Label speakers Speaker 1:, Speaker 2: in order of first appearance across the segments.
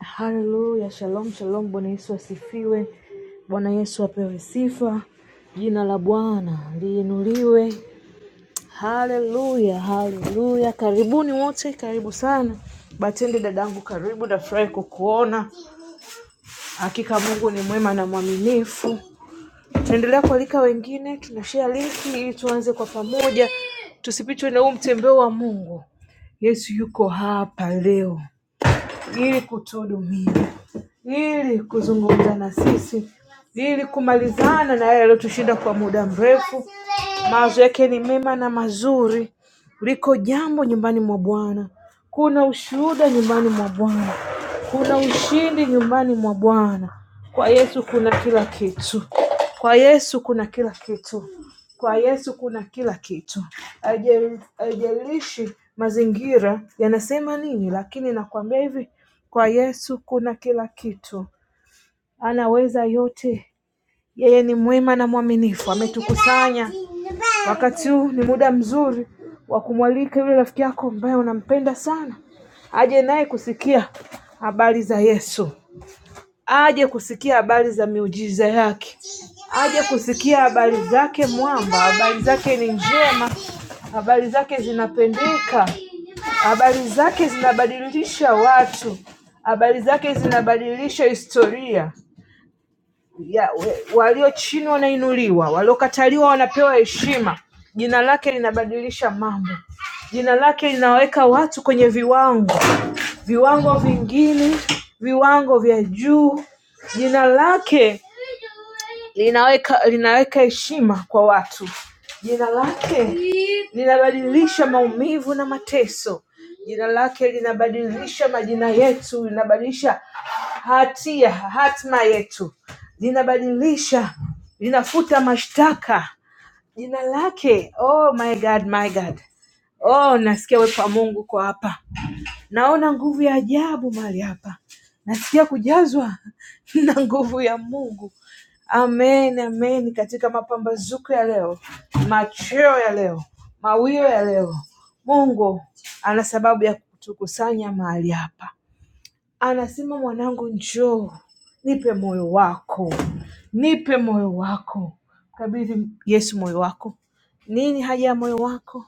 Speaker 1: Haleluya, shalom shalom. Bwana Yesu asifiwe, Bwana Yesu apewe sifa, jina la Bwana liinuliwe. Haleluya, haleluya. Karibuni wote, karibu sana. Batende dadangu, karibu, nafurahi kukuona. Hakika Mungu ni mwema na mwaminifu. Tunaendelea kualika wengine, tunashare linki ili tuanze kwa pamoja, tusipitwe na huu mtembeo wa Mungu. Yesu yuko hapa leo ili kutuhudumia, ili kuzungumza na sisi, ili kumalizana na yale yaliyotushinda kwa muda mrefu. Mawazo yake ni mema na mazuri. Liko jambo nyumbani mwa Bwana, kuna ushuhuda nyumbani mwa Bwana. Kuna ushindi nyumbani mwa Bwana. Kwa Yesu kuna kila kitu. Kwa Yesu kuna kila kitu. Kwa Yesu kuna kila kitu. Haijal- Haijalishi mazingira yanasema nini, lakini nakwambia hivi, kwa Yesu kuna kila kitu. Anaweza yote. Yeye ni mwema na mwaminifu. Ametukusanya. Wakati huu ni muda mzuri wa kumwalika yule rafiki yako ambaye unampenda sana aje naye kusikia habari za Yesu aje kusikia habari za miujiza yake, aje kusikia habari zake mwamba, habari zake ni njema, habari zake zinapendeka, habari zake zinabadilisha watu, habari zake zinabadilisha historia ya walio chini wanainuliwa, waliokataliwa wanapewa heshima. Jina lake linabadilisha mambo, jina lake linaweka watu kwenye viwango, viwango vingine, viwango vya juu. Jina lake linaweka linaweka heshima kwa watu. Jina lake linabadilisha maumivu na mateso. Jina lake linabadilisha majina yetu, linabadilisha hatia, hatima yetu, linabadilisha, linafuta mashtaka. Jina lake, oh my God, my God, oh nasikia uwepo wa Mungu kwa hapa. Naona nguvu ya ajabu mahali hapa, nasikia kujazwa na nguvu ya Mungu. Amen, amen. Katika mapambazuko ya leo, machweo ya leo, mawio ya leo, Mungu ana sababu ya kutukusanya mahali hapa. Anasema, mwanangu, njoo, nipe moyo wako, nipe moyo wako, kabidhi Yesu moyo wako. Nini haja ya moyo wako?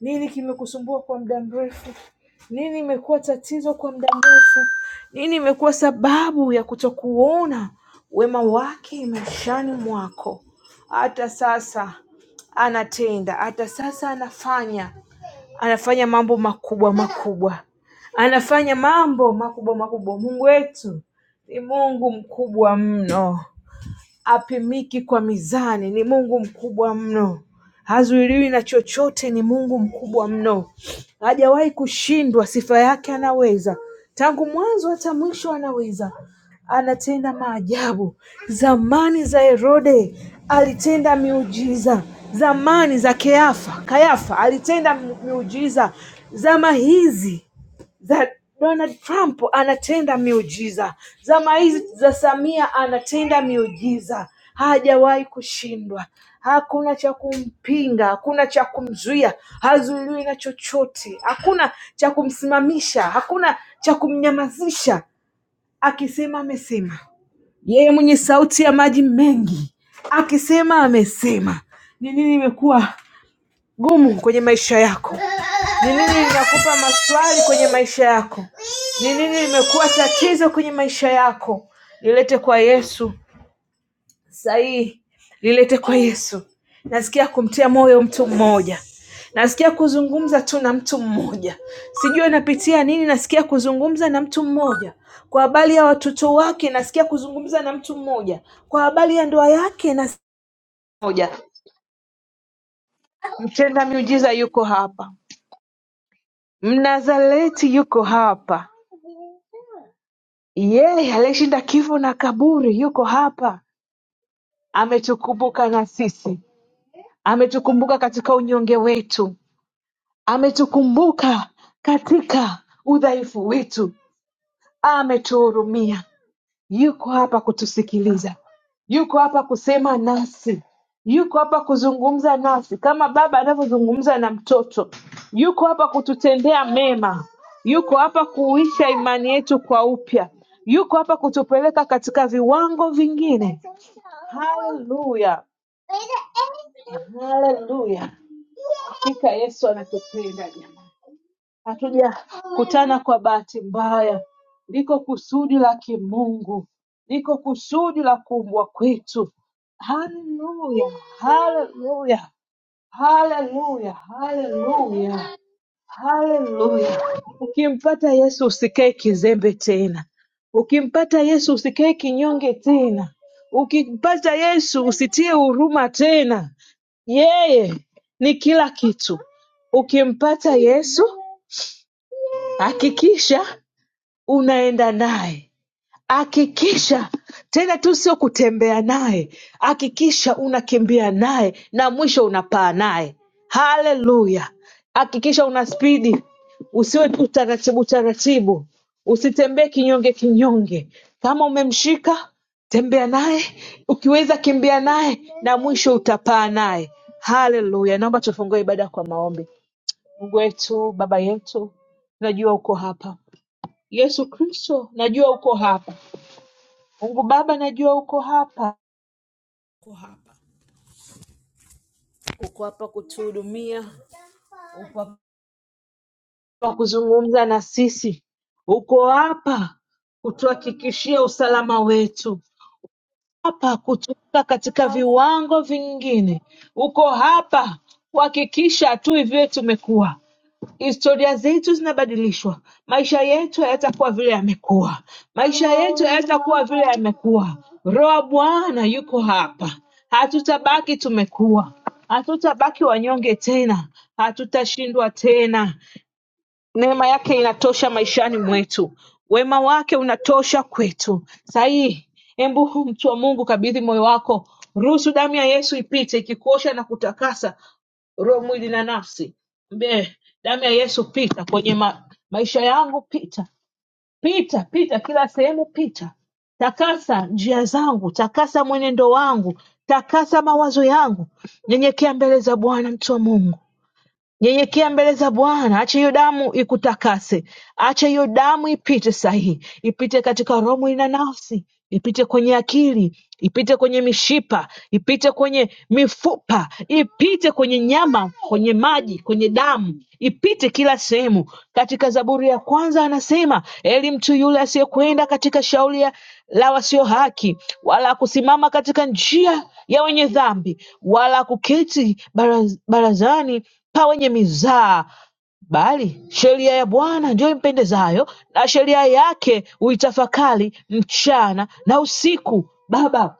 Speaker 1: Nini kimekusumbua kwa muda mrefu? Nini imekuwa tatizo kwa muda mrefu? Nini imekuwa sababu ya kutokuona wema wake maishani mwako? Hata sasa anatenda, hata sasa anafanya, anafanya mambo makubwa makubwa, anafanya mambo makubwa makubwa. Mungu wetu ni Mungu mkubwa mno apimiki kwa mizani, ni Mungu mkubwa mno, hazuiliwi na chochote, ni Mungu mkubwa mno, hajawahi kushindwa. Sifa yake anaweza, tangu mwanzo hata mwisho anaweza, anatenda maajabu. Zamani za Herode alitenda miujiza, zamani za Keafa, Kayafa alitenda mu- miujiza, zama hizi that Donald Trump anatenda miujiza, zama hizi za Samia anatenda miujiza, hajawahi kushindwa. Hakuna cha kumpinga, hakuna cha kumzuia, hazuiliwi na chochote, hakuna cha kumsimamisha, hakuna cha kumnyamazisha. Akisema amesema, yeye mwenye sauti ya maji mengi, akisema amesema. Ni nini imekuwa gumu kwenye maisha yako? Ni nini linakupa maswali kwenye maisha yako? Ni nini limekuwa tatizo kwenye maisha yako? Lilete kwa Yesu sahihi, lilete kwa Yesu. Nasikia kumtia moyo mtu mmoja, nasikia kuzungumza tu na mtu mmoja, sijui anapitia nini. Nasikia kuzungumza na mtu mmoja kwa habari ya watoto wake, nasikia kuzungumza na mtu mmoja kwa habari ya ndoa yake, na moja mtenda miujiza yuko hapa. Mnazareti yuko hapa yeye aliyeshinda kifo na kaburi yuko hapa ametukumbuka na sisi ametukumbuka katika unyonge wetu ametukumbuka katika udhaifu wetu ametuhurumia yuko hapa kutusikiliza, yuko hapa kusema nasi, yuko hapa kuzungumza nasi kama baba anavyozungumza na mtoto, yuko hapa kututendea mema, yuko hapa kuisha imani yetu kwa upya, yuko hapa kutupeleka katika viwango vingine. Haleluya, haleluya! Hakika Yesu anatupenda jamani. hatujakutana kwa bahati mbaya. Liko kusudi la kimungu, liko kusudi la kuumbwa kwetu. Haleluya, haleluya, haleluya, haleluya, haleluya. Ukimpata Yesu usikae kizembe tena, ukimpata Yesu usikae kinyonge tena, ukimpata Yesu usitie huruma tena. Yeye ni kila kitu. Ukimpata Yesu hakikisha unaenda naye hakikisha tena tu sio kutembea naye hakikisha unakimbia naye na mwisho unapaa naye haleluya hakikisha una spidi usiwe tu taratibu taratibu usitembee kinyonge kinyonge kama umemshika tembea naye ukiweza kimbia naye na mwisho utapaa naye haleluya naomba tufungue ibada kwa maombi mungu wetu baba yetu najua uko hapa Yesu Kristo, najua uko hapa. Mungu Baba, najua uko hapa, uko hapa, uko hapa kutuhudumia, uko hapa kuzungumza na sisi, uko hapa kutuhakikishia usalama wetu, hapa kutuweka katika
Speaker 2: No,
Speaker 1: viwango vingine, uko hapa kuhakikisha hatui vile tumekuwa Historia zetu zinabadilishwa, maisha yetu hayatakuwa vile yamekuwa, maisha yetu hayatakuwa vile yamekuwa. Roho wa Bwana yuko hapa, hatutabaki tumekuwa, hatutabaki wanyonge tena, hatutashindwa tena. Neema yake inatosha maishani mwetu, wema wake unatosha kwetu. Sahihi, hebu mtu wa Mungu, kabidhi moyo wako, ruhusu damu ya Yesu ipite ikikuosha na kutakasa roho mwili na nafsi Mbe, damu ya yesu pita kwenye ma, maisha yangu pita pita pita kila sehemu pita takasa njia zangu takasa mwenendo wangu takasa mawazo yangu nyenyekea mbele za bwana mtu wa mungu Nyenyekea mbele za Bwana, acha hiyo damu ikutakase, acha hiyo damu ipite sahihi, ipite katika roho, mwili na nafsi, ipite kwenye akili, ipite kwenye mishipa, ipite kwenye mifupa, ipite kwenye nyama, kwenye maji, kwenye damu, ipite kila sehemu. Katika Zaburi ya kwanza anasema, heri mtu yule asiyekwenda katika shauri ya- la wasio haki, wala kusimama katika njia ya wenye dhambi, wala kuketi baraz- barazani pa wenye mizaa bali sheria ya Bwana ndiyo impendezayo, na sheria yake huitafakari mchana na usiku. Baba,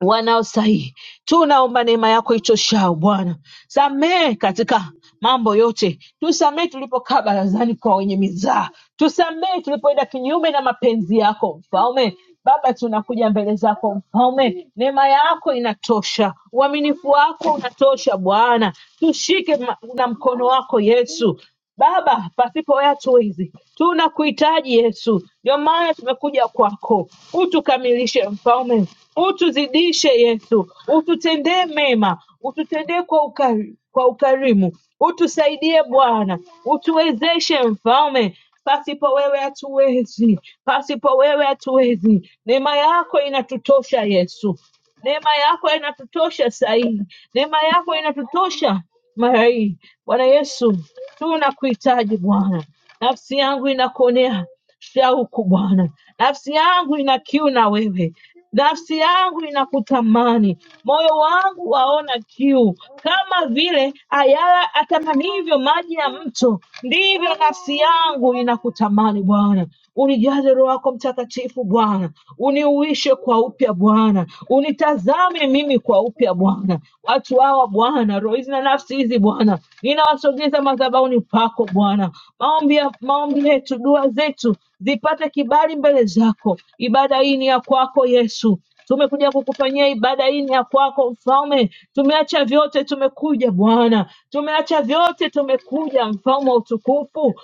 Speaker 1: wanaostahili. Tunaomba neema yako itoshao Bwana, samehe katika mambo yote, tusamehe tulipokaa barazani kwa wenye mizaha, tusamehe tulipoenda kinyume na mapenzi yako mfalme. Baba, tunakuja mbele zako mfalme, neema yako inatosha, uaminifu wako unatosha Bwana, tushike ma- na mkono wako Yesu, Baba, pasipo yatu hizi tunakuhitaji Yesu, ndio maana tumekuja kwako. Utukamilishe mfalme, utuzidishe Yesu, ututendee mema, ututendee kwa ukari, kwa ukarimu, utusaidie Bwana, utuwezeshe mfalme. Pasipo wewe hatuwezi, pasipo wewe hatuwezi. Neema yako inatutosha Yesu, Neema yako inatutosha sahii, neema yako inatutosha mara hii. Bwana Yesu, tunakuhitaji Bwana, nafsi yangu inakuonea shauku Bwana, nafsi yangu ina kiu na wewe, nafsi yangu inakutamani, moyo wangu waona kiu, kama vile ayala atamanivyo maji ya mto, ndivyo nafsi yangu inakutamani Bwana unijaze Roho yako Mtakatifu Bwana, uniuishe kwa upya Bwana, unitazame mimi kwa upya Bwana, watu hawa Bwana, roho hizi na nafsi hizi Bwana, ninawasogeza madhabahuni pako Bwana, maombi ya- maombi yetu, dua zetu zipate kibali mbele zako. Ibada hii ni ya kwako Yesu, tumekuja kukufanyia ibada hii ni ya kwako Mfalme. Tumeacha vyote tumekuja Bwana, tumeacha vyote tumekuja, Mfalme wa utukufu.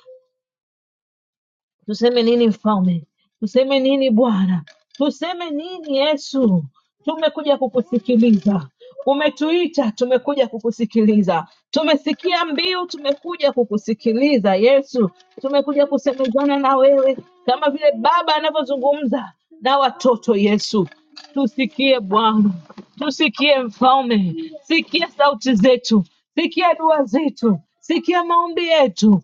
Speaker 1: Tuseme nini mfalme? Tuseme nini Bwana? Tuseme nini Yesu? Tumekuja kukusikiliza. Umetuita, tumekuja kukusikiliza. Tumesikia mbiu, tumekuja kukusikiliza Yesu. Tumekuja kusemezana na wewe kama vile baba anavyozungumza na watoto Yesu. Tusikie Bwana, tusikie Mfalme, sikia sauti zetu, sikia dua zetu, sikia maombi yetu,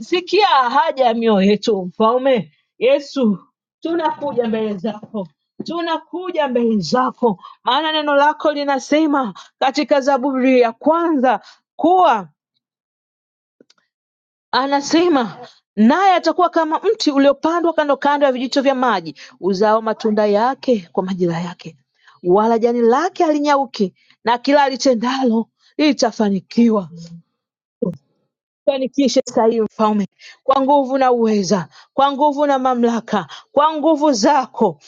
Speaker 1: Sikia haja ya mioyo yetu mfalme Yesu, tunakuja mbele zako, tunakuja mbele zako, maana neno lako linasema katika Zaburi ya kwanza kuwa anasema naye atakuwa kama mti uliopandwa kando kando ya vijito vya maji, uzao matunda yake kwa majira yake, wala jani lake halinyauki, na kila alitendalo litafanikiwa. Fanikishe saa hii mfalme, kwa nguvu na uweza, kwa nguvu na mamlaka, kwa nguvu zako,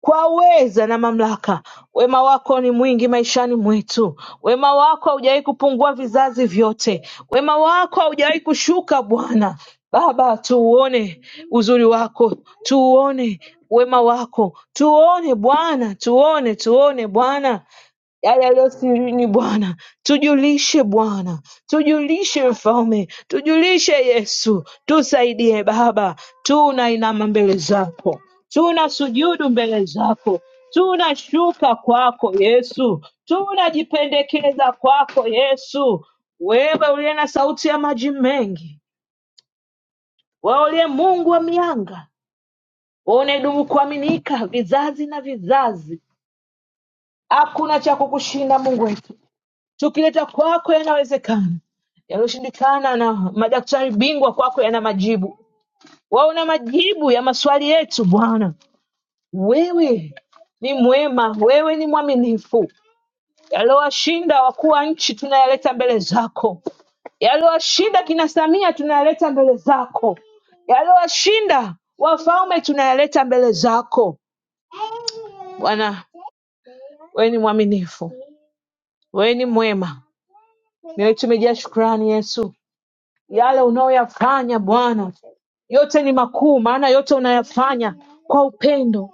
Speaker 1: kwa uweza na mamlaka. Wema wako ni mwingi maishani mwetu, wema wako haujawahi kupungua vizazi vyote, wema wako haujawahi kushuka Bwana. Baba, tuuone uzuri wako, tuuone wema wako, tuone Bwana, tuone, tuone Bwana yale yaliyo sirini Bwana, tujulishe Bwana, tujulishe Mfalme, tujulishe Yesu, tusaidie Baba, tunainama mbele zako, tuna sujudu mbele zako, tunashuka kwako Yesu, tunajipendekeza kwako Yesu, wewe uliye na sauti ya maji mengi, wauliye Mungu wa mianga, wewe unayedumu kuaminika vizazi na vizazi, hakuna cha kukushinda Mungu wetu Tukileta kwako yanawezekana, yaliyoshindikana na madaktari bingwa kwako yana majibu. Wewe una majibu ya maswali yetu Bwana. Wewe ni mwema, wewe ni mwaminifu. Yaliyowashinda wakuu wa nchi tunayaleta mbele zako, yaliyowashinda kina Samia tunayaleta mbele zako, yaliyowashinda wafalme tunayaleta mbele zako Bwana. Wewe ni mwaminifu, wewe ni mwema, mioyo tumejaa shukrani Yesu Yale unayoyafanya Bwana yote ni makuu, maana yote unayafanya kwa upendo.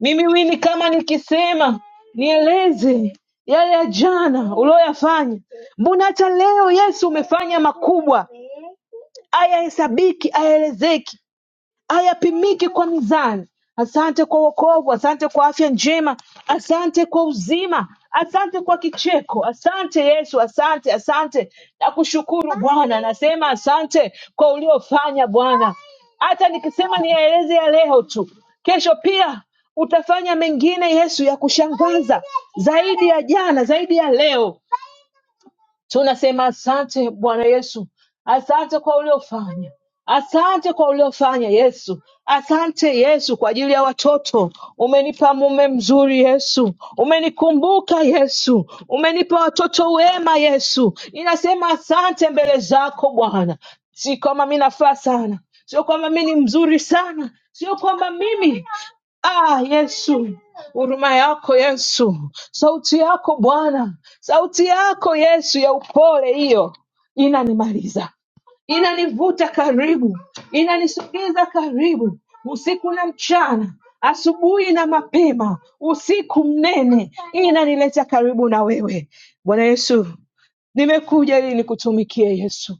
Speaker 1: Mimi wini kama nikisema nieleze yale ya jana uliyoyafanya, mbona hata leo Yesu umefanya makubwa, hayahesabiki, hayaelezeki hayapimiki kwa mizani. Asante kwa wokovu, asante kwa afya njema, asante kwa uzima, asante kwa kicheko, asante Yesu, asante, asante na kushukuru Bwana. Nasema asante kwa uliofanya Bwana, hata nikisema niyaeleze ya leo tu, kesho pia utafanya mengine Yesu ya kushangaza zaidi ya jana, zaidi ya leo. Tunasema asante Bwana Yesu, asante kwa uliofanya, asante kwa uliofanya Yesu, asante Yesu kwa ajili ya watoto. Umenipa mume mzuri Yesu, umenikumbuka Yesu, umenipa watoto wema Yesu. Ninasema asante mbele zako Bwana, si kwamba mi nafaa sana, sio kwamba mi ni mzuri sana, sio kwamba mimi Ah, Yesu, huruma yako Yesu, sauti yako Bwana, sauti yako Yesu ya upole hiyo inanimaliza, inanivuta karibu, inanisogeza karibu, usiku na mchana, asubuhi na mapema, usiku mnene, inanileta karibu na wewe Bwana Yesu. Nimekuja ili nikutumikie Yesu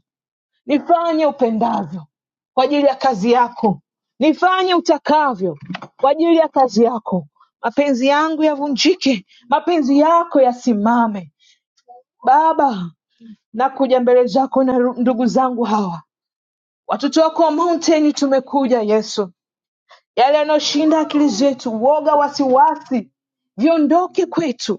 Speaker 1: Nifanye upendavyo kwa ajili ya kazi yako, nifanye utakavyo kwa ajili ya kazi yako. Mapenzi yangu yavunjike, mapenzi yako yasimame. Baba, nakuja mbele zako na ru- ndugu zangu hawa, watoto wako wa Mountain, tumekuja Yesu. Yale yanayoshinda akili zetu, woga, wasiwasi viondoke kwetu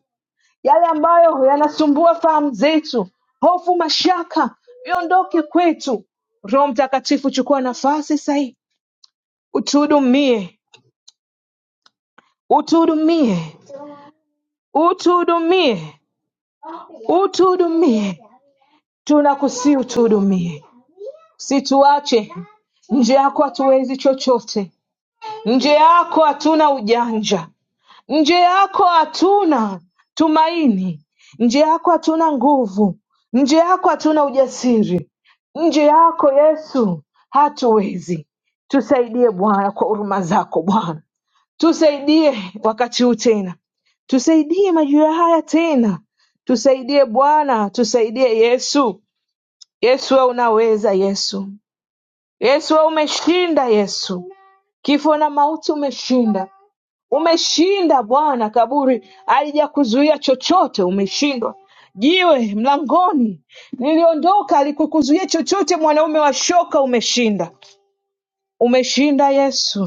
Speaker 1: yale ambayo yanasumbua fahamu zetu, hofu, mashaka, viondoke kwetu. Roho Mtakatifu, chukua nafasi sahihi, utuhudumie, utuhudumie, utuhudumie, utuhudumie. Tunakusii utuhudumie, usituache nje yako, hatuwezi chochote nje yako hatuna ujanja, Nje yako hatuna tumaini, nje yako hatuna nguvu, nje yako hatuna ujasiri, nje yako Yesu hatuwezi. Tusaidie Bwana kwa huruma zako Bwana, tusaidie wakati huu tena, tusaidie majira haya tena, tusaidie Bwana, tusaidie Yesu. Yesu wewe unaweza Yesu, Yesu wewe umeshinda Yesu, kifo na mauti umeshinda. Umeshinda Bwana, kaburi halijakuzuia chochote, umeshindwa. Jiwe mlangoni liliondoka alikukuzuia chochote, mwanaume wa shoka, umeshinda. Umeshinda Yesu,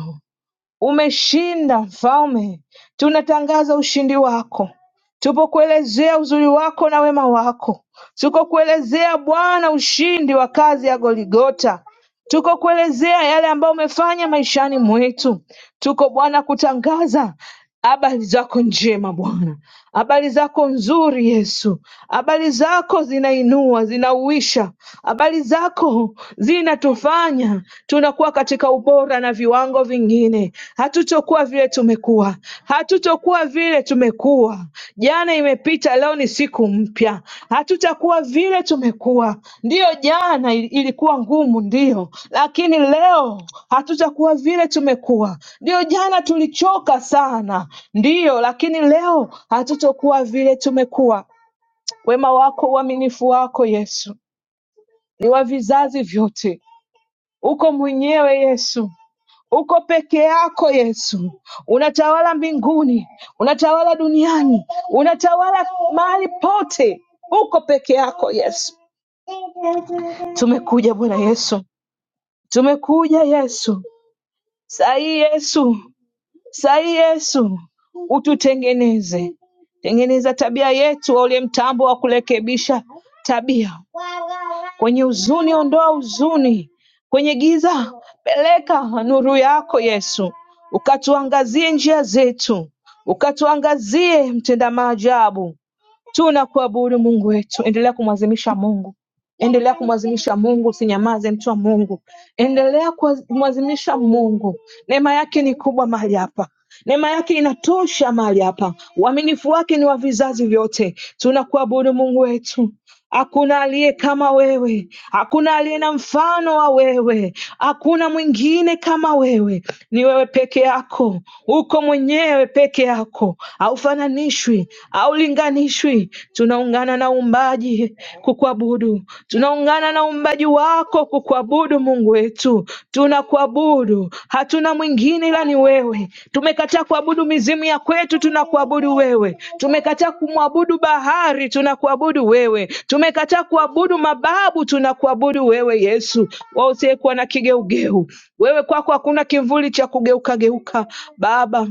Speaker 1: umeshinda Mfalme. Tunatangaza ushindi wako, tupo kuelezea uzuri wako na wema wako, tuko kuelezea Bwana ushindi wa kazi ya Goligota, tuko kuelezea yale ambayo umefanya maishani mwetu. Tuko Bwana kutangaza Habari zako njema Bwana, habari zako nzuri Yesu, habari zako zinainua, zinauisha, habari zako zinatufanya tunakuwa katika ubora na viwango vingine. Hatutokuwa vile tumekuwa, hatutokuwa vile tumekuwa Jana imepita, leo ni siku mpya. Hatutakuwa vile tumekuwa. Ndiyo, jana il- ilikuwa ngumu, ndiyo, lakini leo hatutakuwa vile tumekuwa. Ndiyo, jana tulichoka sana, ndiyo, lakini leo hatutokuwa vile tumekuwa. Wema wako, uaminifu wako Yesu ni wa vizazi vyote. Uko mwenyewe Yesu, Uko peke yako Yesu, unatawala mbinguni, unatawala duniani, unatawala mahali pote. Uko peke yako Yesu. Tumekuja Bwana Yesu, tumekuja Yesu. Sahii Yesu Sahi Yesu ututengeneze, tengeneza tabia yetu wa ule mtambo wa kurekebisha tabia. Kwenye huzuni, ondoa huzuni. Kwenye giza, peleka nuru yako Yesu, ukatuangazie njia zetu, ukatuangazie mtenda maajabu Tunakuabudu Mungu wetu, endelea kumwazimisha Mungu, endelea kumwazimisha Mungu, usinyamaze mtu wa Mungu, endelea kumwazimisha Mungu. Neema yake ni kubwa mahali hapa. Neema yake inatosha mahali hapa, uaminifu wake ni wa vizazi vyote. Tunakuabudu Mungu wetu, Hakuna aliye kama wewe, hakuna aliye na mfano wa wewe, hakuna mwingine kama wewe. Ni wewe peke yako, uko mwenyewe peke yako, haufananishwi, haulinganishwi. Tunaungana na uumbaji kukuabudu, tunaungana na uumbaji wako kukuabudu Mungu wetu tu, tunakuabudu, hatuna mwingine ila ni wewe. Tumekataa kuabudu mizimu ya kwetu, tunakuabudu wewe. Tumekataa kumwabudu bahari, tunakuabudu wewe. Tumekataa kuabudu mababu, tunakuabudu wewe Yesu, wewe usiyekuwa na kigeugeu. Wewe kwako hakuna kivuli cha kugeuka geuka, Baba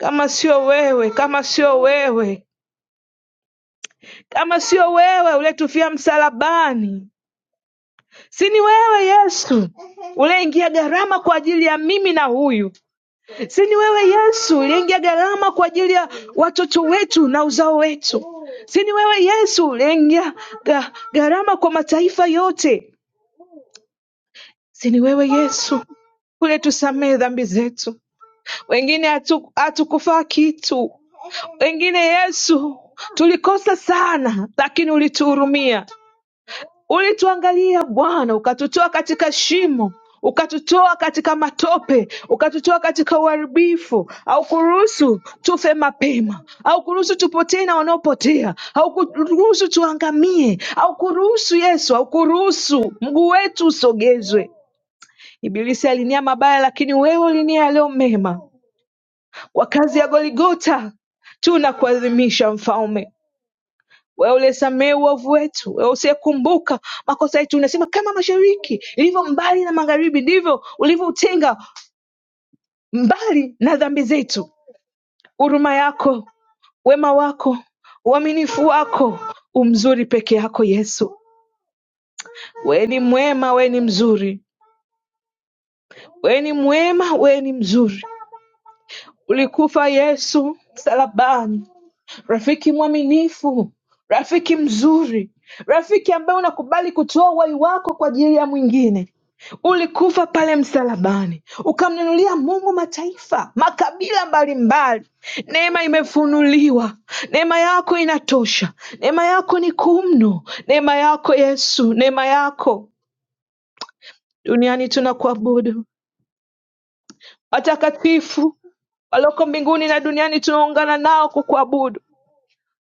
Speaker 1: kama sio wewe, kama sio wewe, kama sio wewe ulietufia msalabani, si ni wewe Yesu uliyeingia gharama kwa ajili ya mimi na huyu Si ni wewe Yesu uliingia gharama kwa ajili ya watoto wetu na uzao wetu. Si ni wewe Yesu uliingia ga- gharama kwa mataifa yote. Si ni wewe Yesu uletusamehe dhambi zetu. Wengine hatu- hatukufaa kitu, wengine Yesu tulikosa sana, lakini ulituhurumia. Ulituangalia Bwana, ukatutoa katika shimo, ukatutoa katika matope, ukatutoa katika uharibifu. Haukuruhusu tufe mapema, haukuruhusu tupotee na wanaopotea, haukuruhusu tuangamie, haukuruhusu Yesu, haukuruhusu mguu wetu usogezwe. Ibilisi alinia mabaya, lakini wewe ulinia yaliyo mema. Kwa kazi ya Goligota tunakuadhimisha Mfalme wewe uliyesamehe uovu wetu, wewe usiyekumbuka makosa yetu. Unasema kama mashariki ilivyo mbali na magharibi, ndivyo ulivyoutenga mbali na dhambi zetu. Huruma yako, wema wako, uaminifu wako umzuri peke yako Yesu. Wewe ni mwema, wewe ni mzuri, wewe ni mwema, wewe ni mzuri. Ulikufa Yesu msalabani rafiki mwaminifu, rafiki mzuri, rafiki ambaye unakubali kutoa uhai wako kwa ajili ya mwingine. Ulikufa pale msalabani, ukamnunulia Mungu mataifa, makabila mbalimbali. Neema imefunuliwa, neema yako inatosha, neema yako ni kuu mno, neema yako Yesu, neema yako. Duniani tunakuabudu, watakatifu walioko mbinguni na duniani tunaungana nao kukuabudu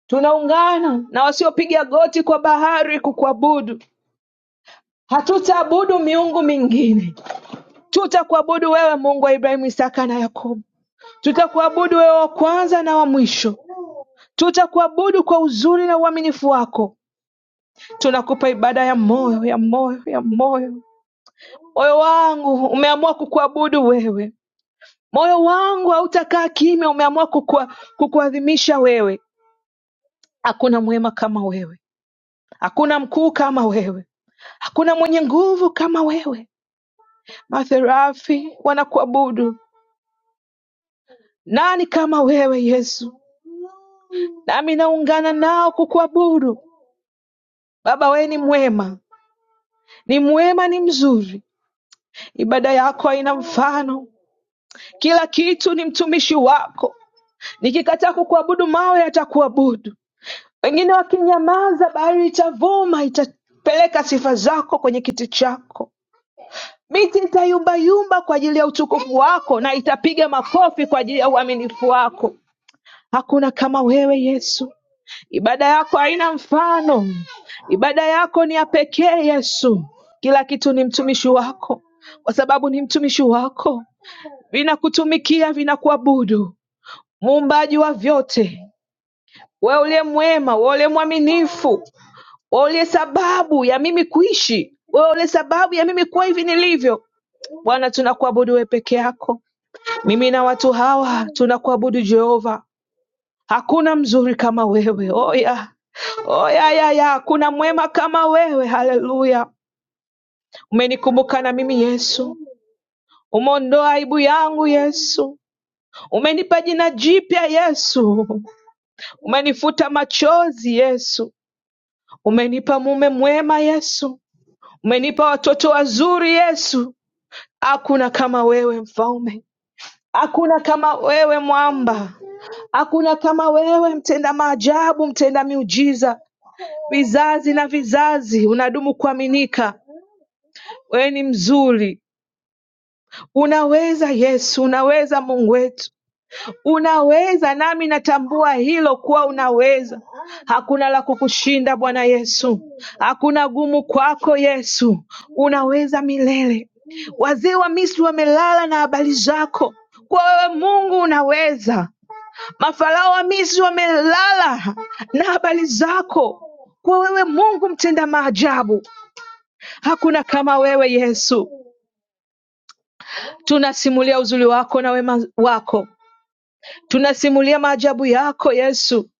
Speaker 1: tunaungana na wasiopiga goti kwa bahari kukuabudu hatutaabudu miungu mingine tutakuabudu wewe mungu wa ibrahimu isaka na yakobo tutakuabudu wewe wa kwanza na wa mwisho tutakuabudu kwa uzuri na uaminifu wako tunakupa ibada ya moyo ya moyo ya moyo moyo wangu umeamua kukuabudu wewe moyo wangu hautakaa kimya umeamua kukua, kukuadhimisha wewe hakuna mwema kama wewe hakuna mkuu kama wewe Hakuna mwenye nguvu kama wewe. Matherafi wanakuabudu. Nani kama wewe Yesu? Nami naungana nao kukuabudu. Baba, wewe ni mwema, ni mwema, ni mzuri. Ibada yako haina mfano. Kila kitu ni mtumishi wako. Nikikataa kukuabudu, mawe yatakuabudu. Wengine wakinyamaza, bahari itavuma, itapeleka sifa zako kwenye kiti chako. Miti itayumbayumba kwa ajili ya utukufu wako na itapiga makofi kwa ajili ya uaminifu wako. Hakuna kama wewe Yesu. Ibada yako haina mfano, ibada yako ni ya pekee Yesu. Kila kitu ni mtumishi wako, kwa sababu ni mtumishi wako, vinakutumikia, vinakuabudu, muumbaji wa vyote, wewe uliye mwema, wewe uliye mwaminifu, wewe uliye sababu ya mimi kuishi, wewe uliye sababu ya mimi kuwa hivi nilivyo. Bwana, tunakuabudu wewe peke yako. Mimi na watu hawa tunakuabudu Jehova, hakuna mzuri kama wewe. Oya, oya, ya, ya, hakuna mwema kama wewe. Haleluya, umenikumbuka na mimi Yesu, umeondoa aibu yangu Yesu, umenipa jina jipya Yesu, umenifuta machozi Yesu, umenipa mume mwema Yesu, umenipa watoto wazuri Yesu. Hakuna kama wewe mfalme, hakuna kama wewe mwamba, Hakuna kama wewe, mtenda maajabu, mtenda miujiza, vizazi na vizazi unadumu kuaminika. Wewe ni mzuri, unaweza Yesu, unaweza Mungu wetu, unaweza nami natambua hilo kuwa unaweza. Hakuna la kukushinda Bwana Yesu, hakuna gumu kwako Yesu, unaweza milele. Wazee wa Misri wamelala na habari zako, kwa wewe Mungu unaweza. Mafarao wa Misri wamelala na habari zako, kwa wewe Mungu mtenda maajabu. Hakuna kama wewe Yesu. Tunasimulia uzuri wako na wema wako, tunasimulia maajabu yako Yesu.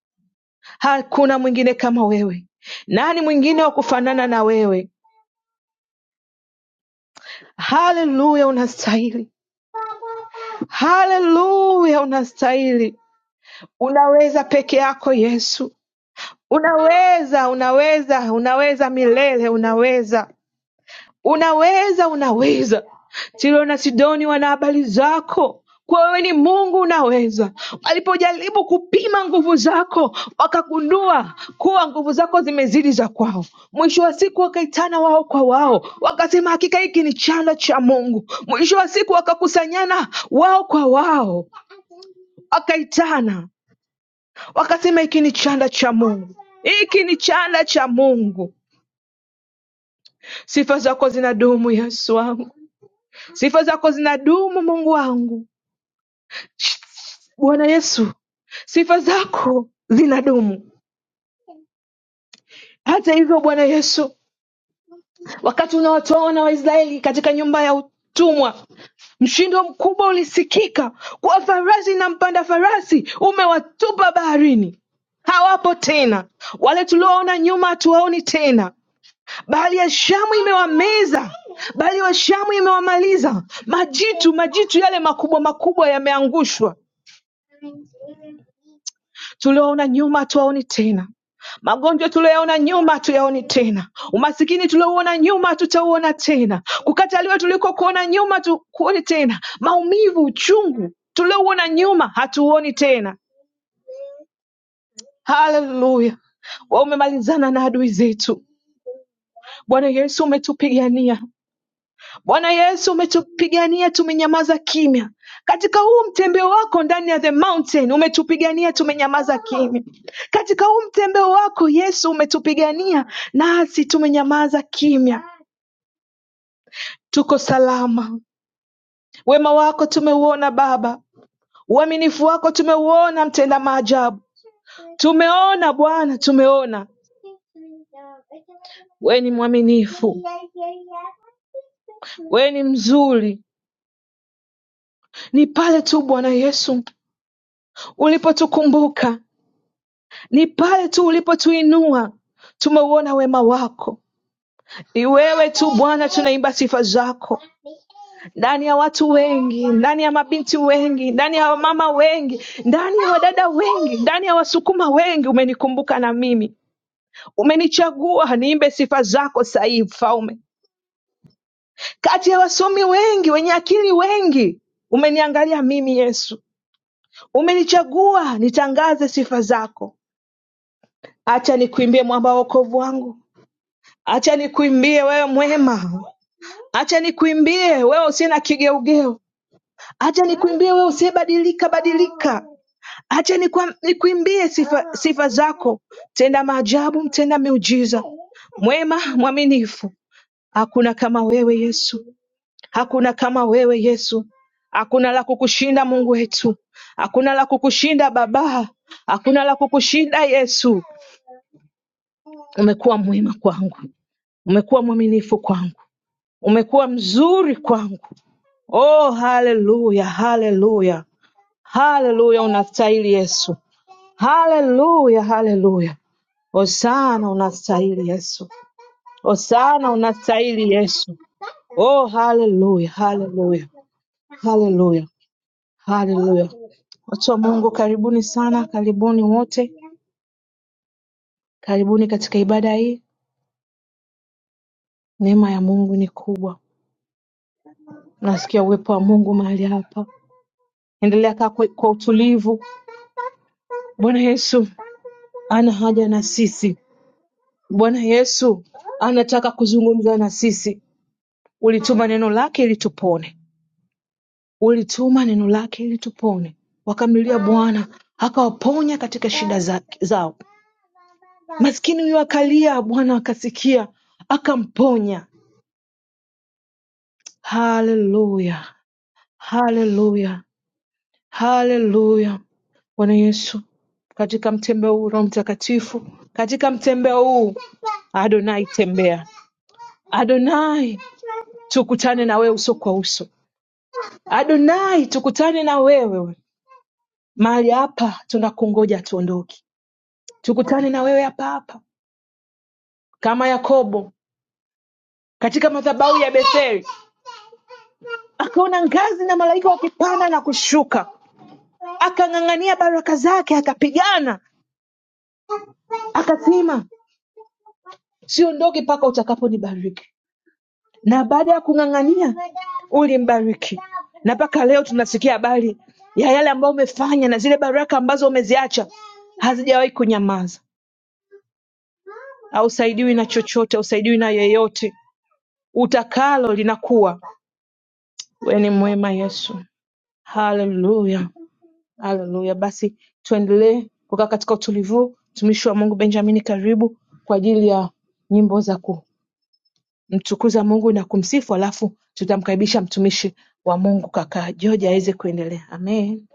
Speaker 1: Hakuna mwingine kama wewe. Nani mwingine wa kufanana na wewe? Haleluya, unastahili. Haleluya, unastahili. Unaweza peke yako Yesu, unaweza, unaweza, unaweza milele, unaweza. Unaweza unaweza Tiro na Sidoni wana habari zako kwa wewe ni Mungu unaweza. Walipojaribu kupima nguvu zako, wakagundua kuwa nguvu zako zimezidi za kwao. Mwisho wa siku wakaitana wao kwa wao, wakasema hakika hiki ni chanda cha Mungu. Mwisho wa siku wakakusanyana wao kwa wao, wakaitana wakasema hiki ni chanda cha Mungu, hiki ni chanda cha Mungu. Sifa zako zinadumu Yesu wangu. Sifa zako zinadumu Mungu wangu. Bwana Yesu, sifa zako zinadumu. Hata hivyo, Bwana Yesu, wakati unawatoa wana wa Israeli katika nyumba ya utumwa, mshindo mkubwa ulisikika kwa farasi na mpanda farasi umewatupa baharini. Hawapo tena, wale tulioona nyuma hatuwaoni tena. Bahari ya Shamu imewameza, bahari ya Shamu imewamaliza. Majitu, majitu yale makubwa makubwa yameangushwa. tulioona nyuma hatuwaoni tena magonjwa tuliyoyaona nyuma hatuyaoni tena umasikini tuliouona nyuma hatutauona tena kukataliwa tuliko kuona nyuma tukuoni tena maumivu uchungu tuliouona nyuma hatuoni tena haleluya wa umemalizana na adui zetu bwana yesu umetupigania Bwana Yesu, umetupigania tumenyamaza kimya. Katika huu mtembeo wako ndani ya the mountain umetupigania tumenyamaza kimya. Katika huu mtembeo wako Yesu umetupigania nasi tumenyamaza kimya. Tuko salama. Wema wako tumeuona Baba, uaminifu wako tumeuona, mtenda maajabu tumeona Bwana, tumeona wewe ni mwaminifu, wewe ni mzuri. Ni pale tu Bwana Yesu ulipotukumbuka, ni pale tu ulipotuinua. Tumeuona wema wako, ni wewe tu Bwana, tunaimba sifa zako ndani ya watu wengi, ndani ya mabinti wengi, ndani ya wamama wengi, ndani ya wadada wengi, ndani ya Wasukuma wengi. Umenikumbuka na mimi, umenichagua niimbe sifa zako sahihi, Mfalme, kati ya wasomi wengi, wenye akili wengi Umeniangalia mimi Yesu, umenichagua nitangaze sifa zako. Acha nikuimbie mwamba wa wokovu wangu, Acha nikuimbie wewe mwema, acha nikuimbie wewe usiye na kigeugeu, acha nikuimbie wewe usiyebadilika badilika, acha nikwa- nikuimbie sifa, sifa zako, tenda maajabu, mtenda miujiza, mwema mwaminifu. Hakuna kama wewe Yesu, hakuna kama wewe Yesu, hakuna la kukushinda Mungu wetu, hakuna la kukushinda Baba, hakuna la kukushinda Yesu. Umekuwa mwema kwangu, umekuwa mwaminifu kwangu Umekuwa mzuri kwangu. Oh, haleluya, haleluya, haleluya! Unastahili Yesu, haleluya, haleluya. Hosana, unastahili Yesu, Hosana, unastahili Yesu. Oh, haleluya, haleluya, haleluya, haleluya. Watu wa Mungu, karibuni sana, karibuni wote, karibuni katika ibada hii. Neema ya Mungu ni kubwa, nasikia uwepo wa Mungu mahali hapa. Endelea kaa kwa kwa utulivu, Bwana Yesu ana haja na sisi. Bwana Yesu anataka kuzungumza na sisi. Ulituma neno lake ili tupone, ulituma neno lake ili tupone. Wakamlilia Bwana akawaponya katika shida za, zao. Maskini huyo akalia, Bwana akasikia akamponya. Haleluya, haleluya, haleluya. Bwana Yesu, katika mtembea huu Roho Mtakatifu, katika mtembea huu Adonai tembea, Adonai, tukutane na wewe uso kwa uso. Adonai, tukutane na wewe mahali hapa, tunakungoja tuondoke. Tukutane na wewe hapa hapa, kama Yakobo katika madhabahu ya Betheli akaona ngazi na malaika wakipanda na kushuka, akang'ang'ania baraka zake, akapigana, akasema siondoke mpaka utakaponibariki. na baada ya kung'ang'ania ulimbariki, na mpaka leo tunasikia habari ya yale ambayo umefanya na zile baraka ambazo umeziacha hazijawahi kunyamaza. Hausaidiwi na chochote, hausaidiwi na yeyote, utakalo linakuwa. Wewe ni mwema Yesu. Haleluya, haleluya. Basi tuendelee kukaa katika utulivu. Mtumishi wa Mungu Benjamin, karibu kwa ajili ya nyimbo za ku kumtukuza Mungu na kumsifu halafu tutamkaribisha mtumishi wa Mungu kaka George aweze kuendelea. Amen.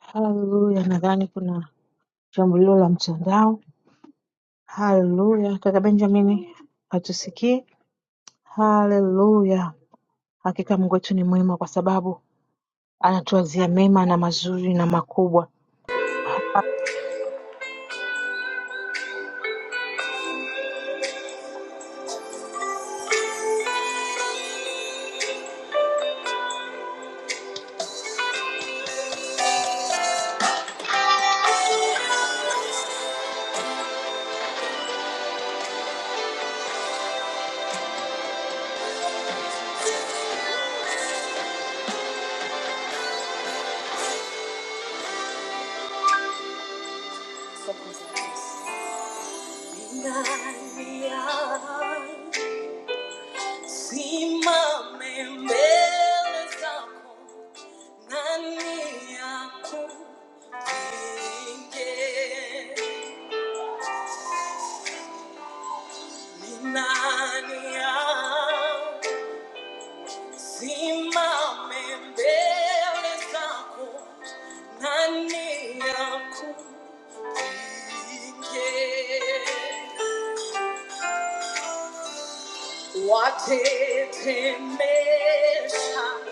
Speaker 1: Haleluya. Nadhani kuna shambulio la mtandao. Haleluya. Kaka Benjamin hatusikii. Haleluya. Hakika Mungu wetu ni mwema kwa sababu anatuwazia mema na mazuri na makubwa.
Speaker 3: What it mesha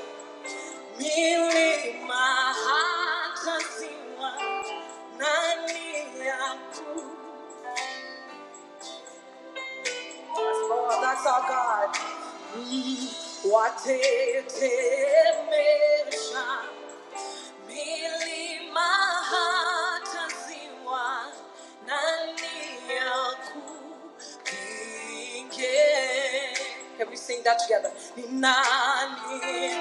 Speaker 3: Nili mahata ziwa na niliaku. Oh, that's our God. Mm. Watetemesha. Mili mahata ziwa na niliaku. Inge. Can we sing that together? Ni nani?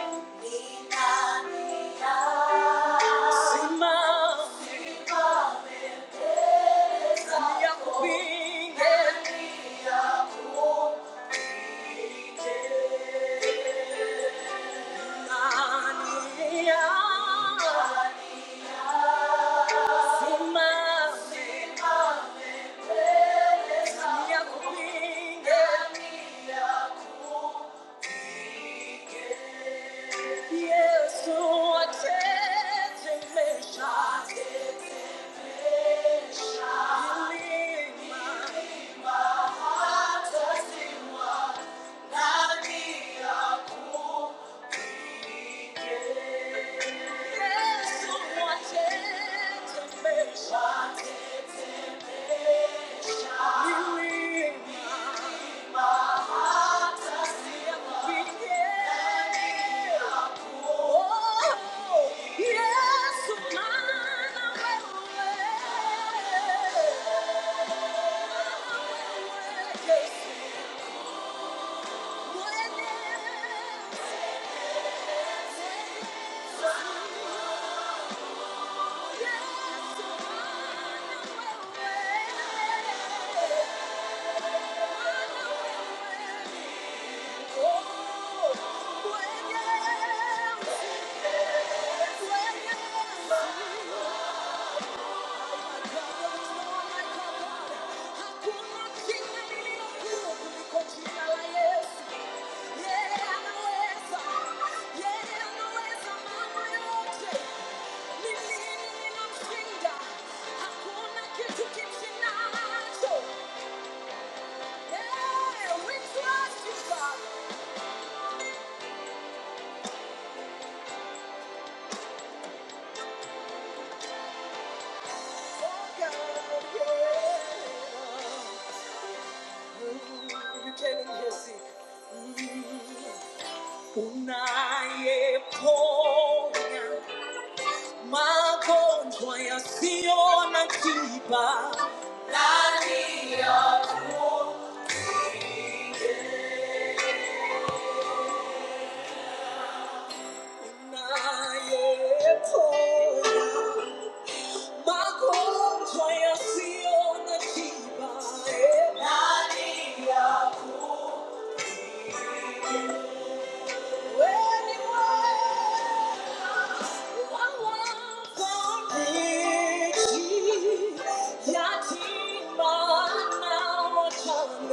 Speaker 3: Simama. Nani ya kupinga? Yes, my way. When you. Telling You can hear see. Una época, mago, tu ya sío nativa. Una época, mago, tu ya sío nativa. Nadie más. Yatima, now what's on?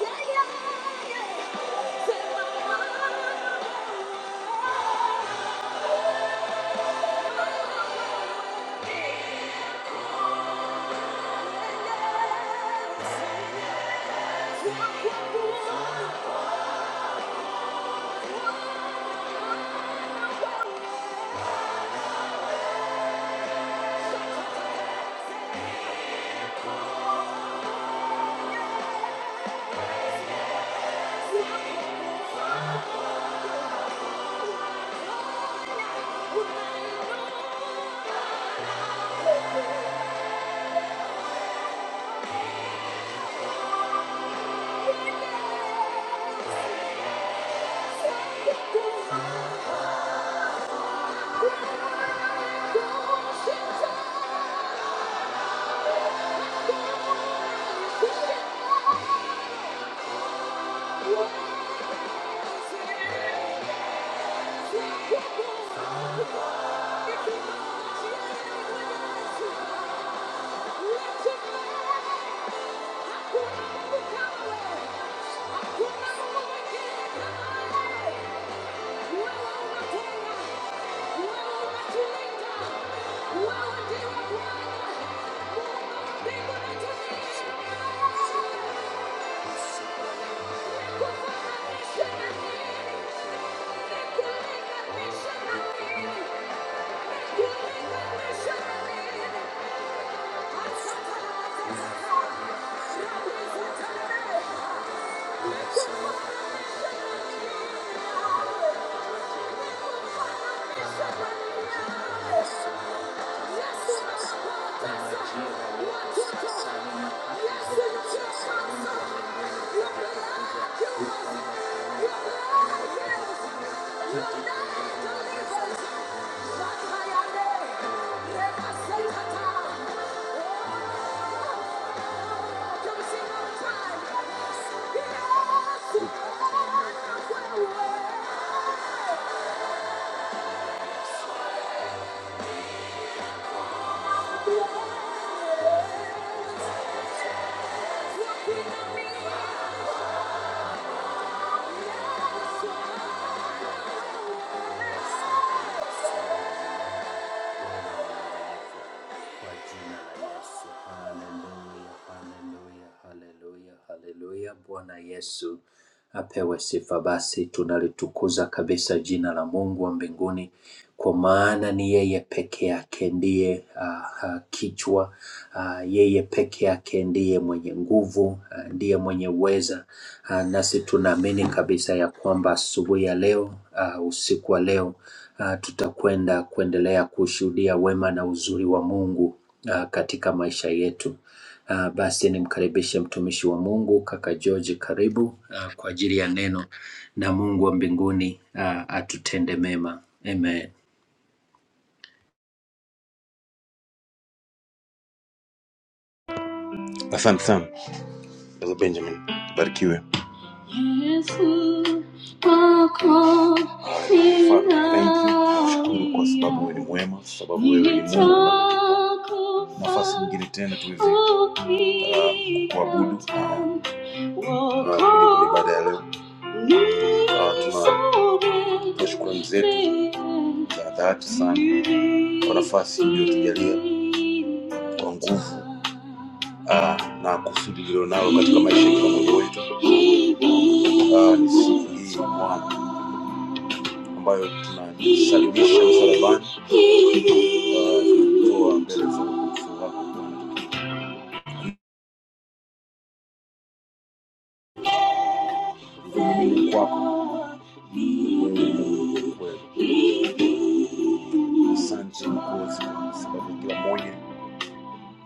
Speaker 3: Yeah, yeah, yeah. Thank you. Thank you. Thank you. Kwa jina la Yesu. Haleluya, haleluya, haleluya, haleluya. Bwana Yesu apewe sifa. Basi tunalitukuza kabisa jina la Mungu wa mbinguni. kwa maana ni yeye peke yake ndiye uh, uh, kichwa uh, yeye peke yake ndiye mwenye nguvu uh, ndiye mwenye uweza uh, nasi tunaamini kabisa ya kwamba asubuhi ya leo uh, usiku wa leo uh, tutakwenda kuendelea kushuhudia wema na uzuri wa Mungu uh, katika maisha yetu. Uh, basi nimkaribishe mtumishi wa Mungu kaka George, karibu uh, kwa ajili ya neno na Mungu wa mbinguni uh, atutende mema. Amen.
Speaker 4: Asante sana Brother Benjamin, barikiwe. Yesu wako Hallelujah. Father, thank you. Nashukuru kwa sababu wewe ni mwema, kwa sababu wewe ni Mungu. Nafasi nyingine tena tuweze uh, kuabudu Ah, Mungu ni baada ya leo. Ah, tuna tuna shukrani zetu za dhati sana kwa nafasi iliyotujalia kwa nguvu ah, na kusudi lilionalo katika maisha ya kila mmoja wetu. Ah, ni siku hii Bwana ambayo tunasalimisha msalabani, Ah, tunatoa mbele za utukufu wako Bwana kwako wewe ni kweli asante kwa sababu kila moja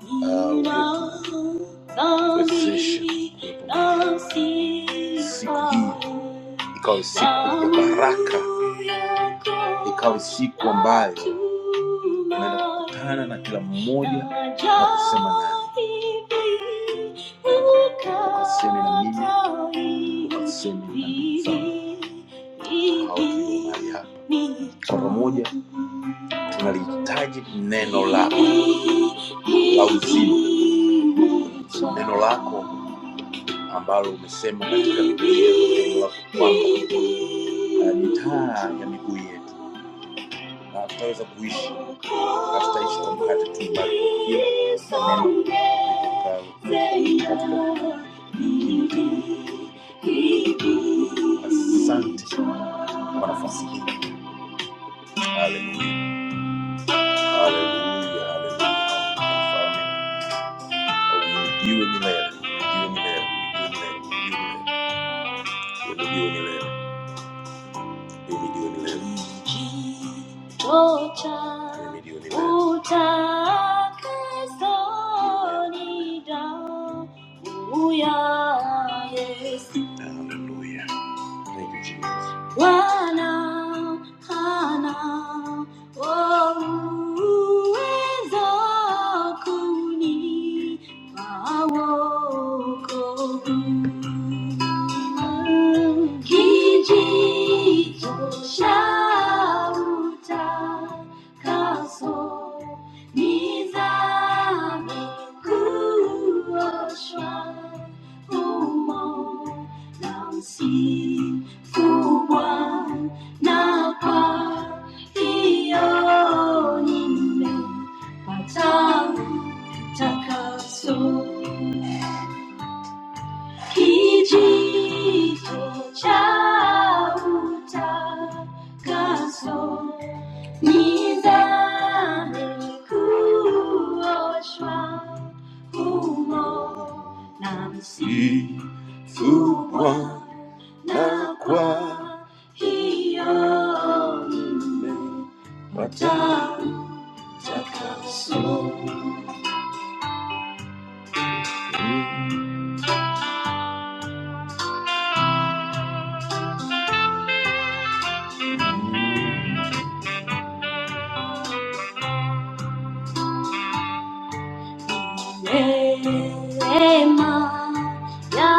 Speaker 4: uh, with, with physician. Siku hii ikawa siku ya baraka, ikawa siku ambayo unaenda kukutana na kila mmoja na kusema naye, ukaseme na mimi, ukaseme na ndugu zangu ambao tulio mahali hapa. Kwa pamoja tunalihitaji neno lako la uzima, neno lako ambalo umesema katika Biblia neno lako kwamba uh, ni taa ya miguu yetu, na tutaweza kuishi, hatutaishi kwa mkate tu, bali kwa kila neno litokalo katika kinywa chako. Asante kwa nafasi hii. Haleluya, haleluya, haleluya. Jiwe ni lele, jiwe ni lele, jiwe ni lele, mimi jiwe ni lele, mimi jiwe ni lele. Tocha Mimi jiwe ni lele. utakazoni damu ya Yesu. Hallelujah. Thank you, Jesus. Wana hana wauweza 把我呵护，奇迹总笑着，咳嗽，你那迷糊我伤，抚摸，让幸福光哪怕只有你没把唱。Takaso kijito cha utakaso ni dhambi kuoshwa humo na msifubwa na kwa hiyo nimepata utakaso. Neema ya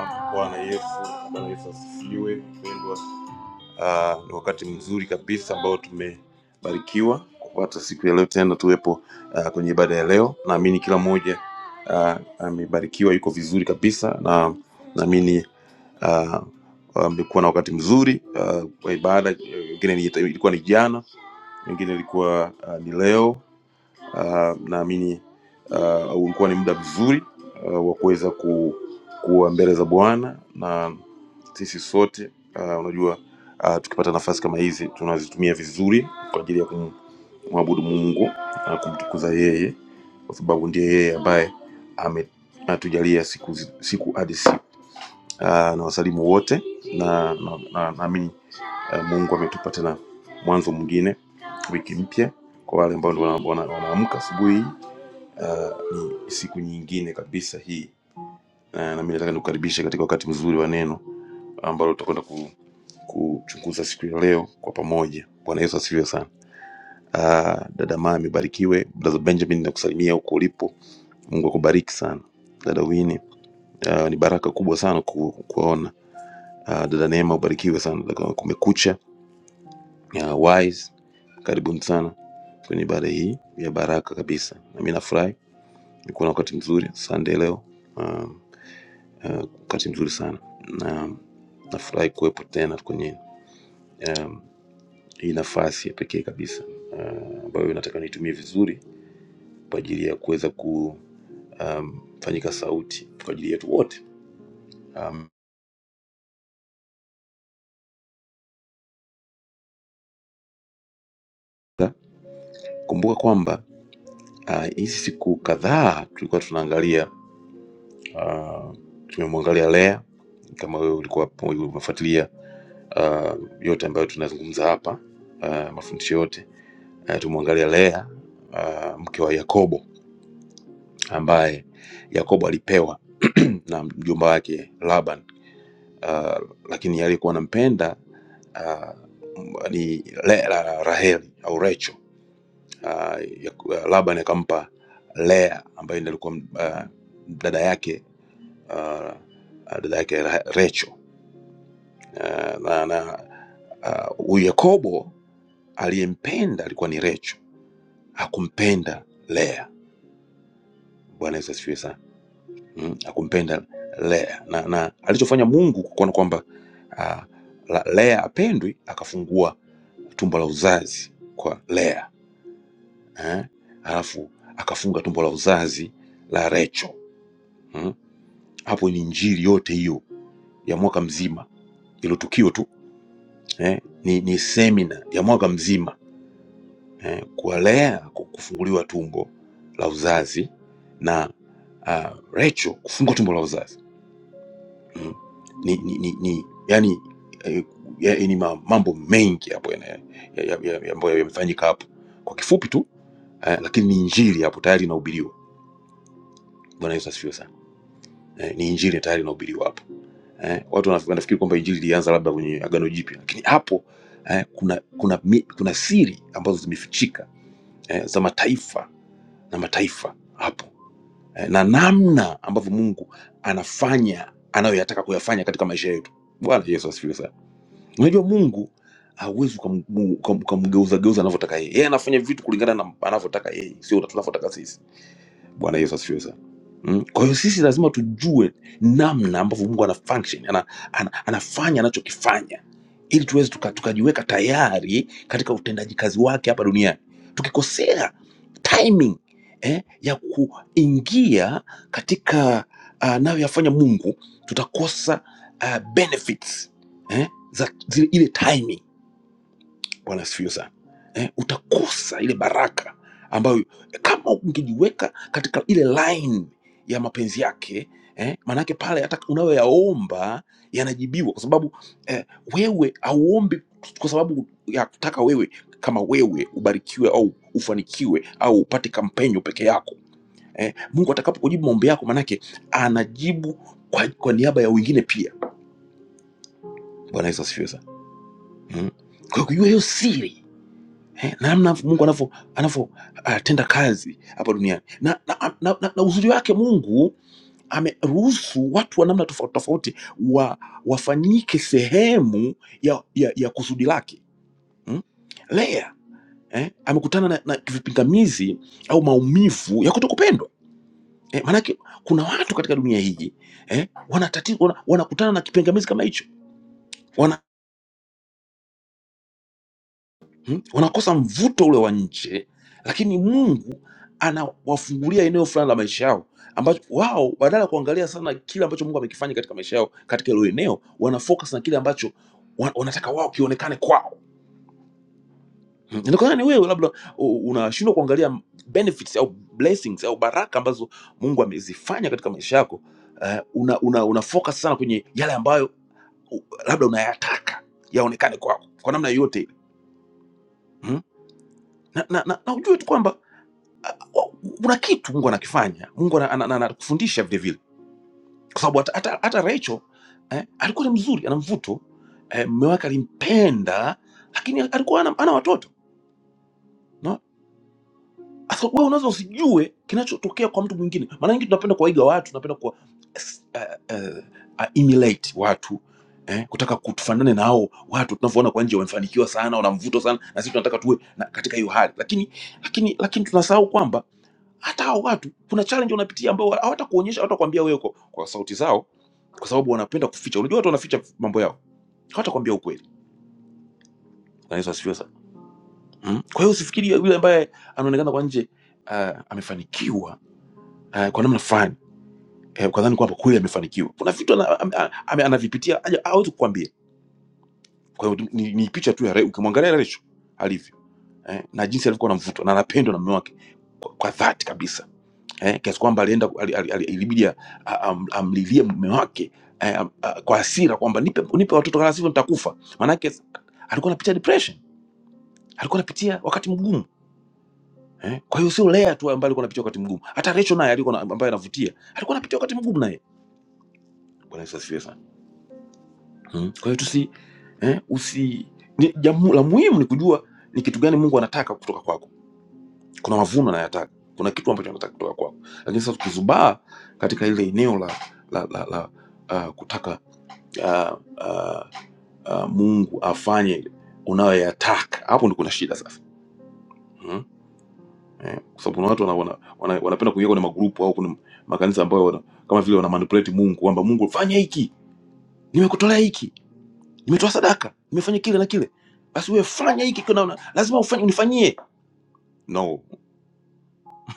Speaker 4: Ah, Bwana Yesu, Bwana Yesu asifiwe mpendwa. Ah, ni wakati mzuri kabisa ambao tumebarikiwa kupata siku ya leo tena tuwepo ah, kwenye ibada ya leo. Naamini kila mmoja ah, amebarikiwa, yuko vizuri kabisa, na naamini ah, amekuwa na wakati mzuri ah, wa ibada. Wengine ni- ilikuwa ni jana, wengine ilikuwa ah, ni leo uh, naamini uh, ulikuwa ni muda mzuri uh, wa kuweza ku, kuwa mbele za Bwana na sisi sote uh, unajua uh, tukipata nafasi kama hizi tunazitumia vizuri kwa ajili ya kumwabudu Mungu na kumtukuza yeye, kwa sababu ndiye yeye ambaye ametujalia siku zi- siku hadi siku. Uh, na wasalimu wote na naamini na, na, naamini, uh, Mungu ametupa tena mwanzo mwingine, wiki mpya kwa wale ambao ndio wana- wana- wanaamka asubuhi Uh, ni siku nyingine kabisa hii uh, na mimi nataka nikukaribishe katika wakati mzuri wa neno ambalo tutakwenda ku, kuchunguza siku ya leo kwa pamoja. Bwana Yesu asifiwe sana. Uh, dada Maa amebarikiwe. Brother Benjamin nakusalimia huko ulipo, Mungu akubariki sana. Dada Wini, uh, ni baraka kubwa sana ku, kuona. Uh, dada Neema ubarikiwe sana. Dada Kumekucha, uh, Wise, karibuni sana kwenye ibada hii ya baraka kabisa, na mimi nafurahi Nilikuwa na wakati mzuri Sunday leo uh, uh, wakati mzuri sana na nafurahi kuwepo tena kwenye um, hii nafasi ya pekee kabisa uh, ambayo uh, nataka niitumie vizuri kwa ajili ya kuweza kufanyika um, sauti kwa ajili yetu wote. Sa- Kumbuka kwamba ah, hizi uh, siku kadhaa tulikuwa tunaangalia uh, tumemwangalia Lea kama wewe ulikuwa hapo, umefuatilia uh, yote ambayo tunazungumza hapa uh, mafundisho yote eh, tumwangalia Lea uh, mke wa Yakobo ambaye Yakobo alipewa na mjomba wake Laban uh, lakini aliyekuwa anampenda uh, ni Le, la, Raheli au Recho uh, ya- Laban akampa Lea ambaye ndiye alikuwa uh, dada yake uh, dada yake Ra- Recho uh, na, na uh, huyu uh, Yakobo aliyempenda alikuwa ni Recho, hakumpenda Lea. Bwana Yesu asifiwe sana. mm, akumpenda Lea na, na alichofanya Mungu kuona kwamba ah, la- Lea apendwi, akafungua tumbo la uzazi kwa Lea eh? Alafu akafunga tumbo la uzazi la Rachel mm? Hapo ni injili yote hiyo ya mwaka mzima, ilo tukio tu eh? Ni, ni semina ya mwaka mzima eh? kwa Lea ku- kufunguliwa tumbo la uzazi na uh, Rachel kufungua tumbo la uzazi mm. ni, ni, ni, ni yani eh, ya- ni ma- mambo mengi hapo yana- ya- ya- ya- ya- ambayo yamefanyika hapo kwa kifupi tu eh, lakini ni injili hapo tayari inahubiriwa bwana yesu asifiwe sana eh, ni injili tayari inahubiriwa hapo eh, watu wanaf- wanafikiri kwamba injili ilianza labda kwenye agano jipya lakini hapo eh, kuna kuna mi, kuna siri ambazo zimefichika eh, za mataifa na mataifa hapo eh, na namna ambavyo mungu anafanya anayoyataka kuyafanya katika maisha yetu bwana yesu asifiwe sana unajua mungu hauwezi ukamgeuza geuza anavyotaka yeye yeye anafanya vitu kulingana na anavyotaka yeye sio tunavyotaka sisi bwana yesu asifiwe sana Mm. kwa hiyo sisi lazima tujue namna ambavyo mungu ana function ana, ana, anafanya anachokifanya ili tuweze tuka, tukajiweka tayari katika utendaji kazi wake hapa duniani tukikosea timing eh, ya kuingia katika uh, anayoyafanya mungu tutakosa uh, benefits eh, za zile, ile timing Bwana asifiwe sana eh, utakosa ile baraka ambayo eh, kama ungejiweka katika ile line ya mapenzi yake eh, maanake pale hata unayoyaomba yanajibiwa, kwa sababu eh, wewe auombi kwa sababu ya kutaka wewe kama wewe ubarikiwe au ufanikiwe au upate kampenyo peke yako eh, Mungu atakapokujibu maombi yako, maanake anajibu kwa, kwa niaba ya wengine pia. Bwana Yesu asifiwe sana mm. Kwa hiyo hiyo siri eh, na namna Mungu anavyo anavyo ah, tenda kazi hapa duniani na, na, na, na, na uzuri wake Mungu ameruhusu watu wa namna tofauti tofauti wa, wafanyike sehemu ya, ya, ya kusudi lake mm? Lea eh, amekutana na, na vipingamizi au maumivu ya kutokupendwa eh, maanake kuna watu katika dunia hii eh, wanatati, wana, wanakutana na kipingamizi kama hicho mm, wanakosa mvuto ule wa nje, lakini Mungu anawafungulia eneo fulani la maisha yao ambacho wao badala ya kuangalia sana kile ambacho Mungu amekifanya katika maisha yao katika hilo eneo, wana focus na kile ambacho wa- wanataka wao kionekane kwao. Mm, Inawezekana ni wewe labda u- unashindwa kuangalia benefits au blessings au baraka ambazo Mungu amezifanya katika maisha yako. eh, una, una, una focus sana kwenye yale ambayo u- labda unayataka yaonekane kwako kwa namna yoyote ile. Mm? Na, na, na, na ujue tu kwamba wa- kuna kitu mungu anakifanya mungu anakufundisha ana, ana, ana, anakufundisha vile vile kwa sababu hata, hata, hata Rachel eh, alikuwa ni mzuri ana mvuto eh, mme wake eh, alimpenda lakini alikuwa ana, ana watoto no? Sasa wewe unaweza usijue kinachotokea kwa mtu mwingine maana nyingi tunapenda kuwaiga watu tunapenda kuwa uh, uh, uh, emulate watu eh, kutaka kutufanane na hao watu tunavyoona kwa nje wamefanikiwa sana wana mvuto sana na sisi tunataka tuwe na, katika hiyo hali lakini lakini lakini tunasahau kwamba hata hao watu kuna challenge wanapitia ambao hawatakuonyesha hawatakwambia wewe kwa, kwa sauti zao kwa sababu wanapenda kuficha unajua watu wanaficha mambo yao hawatakwambia ukweli Na Yesu asifiwe sana mm. kwa hiyo usifikiri yule ambaye anaonekana kwa nje uh, amefanikiwa uh, kwa namna fulani eh, kwa dhani kwamba kweli amefanikiwa kuna vitu ana- am- a- ame- anavipitia haja- hawezi kukwambia kwa hiyo ni, ni picha tu ya Re- ukimwangalia Recho alivyo eh, na jinsi alivyokuwa na mvuto na anapendwa na mume wake kwa, kwa dhati kabisa eh, kiasi kwamba alienda ali- ali- ali- ilibidi a- a- am- amlilie mume wake eh, am- a- kwa hasira kwamba nipe, nipe watoto kama sivyo nitakufa. Maanake alikuwa anapitia depression, alikuwa anapitia wakati mgumu eh. Kwa hiyo sio Lea tu ambaye alikuwa anapitia wakati mgumu, hata Rachel naye alikuwa na- ambaye anavutia alikuwa anapitia wakati mgumu naye. Bwana Yesu asifiwe sana. Hmm. Kwa hiyo tusi eh, usi ni, jamu, la muhimu ni kujua ni kitu gani Mungu anataka kutoka kwako kuna mavuno nayataka kuna kitu ambacho nataka kutoka kwako lakini sasa tukizubaa katika ile eneo la, la, la, la uh, kutaka uh, uh, uh, mungu afanye unayoyataka hapo ndi kuna shida sasa hmm? eh, kwa sababu kuna watu wanapenda wana, wana, wana, wanapenda kuingia kwenye magrupu au kwenye makanisa ambayo wana, kama vile wana manipulate mungu kwamba mungu fanya hiki nimekutolea hiki nimetoa sadaka nimefanya kile na kile basi wewe fanya hiki kuna, una- lazima ufanye unifanyie no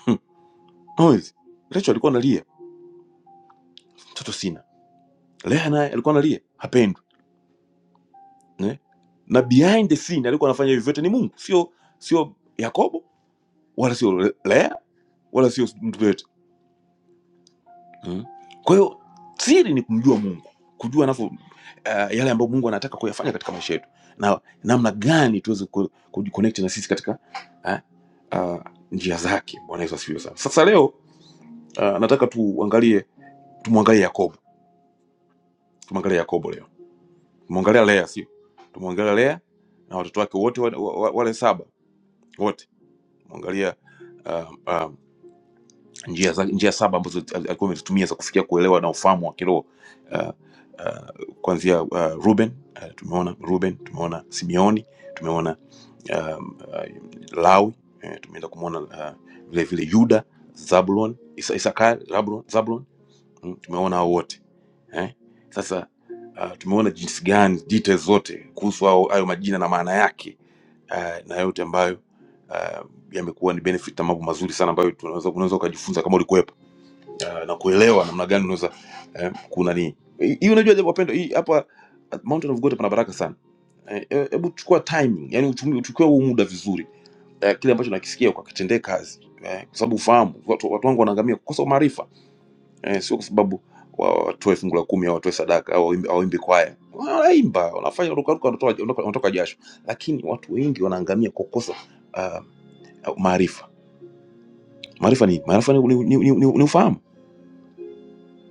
Speaker 4: Noise. Rachel alikuwa analia mtoto sina Leah naye alikuwa analia, hapendwi ne? na behind the scene alikuwa anafanya hivi vyote ni Mungu, sio sio Yakobo wala sio Le- Leah wala sio mtu yoyote mm. Kwa hiyo siri ni kumjua Mungu, kujua anavyo uh, yale ambayo Mungu anataka kuyafanya katika maisha yetu na namna gani tuweze ku- kujiconnect na sisi katika uh, uh, njia zake. Bwana Yesu asifiwe sana. Sasa leo uh, nataka tuangalie tumwangalie Yakobo, tumwangalie Yakobo leo Tumeongelea Lea, sio? Tumeongelea Lea na watoto wake wote wa- wa- wale saba wote, tumeangalia uh, uh, njia, za- njia saba ambazo zi- alikuwa amezitumia za kufikia kuelewa na ufahamu wa kiroho uh, uh, kuanzia uh, Ruben uh, tumeona Ruben, tumeona Simeoni, tumeona um, uh, Lawi eh, tumeenda kumwona uh, vile vile Yuda, Zabulon, Isa- Isakari, Labulon- Zabulon Mm, tumeona hao wote eh? Sasa uh, tumeona jinsi gani details zote kuhusu hao hayo majina na maana yake uh, na yote ambayo uh, yamekuwa ni benefit na mambo mazuri sana ambayo tunaweza unaweza ukajifunza kama ulikuwepo uh, na kuelewa namna gani unaweza eh, kuna nini hii hii unajua jambo wapendwa, hii hapa at Mountain of God pana baraka sana Eh, eh, hebu chukua timing yani uchumi- uchukue huu muda vizuri eh, kile ambacho nakisikia ukakitendee kazi eh, kwa sababu ufahamu watu, watu wangu wanaangamia kukosa maarifa eh, sio kwa sababu wa- watoe fungu la kumi au watoe sadaka au waimbe waimbe kwaya. Wanaimba, wanafanya rukaruka, wanatoka wanatoka- wanatoka jasho, lakini watu wengi wanaangamia kwa kukosa ah, maarifa. Maarifa ni maarifa ni, ni, ni, ni, ni ufahamu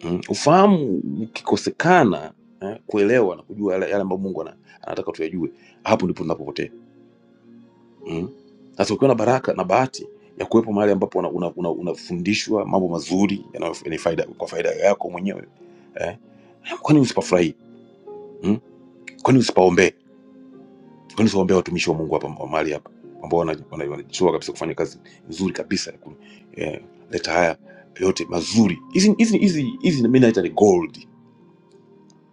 Speaker 4: mm. Ufahamu ukikosekana eh, kuelewa na kujua yale, yale ambayo Mungu ana, anataka tuyajue, hapo ndipo tunapopotea mm. Sasa ukiwa na baraka na bahati ya kuwepo mahali ambapo unafundishwa una, una unafundishwa mambo mazuri yanayo- yenye faida kwa faida yako mwenyewe eh, kwani usipafurahi Mm. Kwa nini usipaombee? Kwa nini usiwaombee watumishi wa Mungu hapa wa mahali hapa ambao wana- wana- wanajitoa kabisa kufanya kazi nzuri kabisa ya kuleta haya yote mazuri. Hizi hizi hizi hizi mimi naita ni gold.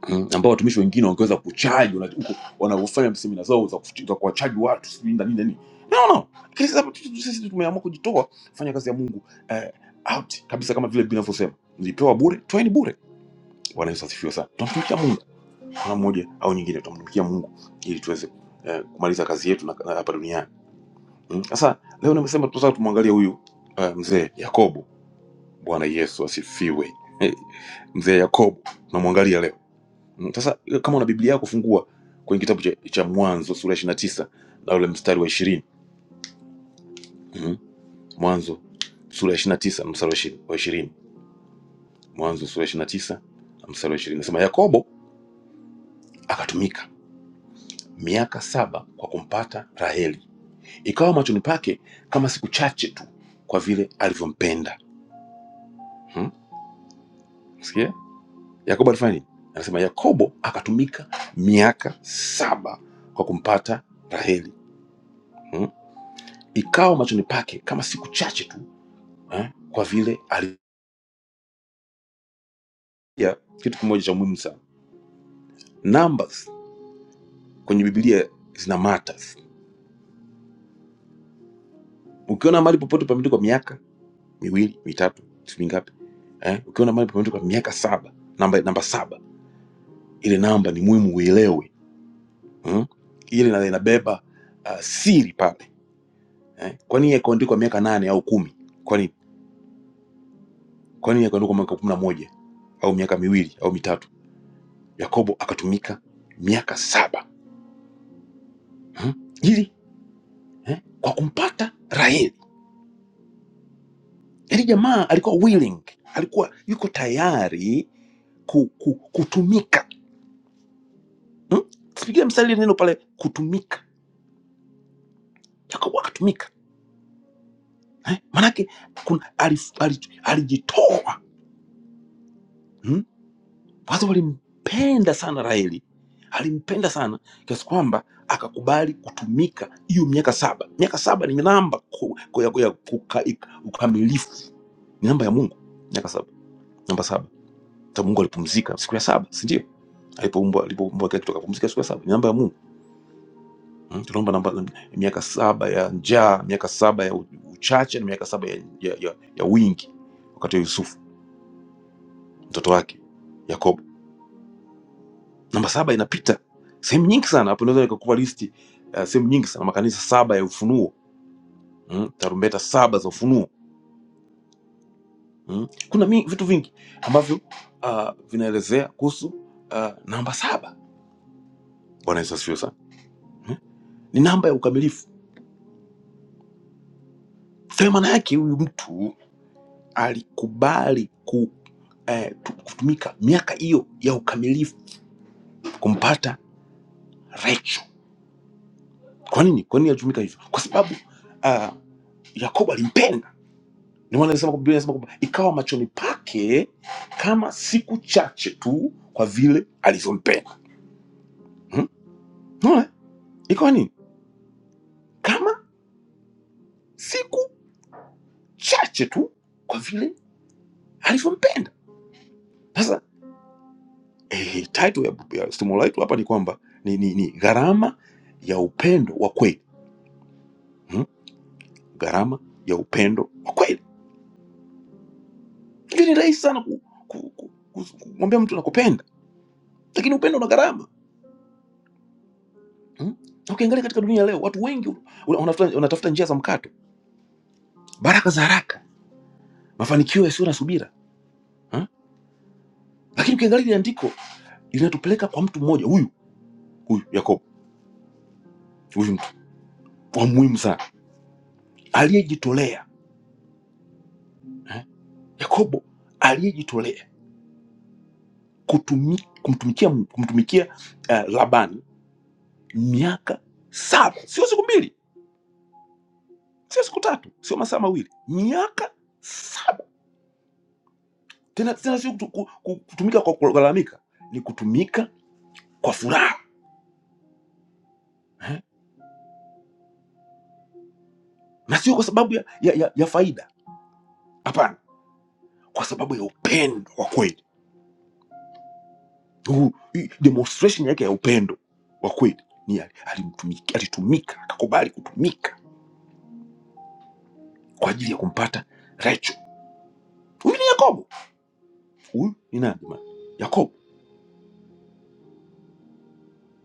Speaker 4: Mm, ambao watumishi wengine wangeweza kuchaji wana- huko wanavyofanya semina zao za kufu- za kuwachaji watu sijui nini na nini. No no. Lakini sasa tu- tu- sisi tumeamua kujitoa kufanya kazi ya Mungu eh, out kabisa kama vile Biblia inavyosema. Nilipewa bure, toeni bure. Bwana Yesu asifiwe sana. Tunamtumikia Mungu. namna moja au nyingine tutamtumikia Mungu ili tuweze eh, kumaliza kazi yetu na- na hapa duniani. Mm. Sasa hmm? leo nimesema tunataka tumwangalie huyu eh, mzee Yakobo. Bwana Yesu asifiwe. Hey, mzee Yakobo tunamwangalia leo. Mm, Sasa hmm? kama una Biblia yako fungua kwenye kitabu cha, cha Mwanzo sura ya 29 na tisa na ule mstari wa 20. Mm. Mwanzo sura ya 29 na tisa mstari wa 20. wa 20. Mwanzo sura ya 29 na tisa mstari wa 20. Nasema Yakobo akatumika miaka saba kwa kumpata Raheli ikawa machoni pake kama siku chache tu kwa vile alivyompenda hmm? Sikia? Yakobo alifanya nini? Anasema Yakobo akatumika miaka saba kwa kumpata Raheli hmm? Ikawa machoni pake kama siku chache tu eh? Kwa vile alia kitu kimoja cha muhimu sana, numbers kwenye Biblia zina matters. Ukiona mahali popote pameandikwa miaka miwili mitatu sijui mingapi eh? Ukiona mahali pameandikwa miaka saba namba, namba saba ile namba ni muhimu uielewe mm? ile ina- inabeba uh, siri pale eh? kwa nini yakaandikwa miaka nane au kumi kwa nini kwa nini yakaandikwa mwaka kumi na moja au miaka miwili au mitatu yakobo akatumika miaka saba mm? ili eh? kwa kumpata raheli yaani jamaa alikuwa willing alikuwa yuko tayari ku, ku, kutumika mm? sipigia mstari ile neno pale kutumika yakobo akatumika eh? manake kuna alijitoa alif- ali- alijitoa Hmm? watu walimpenda sana Raheli, alimpenda sana kiasi kwamba akakubali kutumika hiyo miaka saba. Miaka saba ni namba ku- ku- ya ya kuka- ukamilifu, ni namba ya Mungu. Miaka saba, namba saba. Hata Mungu alipumzika siku ya saba, si ndio? Alipoumbwa, alipoumbwa kila kitu akapumzika siku ya saba, ni namba ya Mungu. Mm, tunaomba namba miaka saba ya njaa, miaka saba ya u- uchache na miaka saba ya, ya, ya, ya wingi, wakati wa Yusufu mtoto wake Yakobo namba saba inapita sehemu nyingi sana hapo naweza nikakupa listi uh, sehemu nyingi sana makanisa saba ya ufunuo mm, tarumbeta saba za ufunuo mm. kuna mi, vitu vingi ambavyo uh, vinaelezea kuhusu uh, namba saba bwana yesu asifiwe sana mm. ni namba ya ukamilifu kwa hiyo maana yake huyu mtu alikubali ku, eh, tu- kutumika miaka hiyo ya ukamilifu kumpata recho kwa nini kwa nini alitumika hivyo kwa sababu uh, yakobo alimpenda Ndio maana anasema Biblia inasema kwamba ikawa machoni pake kama siku chache tu kwa vile alivyompenda. Hmm? Unaona? Ikawa nini? Kama siku chache tu kwa vile alivyompenda. Sasa eh, title ya, ya somo letu hapa ni kwamba ni, ni, ni gharama ya upendo wa kweli. Hmm? Gharama ya upendo wa kweli. Hivi ni rahisi sana ku, ku, ku, ku, kumwambia mtu nakupenda, lakini upendo una gharama. Hmm? Ukiangalia katika dunia leo watu wengi wana- wanatafuta wanatafuta njia za mkato baraka za haraka, mafanikio yasiyo na subira ha? Lakini ukiangalia ile andiko linatupeleka kwa mtu mmoja huyu huyu Yakobo, huyu mtu wa muhimu sana aliyejitolea eh? Yakobo aliyejitolea kutumi, kumtumikia kumtumikia uh, Labani miaka saba, sio siku mbili, sio siku tatu, sio masaa mawili, miaka saba tena tena, sio kutu- ku- ku- kutumika kwa kulalamika, ni kutumika kwa furaha eh? na sio kwa sababu ya, ya, ya, ya faida, hapana kwa sababu ya upendo wa kweli Huu- hii demonstration yake ya upendo wa kweli ni ali- alimtumiki- alitumika akakubali kutumika kwa ajili ya kumpata Rachel. Huyu ni Yakobo, huyu ni nani jamani? Yakobo.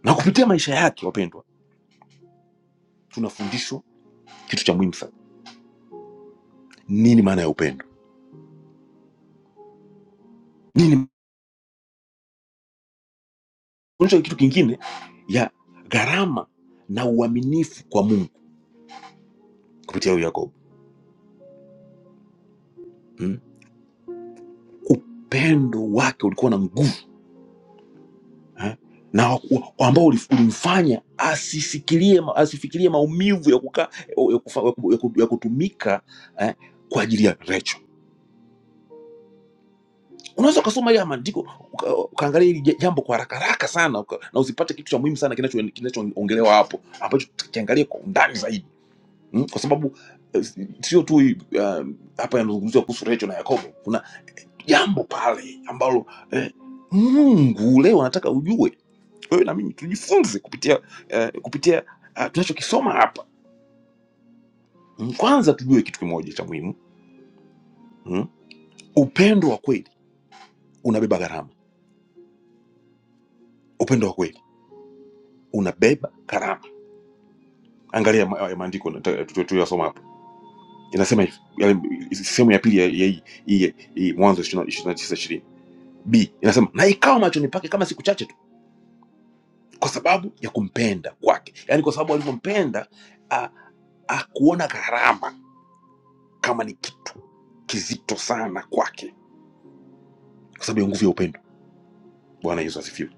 Speaker 4: Na kupitia maisha yake, wapendwa, tunafundishwa kitu cha muhimu sana, nini maana ya upendo, nini fundishwa kitu kingine ya gharama na uaminifu kwa Mungu kupitia huyu Yakobo hmm? upendo wake ulikuwa na nguvu eh? na waku- ambao ulif- ulimfanya asisikilie ma- asifikirie maumivu ya kukaa ya, kufa, ya, ku, ya, ku, ya kutumika eh? kwa ajili ya Rachel. Unaweza ukasoma haya maandiko uka- ukaangalia hili ja- jambo kwa haraka haraka sana uka, na usipate kitu cha muhimu sana kinacho- kinachoongelewa hapo ambacho tukiangalia kwa undani zaidi mm? kwa sababu eh, si- sio tu hii, ah, hapa yanazungumziwa kuhusu Rachel na Yakobo, kuna jambo pale ambalo eh, Mungu leo anataka ujue wewe na mimi tujifunze kupitia eh, kupitia ah, tunachokisoma hapa Mm, kwanza tujue kitu kimoja cha muhimu mm. upendo wa kweli unabeba gharama upendo wa kweli unabeba gharama angalia ma- ya maandiko nata- tu- tu- tuliyosoma hapa inasema hivi yale- sehemu ya pili ya ya hii hii- hii mwanzo ishirina tisa ishirini b inasema na ikawa machoni pake kama siku chache tu kwa sababu ya kumpenda kwake yaani kwa sababu alivyompenda ah, akuona gharama kama ni kitu kizito sana kwake kwa sababu ya nguvu ya upendo. Bwana Yesu asifiwe.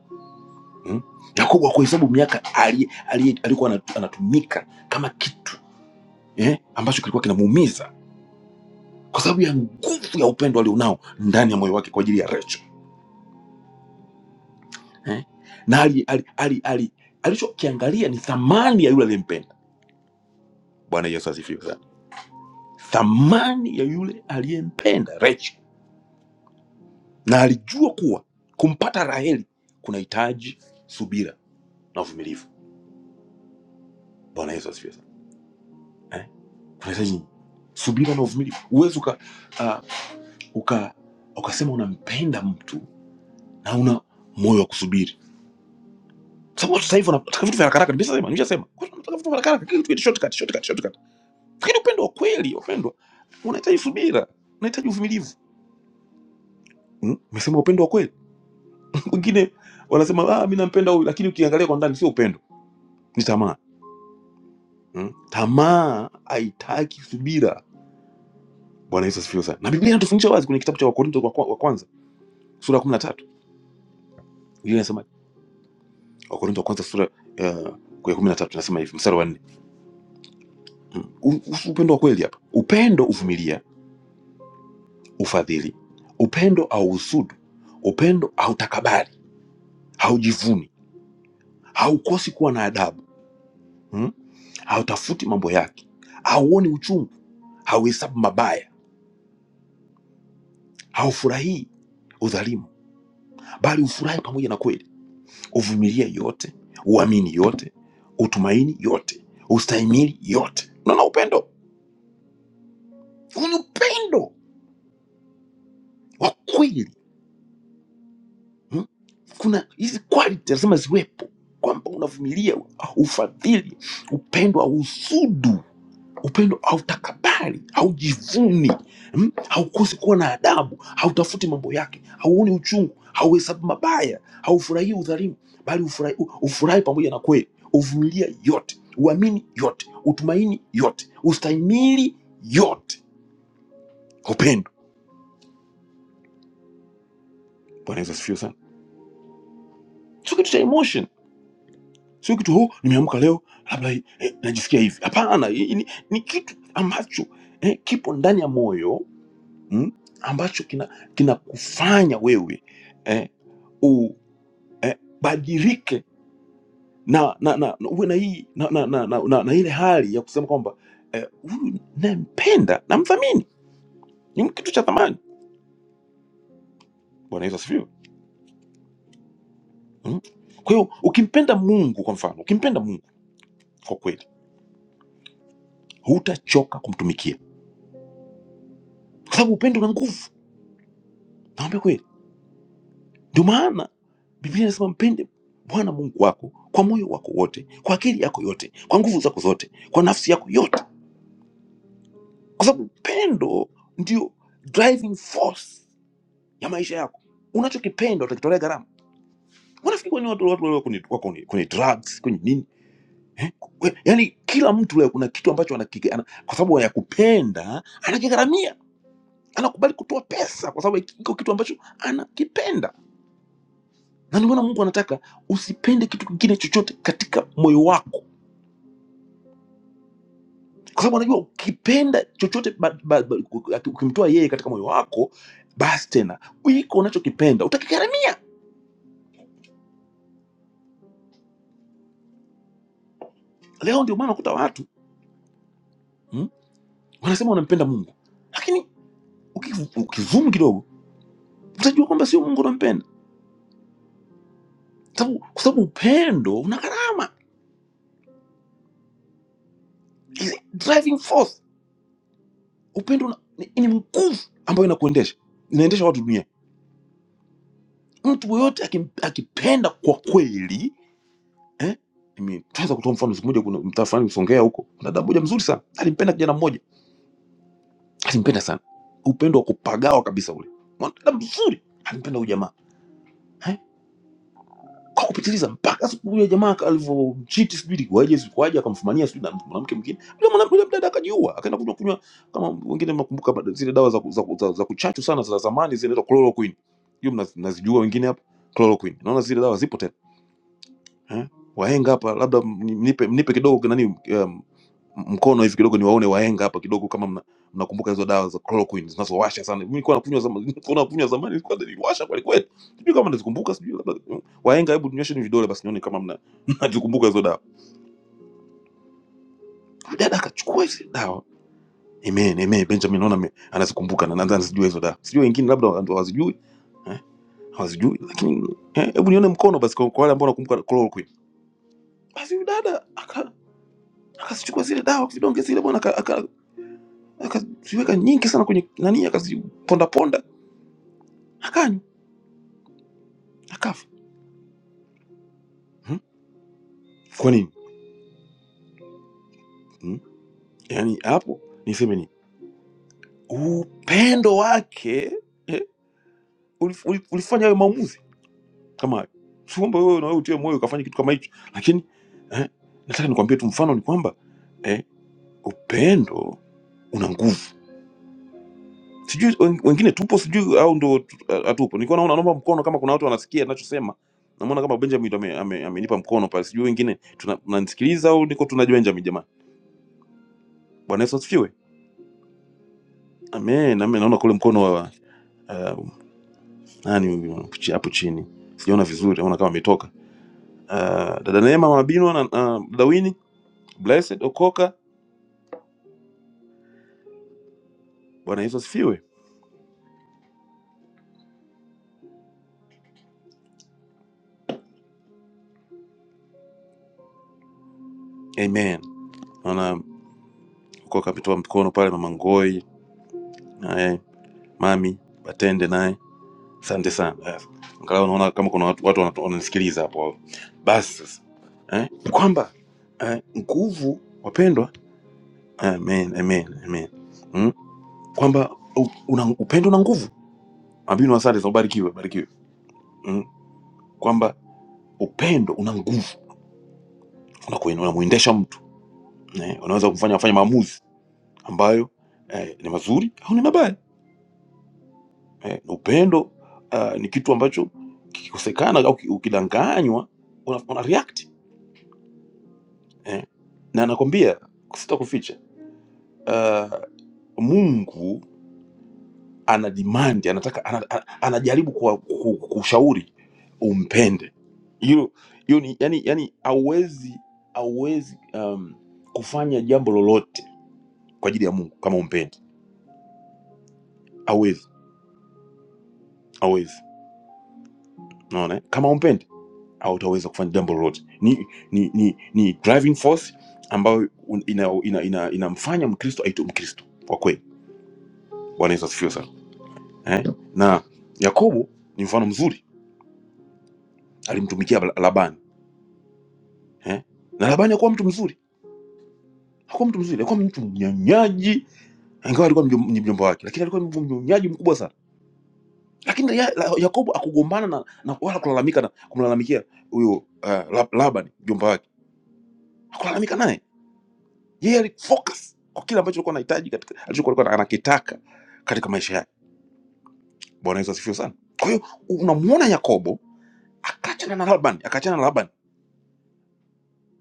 Speaker 4: Hmm? Yakobo hakuhesabu miaka ali- ali- alikuwa anat- anatumika kama kitu eh, ambacho kilikuwa kinamuumiza kwa sababu ya nguvu ya upendo alionao ndani ya moyo wake kwa ajili ya Rachel eh? na ali, ali, ali, ali, alichokiangalia ni thamani ya yule aliyempenda. Bwana Yesu asifiwe sana. Thamani ya yule aliyempenda Rachel, na alijua kuwa kumpata Raheli kunahitaji subira na uvumilivu. Bwana Yesu asifiwe sana. eh. unahitaji subira na uvumilivu huwezi uka, uh, uka, ukasema unampenda mtu na una moyo wa kusubiri sababu watu sasa hivi wanataka vitu vya haraka haraka nimeshasema nimeshasema Watu wanataka vitu vya haraka haraka kila kitu kitu shortcut shortcut shortcut lakini upendo wa kweli wapendwa unahitaji subira unahitaji uvumilivu Mm, umesema upendo wa kweli wengine wanasema ah, mi nampenda huyu lakini ukiangalia kwa ndani sio upendo ni tamaa mm? tamaa haitaki subira bwana yesu asifiwe sana na biblia inatufundisha wazi kwenye kitabu cha wakorinto wa kwa- wa kwanza sura ya kumi na tatu Biblia inasema Wakorintho wa kwanza sura uh, ya kumi na tatu inasema hivi mstari wa nne Mm. U- u- upendo wa kweli hapa, upendo uvumilia, ufadhili, upendo hauhusudu, upendo hautakabari, haujivuni, haukosi kuwa na adabu mm? hautafuti mambo yake, hauoni uchungu, hauhesabu mabaya, haufurahii udhalimu, bali ufurahi pamoja na kweli. Uvumilia yote, uamini yote, utumaini yote, ustahimili yote. Unaona upendo, huu ni upendo wa kweli hmm? kuna hizi quality lazima ziwepo kwamba unavumilia ufadhili upendo ausudu upendo hautakabari haujivuni hmm? haukosi kuwa na adabu hautafuti mambo yake hauoni uchungu hauhesabu mabaya haufurahii udhalimu bali ufurahi ufurahi pamoja na kweli uvumilia yote uamini yote utumaini yote ustahimili yote kwa upendo bwana yesu asifiwe sana so kitu cha emotion Sio kitu oh, nimeamka leo labda eh, najisikia hivi. Hapana, hii ni, ni kitu ambacho eh, kipo ndani ya moyo mm, ambacho kina kinakufanya wewe eh, ubadilike na, na, na, na uwe na hii na, na, na, na, na, na ile hali ya kusema kwamba eh, huyu eh, nampenda namthamini, ni kitu cha thamani. Bwana Yesu asifiwe. Mm. Kwa hiyo ukimpenda Mungu kwa mfano, ukimpenda Mungu kwa kweli, hutachoka kumtumikia kwa sababu upendo una nguvu. Naomba kweli Ndio maana Biblia inasema mpende Bwana Mungu wako kwa moyo wako wote, kwa akili yako yote, kwa nguvu zako zote, kwa nafsi yako yote, kwa sababu upendo ndio driving force ya maisha yako. Unachokipenda utakitolea gharama. Wanafikiri kwani watu watu walio kwenye, wako kwenye, kwenye drugs kwenye nini eh? Kwe- Yaani kila mtu leo kuna kitu ambacho anakike, ana, kwa sababu ya kupenda anakigharamia, anakubali kutoa pesa kwa sababu iko kitu ambacho anakipenda na ndio maana mungu anataka usipende kitu kingine chochote katika moyo wako kwa sababu anajua ukipenda chochote ba- ba- ba- ukimtoa yeye katika moyo wako basi tena iko unachokipenda utakigharamia leo ndio maana unakuta watu mm, wanasema wanampenda mungu lakini uki- ukizumu kidogo utajua kwamba sio mungu unampenda Sababu- kwa sababu upendo una gharama Is a driving force upendo una, ni, ni nguvu ambayo inakuendesha inaendesha watu dunia mtu yoyote akipenda kwa kweli eh? Nimetaza kutoa mfano, siku moja kuna mtaa fulani Songea huko, kuna dada moja mzuri sana, alimpenda kijana mmoja, alimpenda sana, upendo wa kupagawa kabisa ule, mwanadada mzuri, alimpenda huyu jamaa eh? kwa kupitiliza, mpaka siku huyo jamaa alivyomchiti, sijui ilikuwaje, sikuwaje, akamfumania sijui na mwanamke mwingine, yule mwanamke yule mdada akajiua, akaenda kunywa kunywa, kama wengine mnakumbuka ba- zile dawa za, ku- za, ku- za, za kuchachu sana za zamani zinaitwa chloroquine, hiyo mnaz- mnazijua wengine hapa, chloroquine, naona zile dawa zipo tena eh? wahenga hapa labda mni- mnipe mnipe kidogo nani um, mkono hivi kidogo niwaone wahenga hapa kidogo kama mna- mnakumbuka hizo dawa za chloroquine zinazowasha sana mimi nilikuwa nakunywa zamani nilikuwa nakunywa zamani nilikuwa niliwasha kweli kweli sijui kama nazikumbuka sijui labda mm, wahenga hebu tunyoshe ni vidole basi nione kama mna mnazikumbuka hizo dawa dada akachukua hizo dawa amen amen Benjamin naona ame- anazikumbuka na nadhani anazijua hizo dawa sijui wengine labda wa- ndo hawazijui eh hawazijui lakini eh, hebu nione mkono basi kwa kwa wale ambao wanakumbuka chloroquine basi huyu dada Akazichukua zile dawa vidonge zile bwana, aka- aka- akaziweka nyingi sana kwenye nani, akazipondaponda akanywa, akafa. hmm? Kwa nini? hmm? Yaani hapo niseme nini? Upendo wake eh, ulif- ulif- ulifanya hayo maamuzi kama hayo. Si kwamba wewe na wewe utie moyo ukafanya kitu kama hicho, lakini eh, nataka nikwambie tu mfano ni kwamba eh, upendo una nguvu sijui wen- wengine tupo sijui au ndo tu- ha- hatupo nilikuwa naona naomba mkono kama kuna watu wanasikia ninachosema namuona kama benjamin ndo ame, ame, amenipa mkono pale sijui wengine tuna- mnanisikiliza au niko tuna benjamin jamani bwana yesu asifiwe amen amen naona kule mkono wa uh, nani huyu chi- hapo chini sijaona vizuri naona kama ametoka uh, dada neema mama binwa na uh, dawini blessed okoka bwana yesu asifiwe amen naona okoka ametoa mkono pale mama ngoi naye mami batende naye Asante sana. Eh, Angalau unaona kama kuna watu watu wanatu- wananisikiliza hapo. Basi sasa eh, ni kwamba eh, nguvu wapendwa, amen, amen, amen. Mm? Kwamba u- una upendo una nguvu. Abinu, asante sana, ubarikiwe, barikiwe. Mm? Kwamba upendo una nguvu, unakuin- unamuendesha mtu eh, unaweza kumfanya afanye maamuzi ambayo eh, ni mazuri au ni mabaya eh, na upendo ah, ni kitu ambacho kikikosekana au ki- ukidanganywa una, una react eh. na nakwambia sita kuficha uh, mungu ana demand anataka ana, ana, anajaribu kuwa- ku- kushauri umpende hilo hiyo ni yani yani hauwezi hauwezi um, kufanya jambo lolote kwa ajili ya mungu kama umpendi hauwezi hauwezi unaona eh? kama umpendi hautaweza kufanya jambo lolote ni ni ni, ni driving force ambayo un- ina- ina- ina- inamfanya mkristo aitwe mkristo kwa kweli bwana yesu asifiwe sana eh? na Yakobo ni mfano mzuri, alimtumikia Bala- Labani eh? na Labani hakuwa mtu mzuri, hakuwa mtu mzuri, alikuwa mtu mnyonyaji, ingawa alikuwa mjom- ni mjomba wake, lakini alikuwa mnyonyaji mkubwa sana. Lakini ya, la, Yakobo akugombana na, na wala kulalamika na kumlalamikia huyo uh, Lab- Labani mjomba wake, hakulalamika naye, yeye alifocus kwa kile ambacho alikuwa anahitaji katika alichokuwa alikuwa anakitaka katika maisha yake. Bwana Yesu asifiwe sana. Kwa hiyo unamuona Yakobo akaachana na Labani, akaachana na Labani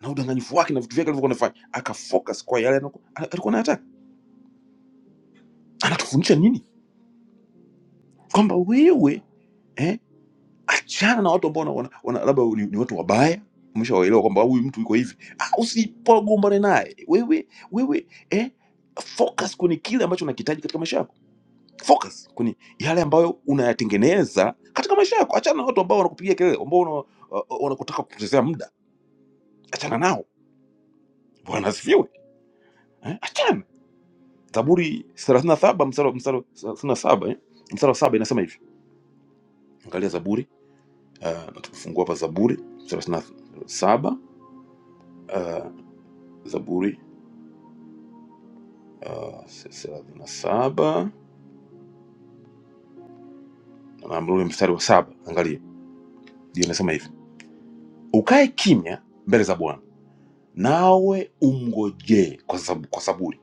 Speaker 4: na udanganyifu wake na vitu vyake alivyokuwa anafanya, akafocus kwa yale anaku- alikuwa anayataka. Anatufundisha nini? Kwamba wewe eh, achana na watu ambao wana, wana, wana- labda ni, ni watu wabaya umeshawaelewa kwamba huyu mtu yuko hivi, ah, usipogombane naye wewe wewe eh, focus kwenye kile ambacho unakihitaji katika maisha yako, focus kwenye yale ambayo unayatengeneza katika maisha yako. Achana na watu ambao wanakupigia kelele, ambao wana- wa- wanakutaka kupotezea muda, achana nao. Bwana asifiwe eh, achana Zaburi thelathini na saba mstari wa- mstari wa- thelathini na saba eh? mstari wa saba inasema hivi, angalia Zaburi uh, na tukifungua hapa Zaburi thelathini na saba uh, Zaburi uh, thelathini na saba na ule mstari wa saba, angalia ndio inasema hivi, ukae kimya mbele za Bwana nawe umngojee kwa, zab, kwa saburi,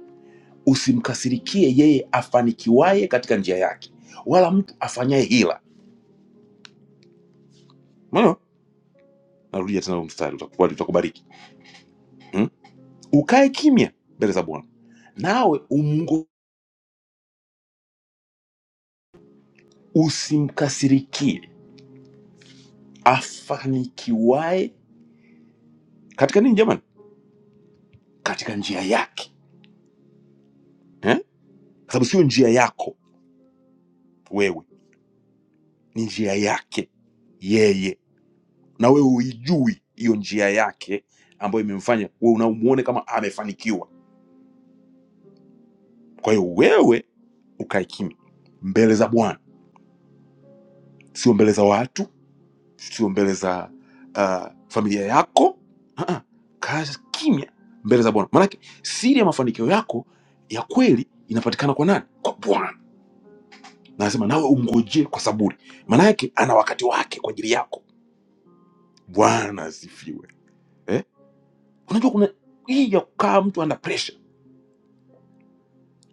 Speaker 4: usimkasirikie yeye afanikiwaye katika njia yake, wala mtu afanyaye hila. Umeona? Narudia tena huo mstari, utakubali- utakubariki. hmm? ukae kimya mbele za Bwana, nawe umngo, usimkasirikie afanikiwaye katika nini jamani? Katika njia yake eh? Kwa sababu sio njia yako wewe, ni njia yake yeye, na wewe uijui hiyo njia yake ambayo imemfanya wewe unamuone kama amefanikiwa. Kwa hiyo wewe ukae kimya mbele za Bwana, sio mbele za watu, sio mbele za uh, familia yako uh-uh. kaa kimya mbele za bwana maanake siri ya mafanikio yako ya kweli inapatikana kwa nani kwa bwana Na anasema nawe umngojee kwa saburi maanake ana wakati wake kwa ajili yako bwana asifiwe eh? unajua kuna hii ya kukaa mtu ana pressure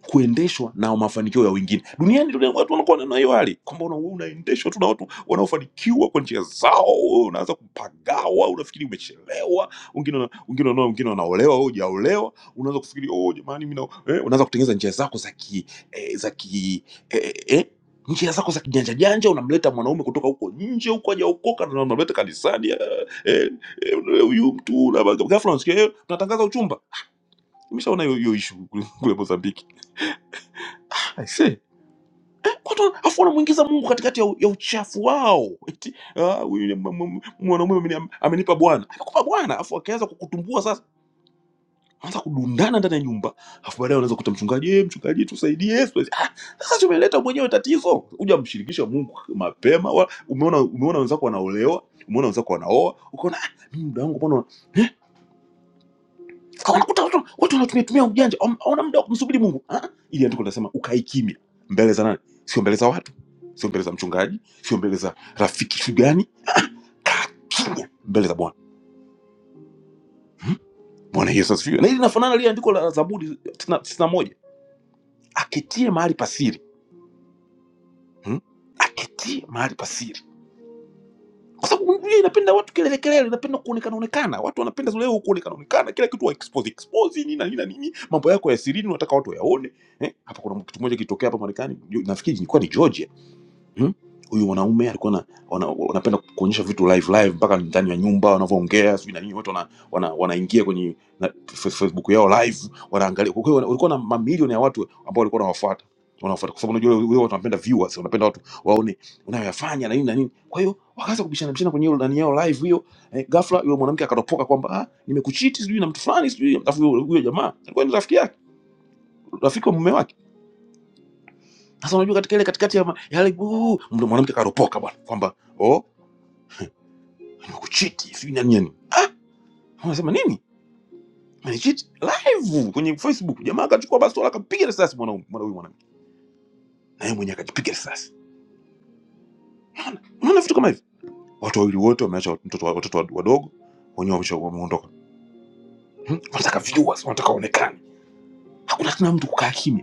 Speaker 4: kuendeshwa na mafanikio ya wengine duniani. Duniani watu wanakuwa na na hiyo hali kwamba una- wewe unaendeshwa tu na watu wanaofanikiwa kwa njia zao, wewe unaanza kupagawa, unafikiri umechelewa. Wengine wana- wengine wanaoa, wengine wanaolewa, wewe hujaolewa, unaanza kufikiri oh, jamani mimi na-" eh, unaanza kutengeneza njia zako za ki eh, za ki eh, eh, eh, njia zako za kijanja janja, unamleta mwanaume kutoka huko nje huko hajaokoka, na unamleta kanisani eh, eh, eh, huyu mtu, na ghafla unasikia eh, tunatangaza uchumba. Nimeshaona hiyo hiyo issue kule kule Mozambiki. Watu wana- afu wanamuingiza Mungu katikati ya, u- ya uchafu wao. Eti ah, huyu ni mwa- mwa- mwanaume ameni- amenipa Bwana, amekupa Bwana, afu akaanza kukutumbua sasa, anza kudundana ndani ya nyumba, afu baadaye unaweza kuta mchungaji, "Eh, mchungaji tusaidie, tusaidie." Ah, sasa tumeleta mwenyewe tatizo, huja mshirikisha Mungu mapema. wa- Umeona umeona wenzako wanaolewa, umeona wenzako wanaoa, ukaona "Ah, mimi muda wangu mbona kwa unakuta watu watu wanatumia tumia ujanja, wana wana muda wa kumsubiri Mungu. Ah, ili andiko linasema ukae kimya mbele za nani? Sio mbele za watu, sio mbele za mchungaji, sio mbele za rafiki shugani, kaa kimya mbele za Bwana. Bwana Yesu asifiwe. Na hili linafanana lile andiko la Zaburi 91 aketie mahali pasiri, hmm? aketie mahali pasiri kwa sababu Biblia inapenda watu kelele kelele, inapenda kuonekana onekana. Watu wanapenda leo kuonekana onekana, kila kitu wa expose expose, nini na nini na nini, mambo yako ya sirini unataka watu wayaone eh. Hapa kuna kitu kimoja kilitokea hapa Marekani, ju- nafikiri ilikuwa ni Georgia Hmm? Huyu mwanaume alikuwa na- wana- wanapenda kuonyesha vitu live live mpaka ndani ya nyumba wanavyoongea, sijui na nini, watu wana, wana, wanaingia kwenye na Fe- Facebook yao live wanaangalia. Kwa hiyo wana- walikuwa na mamilioni ya watu ambao walikuwa wanawafuata wanawafuata, kwa sababu unajua wale watu wanapenda viewers, wanapenda watu waone unayoyafanya na nini na nini. Kwa hiyo wakaanza kubishana bishana kwenye hiyo ndani yao live hiyo. Eh, ghafla yule mwanamke akatopoka kwamba ah, nimekuchiti sijui na mtu fulani sijui, alafu huyo huyo jamaa alikuwa ni rafiki yake, rafiki wa mume wake. Sasa unajua katika ile katikati ya ma- ya yale uh, mwanamke akaropoka bwana kwamba oh nimekuchiti sijui nani nani. Ah, wanasema nini? Amenichiti live kwenye Facebook. Jamaa akachukua bastola akampiga risasi mwanaume mwana huyu mwanamke, na yeye mwenyewe akajipiga risasi. Unaona, unaona vitu kama hivi, watu wawili wote wameacha mtoto wa- watoto wadogo wenyewe wamesha- wameondoka. Hmm? Wanataka viewers, wanataka waonekane. Hakuna tena mtu kukaa kimya.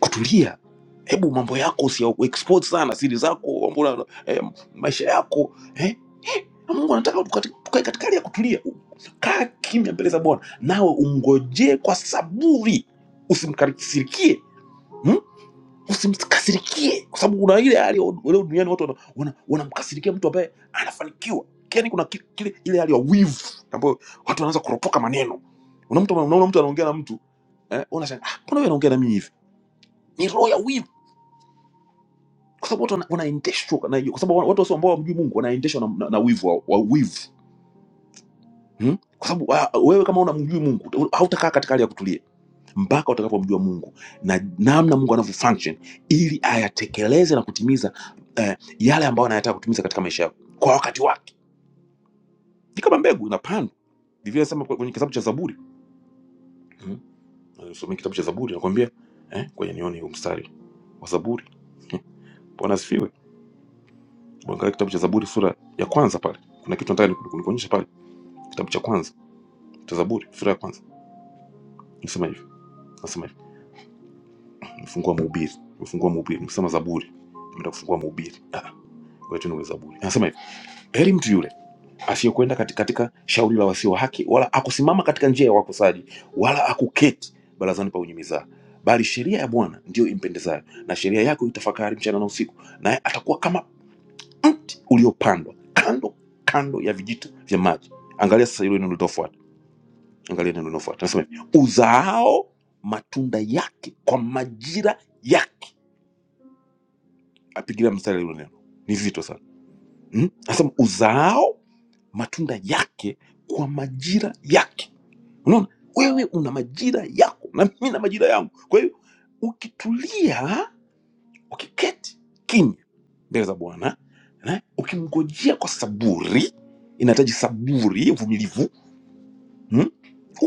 Speaker 4: kutulia hebu mambo yako usia expose sana siri zako mambo na- eh, maisha yako eh? Eh, mungu anataka tukati- tukae katika hali ya kutulia kaa kimya mbele za bwana nawe umngojee kwa saburi usimkasirikie hmm? usimkasirikie kwa sababu kuna ile hali ya leo duniani watu wanamkasirikia wana, wana wanamkasirikia mtu ambaye anafanikiwa yani kuna ki- kile ile hali ya wivu ambayo watu wanaanza kuropoka maneno unaona mtu unaona mtu anaongea na mtu eh, unashangaa ah, mbona wewe anaongea na mimi hivi ni roho ya wivu kwa sababu watu wana- wanaendeshwa na hiyo, kwa sababu watu wasio ambao wamjui Mungu wanaendeshwa na, na, na wivu wa, wa wivu hmm? kwa sababu ah, wewe kama unamjui Mungu uta- hautakaa katika hali ya kutulia mpaka utakapomjua Mungu na namna Mungu anavyo function ili ayatekeleze na kutimiza eh, yale ambayo anayataka kutimiza katika maisha yako kwa wakati wake. Ni kama mbegu inapandwa, Biblia inasema kwa- kwenye kitabu cha Zaburi hmm? Nisomee kitabu cha Zaburi nakwambia eh, kwenye nione huu mstari wa Zaburi. Bwana asifiwe. Angalia kitabu cha Zaburi sura ya kwanza pale, kuna kitu nataka niku- nikuonyeshe pale Kitabu cha kwanza cha Zaburi sura ya kwanza nasema hivi, nasema hivi, mfungua mhubiri, mfungua mhubiri, msema Zaburi, tumeenda kufungua mhubiri. Ah, ngoja tu niwe Zaburi. Anasema hivi, heri mtu yule asiyekwenda katika, katika shauri la wasio haki, wala akusimama katika njia ya wakosaji, wala akuketi barazani pa wenye mizaha, bali sheria ya Bwana ndiyo impendezayo, na sheria yako itafakari mchana na usiku, naye atakuwa kama mti uliopandwa kando kando ya vijito vya maji. Angalia sasa hilo neno litafuata angalia neno linafuata nasema hivi uzaao matunda yake kwa majira yake apigilia mstari hilo neno ni zito sana hmm? anasema uzaao matunda yake kwa majira yake unaona wewe una majira yako na mimi na majira yangu kwa hiyo ukitulia ukiketi kimya mbele za bwana na ukimngojea kwa saburi inahitaji saburi uvumilivu hmm?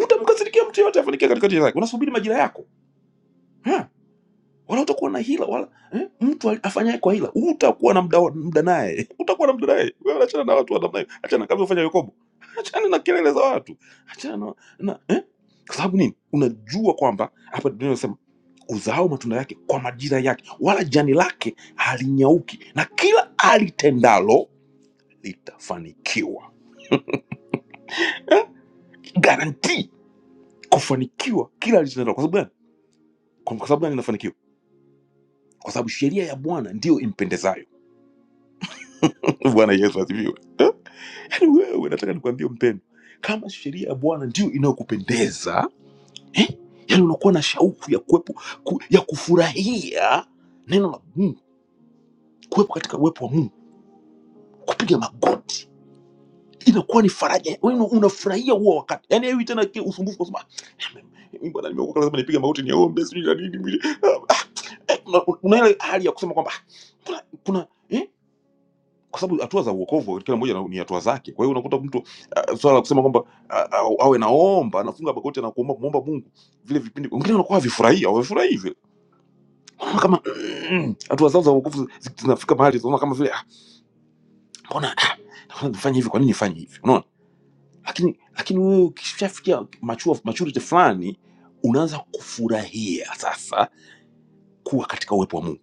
Speaker 4: utamkasirikia mtu yeyote afanikia katikati yake unasubiri majira yako Ha. wala utakuwa na hila wala eh? mtu afanyaye kwa hila utakuwa na mda, mda naye utakuwa na mda naye wewe achana na watu wa namna hiyo achana kama ufanya Yakobo achana na kelele za watu achana na, na eh? kwa sababu nini unajua kwamba hapa Biblia inasema uzao matunda yake kwa majira yake wala jani lake halinyauki na kila alitendalo litafanikiwa eh? garantii kufanikiwa kila alitendalo kwa sababu gani kwa kwa sababu gani inafanikiwa kwa sababu sheria ya Bwana ndiyo impendezayo Bwana Yesu asifiwe Eh? Yaani wewe nataka nikwambie mpendo, kama sheria ya Bwana ndio inayokupendeza eh? Yaani unakuwa na shauku ya kuwepo ku, ya kufurahia neno la Mungu, kuwepo katika uwepo wa Mungu, kupiga magoti inakuwa ni faraja. Wewe una- unafurahia huo wakati, yaani hewi tena kile usumbufu kusema "Ah, mimi- mimi bwana, nimeokoka lazima nipige magoti niombe, sijui la nini mwili." Ah, ah, eh, una- Unaona ile hali ya kusema kwamba "Ah, kuna kuna eh? kwa sababu hatua za uokovu wa kila mmoja na- ni hatua zake. Kwa hiyo unakuta mtu uh, swala la kusema kwamba ah, ah, awe naomba anafunga magoti na kuomba muomba Mungu, vile vipindi wengine wanakuwa havifurahii au havifurahii vile, wanaona kama mm, hatua zao za uokovu zi- zinafika mahali zinaona kama vile ah, mbona ah, naona nifanye hivi, kwa nini nifanye hivi? Unaona, lakini lakini wewe ukishafikia mature maturity fulani unaanza kufurahia sasa kuwa katika uwepo wa Mungu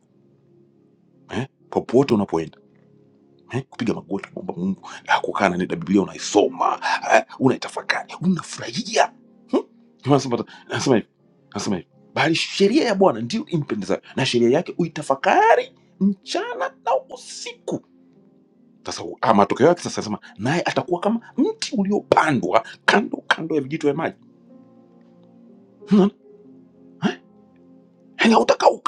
Speaker 4: eh, popote unapoenda eh, kupiga magoti kumwomba Mungu, ah, kukaa na nenda Biblia unaisoma, ah, unaitafakari, unafurahia. Hmm? Ndio Anasema anasema hivi, anasema hivi, bali sheria ya Bwana ndiyo impendezayo, na sheria yake uitafakari mchana na usiku. Sasa u- ah, matokeo yake sasa anasema naye atakuwa kama mti uliopandwa kando kando ya vijito vya maji, Unaona? Eh? yaani hautakauka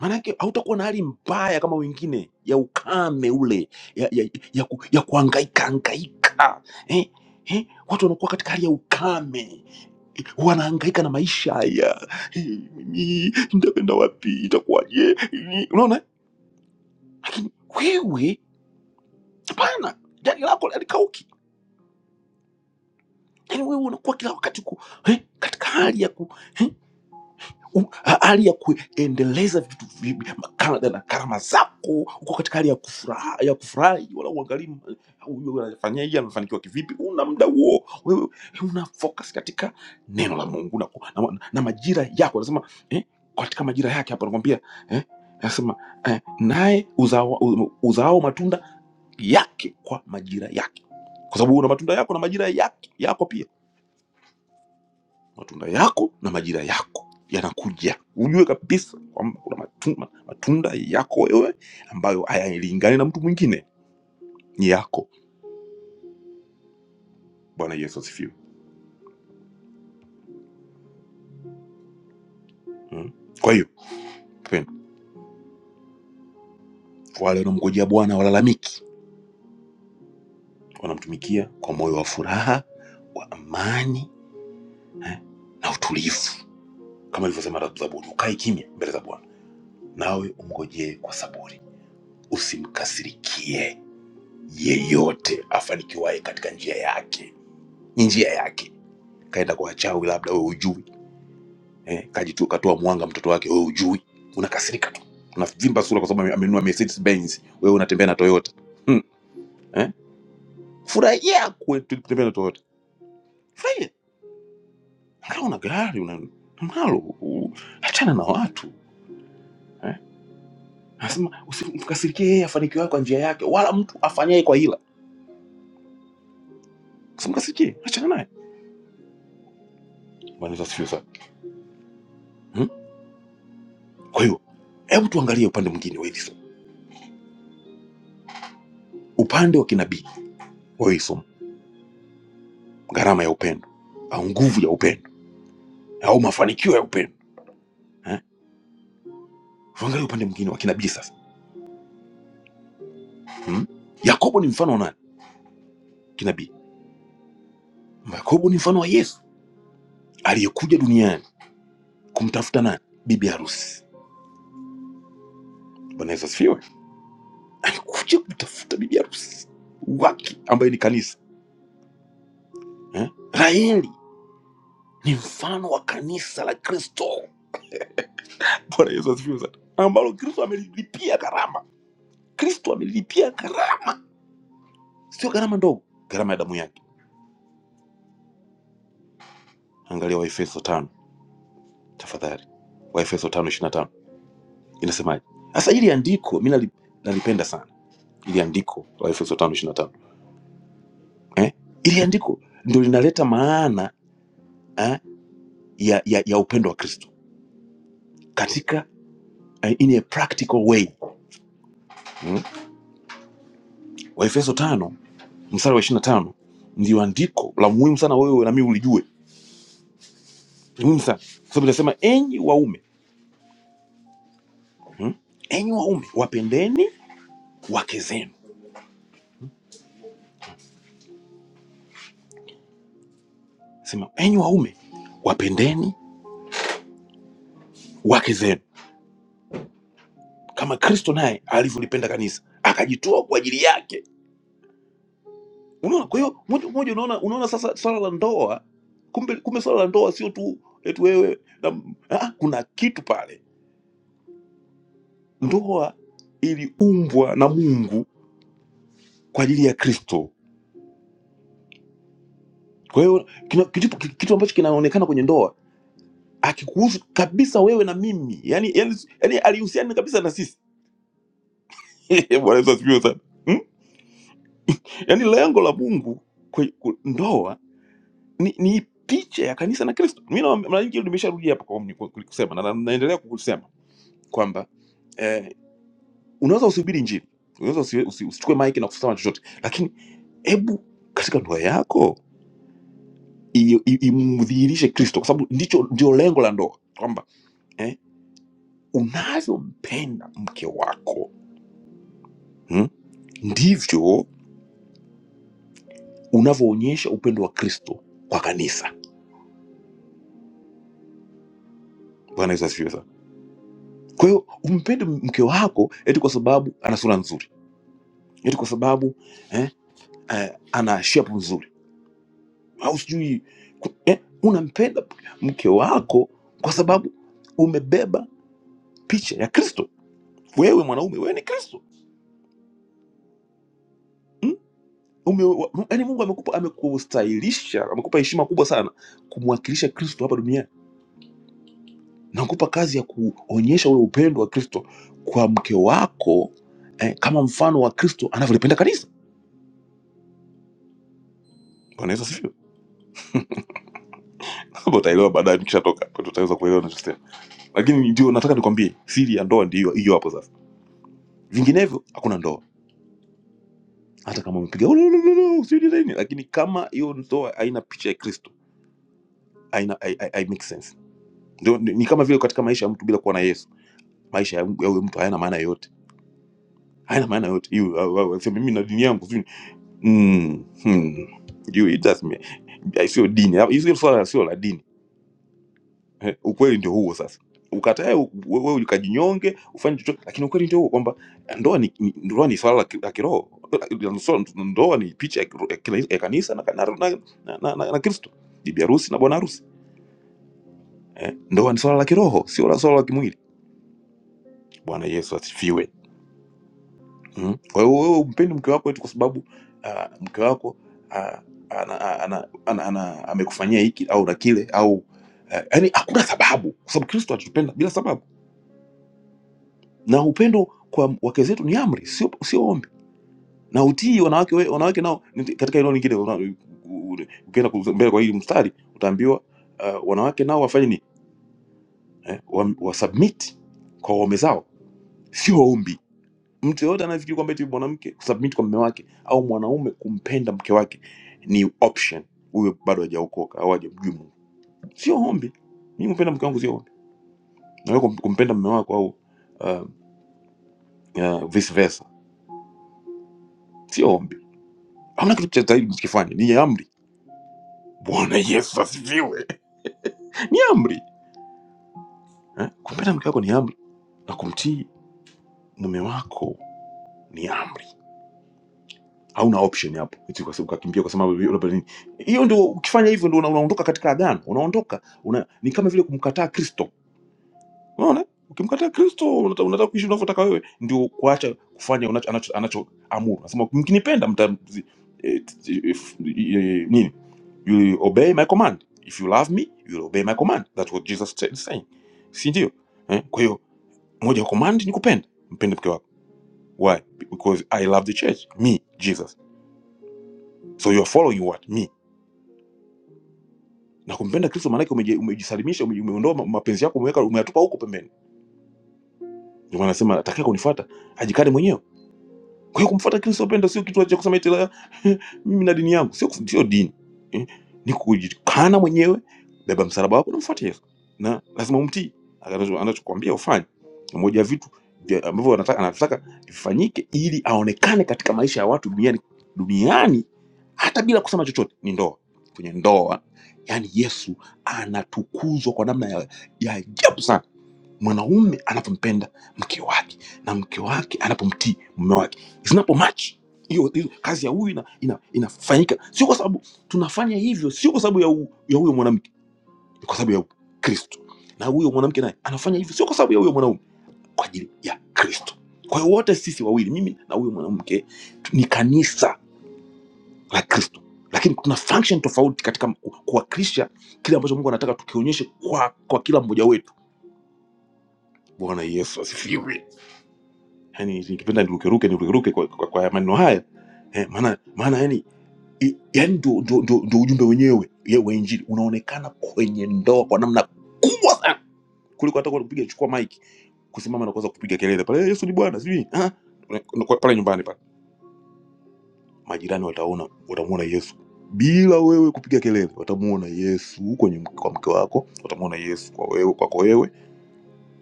Speaker 4: maanake hautakuwa na hali mbaya kama wengine ya ukame ule ya, ya, ya, ku, ya kuangaika angaika eh, eh, watu wanakuwa katika hali ya ukame eh, wanaangaika na maisha haya eh, mimi nitakwenda wapi itakuwaje Eh, unaona lakini wewe hapana jani lako alikauki yaani wewe unakuwa kila wakati ku, eh, katika hali ya ku, eh, u- ha- hali ya kuendeleza vitu vi- makala- na karama zako uko katika hali ya kufuraha ya kufurahi wala uangalii m- huyu anafanyaje amefanikiwa kivipi una muda huo wewe una focus katika neno la mungu na, ku- na, na majira yako anasema eh, katika majira yake hapa anakwambia eh, anasema eh, naye uzao, uzao matunda yake kwa majira yake kwa sababu una matunda yako na majira yake yako pia matunda yako na majira yako yanakuja ujue kabisa kwamba kuna matunda, matunda yako wewe ambayo hayalingani na mtu mwingine ni yako bwana yesu asifiwe mm. kwa hiyo mpendwa, wale wanaomngojea bwana walalamiki wanamtumikia kwa moyo wa furaha wa amani eh, na utulivu kama ilivyosema zaburi ukae kimya mbele za bwana nawe umngojee kwa saburi usimkasirikie yeyote afanikiwaye katika njia yake ni njia yake kaenda kwa wachawi, labda wewe hujui eh, kajitu, katoa mwanga mtoto wake, wewe hujui, unakasirika tu, unavimba sura kwa sababu ame- amenunua Mercedes Benz, wewe unatembea na Toyota hmm. eh? Furahia kwe- kutembea na Toyota, furahia angalau una gari una- unalo, u- achana na watu eh? Anasema usimkasirikie yeye afanikiwaye kwa njia yake, wala mtu afanyaye kwa hila, usimkasirikie, achana naye. Bwana Yesu asifiwe sana hmm? Kwa hiyo hebu tuangalie upande mwingine wa hili somo, upande wa kinabii wa hili somo, gharama ya upendo au nguvu ya upendo au mafanikio ya upendo eh? Tuangalie upande mwingine wa kinabii sasa hmm? Yakobo ni mfano wa nani kinabii? Yakobo ni mfano wa Yesu aliyekuja duniani kumtafuta nani? Bibi harusi. Bwana Yesu asifiwe. Alikuja kumtafuta bibi harusi wake ambaye ni kanisa eh? Raheli ni mfano wa kanisa la Kristo. Bwana Yesu asifiwe sana, ambalo Kristo amelilipia gharama. Kristo amelilipia gharama, sio gharama ndogo, gharama ya damu yake. Angalia Waefeso tano tafadhali, Waefeso tano ishirini na tano. inasemaje sasa ili andiko mi nali- nalipenda sana ili andiko la efeso tano ishirina tano eh? ili andiko ndo linaleta maana eh, ya, ya, ya upendo wa kristo katika eh, in a practical way mm? waefeso tano mstari wa ishirina tano ndio andiko la muhimu sana wewe nami ulijue Ni muhimu sana kwa sababu inasema enyi waume mm? enyi waume wapendeni wake zenu sema enyi waume wapendeni wake zenu kama kristo naye alivyolipenda kanisa akajitoa kwa ajili yake unaona kwa hiyo moja kwa moja unaona unaona sasa swala la ndoa kumbe kumbe swala la ndoa sio tu eti wewe na, ah, kuna kitu pale ndoa iliumbwa na mungu kwa ajili ya kristo kwa hiyo kina- kitu, kitu ambacho kinaonekana kwenye ndoa akikuhusu kabisa wewe na mimi yani, yani, yani alihusiana kabisa na sisi bwana yesu asifiwe sana hmm? yani lengo la mungu kwe, ku- ndoa ni, ni picha ya kanisa na kristo mi na- mara nyingi nimesharudia hapa kwa kwa- kwa- kusema na na- naendelea kukusema kwamba eh, unaweza usihubiri njini unaweza usi, usi, usichukue maiki na kusema chochote lakini hebu katika ndoa yako i- i- imdhihirishe kristo kwa sababu ndicho ndio lengo la ndoa kwamba eh, unavyompenda mke wako hmm, ndivyo unavyoonyesha upendo wa kristo kwa kanisa bwana yesu asifiwe sana kwa hiyo umpende mke wako eti kwa sababu ana sura nzuri eti kwa sababu eh, eh, ana shepu nzuri au sijui ku- eh, unampenda mke wako kwa sababu umebeba picha ya kristo wewe mwanaume wewe ni kristo mm? Ume, wa- yani mungu amekupa amekustahilisha amekupa heshima kubwa sana kumwakilisha kristo hapa duniani na kukupa kazi ya kuonyesha ule upendo wa kristo kwa mke wako eh, kama mfano wa kristo anavyolipenda kanisa bwana yesu asifiwe utaelewa baadaye tukishatoka tutaweza kuelewa na lakini ndio nataka nikwambie siri ya ndoa ndio hiyo hapo sasa vinginevyo hakuna ndoa hata kama umepiga "Ulululu, sijui nini lakini kama hiyo ndoa haina picha ya kristo haina hai- hai- hai make sense ndio ni, ni kama vile katika maisha ya mtu bila kuwa na yesu maisha ya ya huyo mtu hayana maana yoyote hayana maana yoyote hiyo au- au- aseme mimi na dini yangu sijui ni- mm, hmm. You, it doesn't mean- sio dini Hiyo swala sio la dini Eh, ukweli ndio huo sasa ukatae u- wewe ukajinyonge ufanye chochote lakini ukweli ndio huo kwamba ndoa ni ni- ndoa ni swala la ki- la kiroho Ndoa ndoa ni picha ya kiro- ya kila- ya kanisa na, na, na, na, na, na, na Kristo bibi harusi na bwana harusi eh? Ndoa ni swala la kiroho, sio la swala la kimwili. Bwana Yesu asifiwe. Mm. Kwa hiyo wewe umpendi mke wako eti kwa sababu uh, mke wako uh, ana, ana, ana, ana, amekufanyia hiki au na kile au uh, yani hakuna sababu, kwa sababu Kristo atupenda bila sababu na upendo kwa wake zetu ni amri, sio sio ombi, na utii wanawake we- wanawake nao ni- katika eneo lingine. una- u- u- Ukienda ku- mbele kwa hili mstari utaambiwa uh, wanawake nao wafanye nini eh, wa, wa submit kwa waume zao, sio ombi. Mtu yeyote anayefikiri kwamba eti mwanamke kusubmit kwa mume wake au mwanaume kumpenda mke wake ni option, huyo bado hajaokoka au hajamjua Mungu, sio ombi. Mimi kumpenda mke wangu sio ombi, na wewe kum- kumpenda mume wako au uh, uh, vice versa, sio ombi hamna kitu cha zaidi msikifanye ni amri bwana yesu asifiwe ni amri eh? kumpenda mke wako ni amri na kumtii mume wako ni amri hauna option hapo eti kwa sababu ukakimbia kwa sababu labda nini hiyo ndio ukifanya hivyo ndio una- unaondoka katika agano unaondoka una, ni kama vile kumkataa kristo Unaona, ukimkataa Kristo unata- unataka kuishi unavyotaka wewe, ndio kuacha kufanya unacho- anacho- anachoamuru. Anasema mkinipenda mta zi- eh, t- if- eh, nini, you will obey my command. If you love me, you will obey my command. That's what Jesus said- is saying, si ndio? Eh, kwa hiyo moja ya command ni kupenda, mpende mke wako. Why? Because I love the church, me Jesus. So you are following what me na kumpenda Kristo maanake umeji- umejisalimisha, ume- umeondoa ma- mapenzi yako, umeweka umeyatupa huko pembeni. Ndio maana anasema atakaye kunifuata ajikane mwenyewe Kwa hiyo kumfuata Kristo wapendwa, sio kitu cha kusema eti la, mimi na dini yangu, sio ku- sio dini eh, ni kujikana mwenyewe, beba msalaba wako na mfuate Yesu, na lazima umtii Anacho- anachokuambia ufanye. Ni Moja ya vitu vya- ambavyo anataka anataka vifanyike ili aonekane katika maisha ya watu duniani duniani, hata bila kusema chochote, ni ndoa. Kwenye ndoa, yani Yesu anatukuzwa kwa namna ya ya ajabu sana mwanaume anavyompenda mke wake na mke wake anapomtii mume wake zinapo match hiyo hiyo kazi ya huyu ina, ina, inafanyika sio kwa sababu tunafanya hivyo sio kwa sababu ya, hu- ya huyo mwanamke ni kwa sababu ya kristo na huyo mwanamke naye anafanya hivyo sio kwa sababu ya huyo mwanaume kwa ajili ya kristo kwa hiyo wote sisi wawili mimi na huyo mwanamke tu- ni kanisa la kristo lakini tuna function tofauti katika ku- kuwakilisha kile ambacho mungu anataka tukionyeshe kwa, kwa kila mmoja wetu bwana yesu asifiwe yani ningependa nirukeruke nirukeruke kwa, kwa, kwa maneno haya eh, maana maana yani i- yani ndio ndio ndio- ndio ujumbe wenyewe ye- wa injili unaonekana kwenye ndoa kwa namna kubwa sana kuliko hata kwa kupiga chukua mic kusimama na kuanza kupiga kelele pale "Eh, Yesu ni Bwana sijui ah Una- una- kwa- pale nyumbani pale majirani wataona watamuona Yesu bila wewe kupiga kelele watamuona Yesu kwenye mke- kwa mke wako watamuona Yesu kwa wewe kwako wewe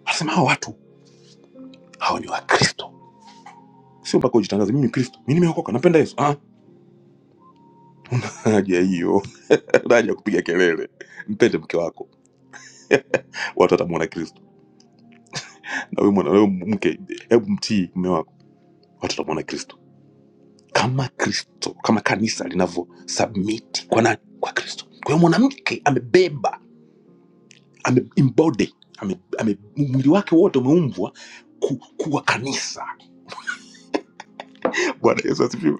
Speaker 4: wasema hawa watu hawa ni Wakristo sio mpaka ujitangaze mimi ni Kristo mimi nimeokoka napenda Yesu ah haja hiyo na haja ya kupiga kelele. Mpende mke wako, watu watamwona Kristo. Na wewe mwana, wewe mke, hebu mtii mume wako, watu watamwona Kristo. Kama Kristo, kama kanisa linavyo submit kwa nani? Kwa Kristo. Kwa hiyo mwanamke amebeba, ame embody, ame, ame mwili wake wote umeumbwa ku, kuwa kanisa. Bwana Yesu asifiwe.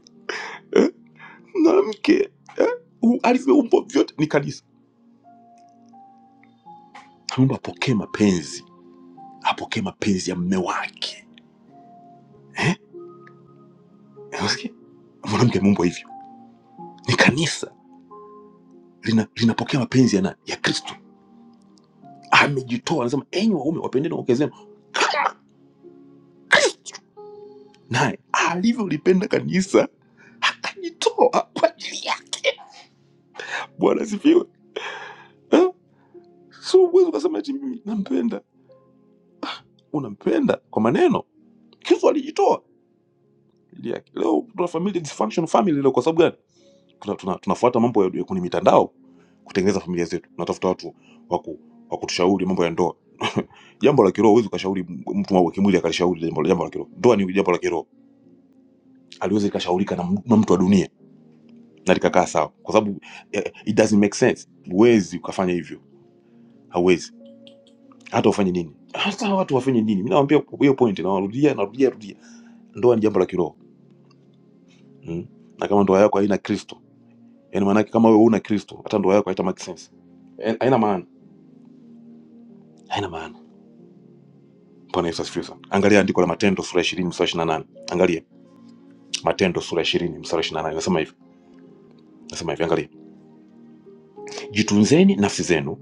Speaker 4: Eh? Mwanamke eh? U- alivyoumbwa vyote ni kanisa. Ameumba apokee mapenzi, apokee mapenzi ya mume wake Eh, Eh, Unasikia? mwanamke ameumbwa hivyo ni kanisa lina, linapokea mapenzi ya nani ya kristo amejitoa anasema enyi waume wapendeni wake zenu naye alivyolipenda kanisa akajitoa kwa ajili yake bwana asifiwe Eh? so uwezi ukasema eti mimi nampenda unampenda kwa maneno kristo alijitoa kwa ajili yake leo tuna familia dysfunction family leo kwa sababu gani tuna, tuna, tunafuata mambo ya, ya kwenye mitandao kutengeneza familia zetu tunatafuta watu wa ku- wa kutushauri mambo ya ndoa jambo la kiroho huwezi ukashauri m- mtu wa kimwili akalishauri jambo la jambo la kiroho ndoa ni jambo la kiroho aliweza ikashaurika na, m- na mtu wa dunia na likakaa sawa kwa sababu eh, eh, it doesn't make sense huwezi ukafanya hivyo hauwezi hata ufanye nini hata watu wafanye nini mi nawambia hiyo point nawarudia narudia narudia rudia ndoa ni jambo la kiroho mm? na kama ndoa yako haina kristo yani maanake kama wewe una kristo hata ndoa yako haita make sense Eh, haina maana haina maana Bwana Yesu asifiwe sana. Angalia andiko la Matendo sura ya ishirini mstari wa ishirini na nane. Angalia Matendo sura ya ishirini mstari wa ishirini na nane nasema hivi, nasema hivi, angalia, jitunzeni nafsi zenu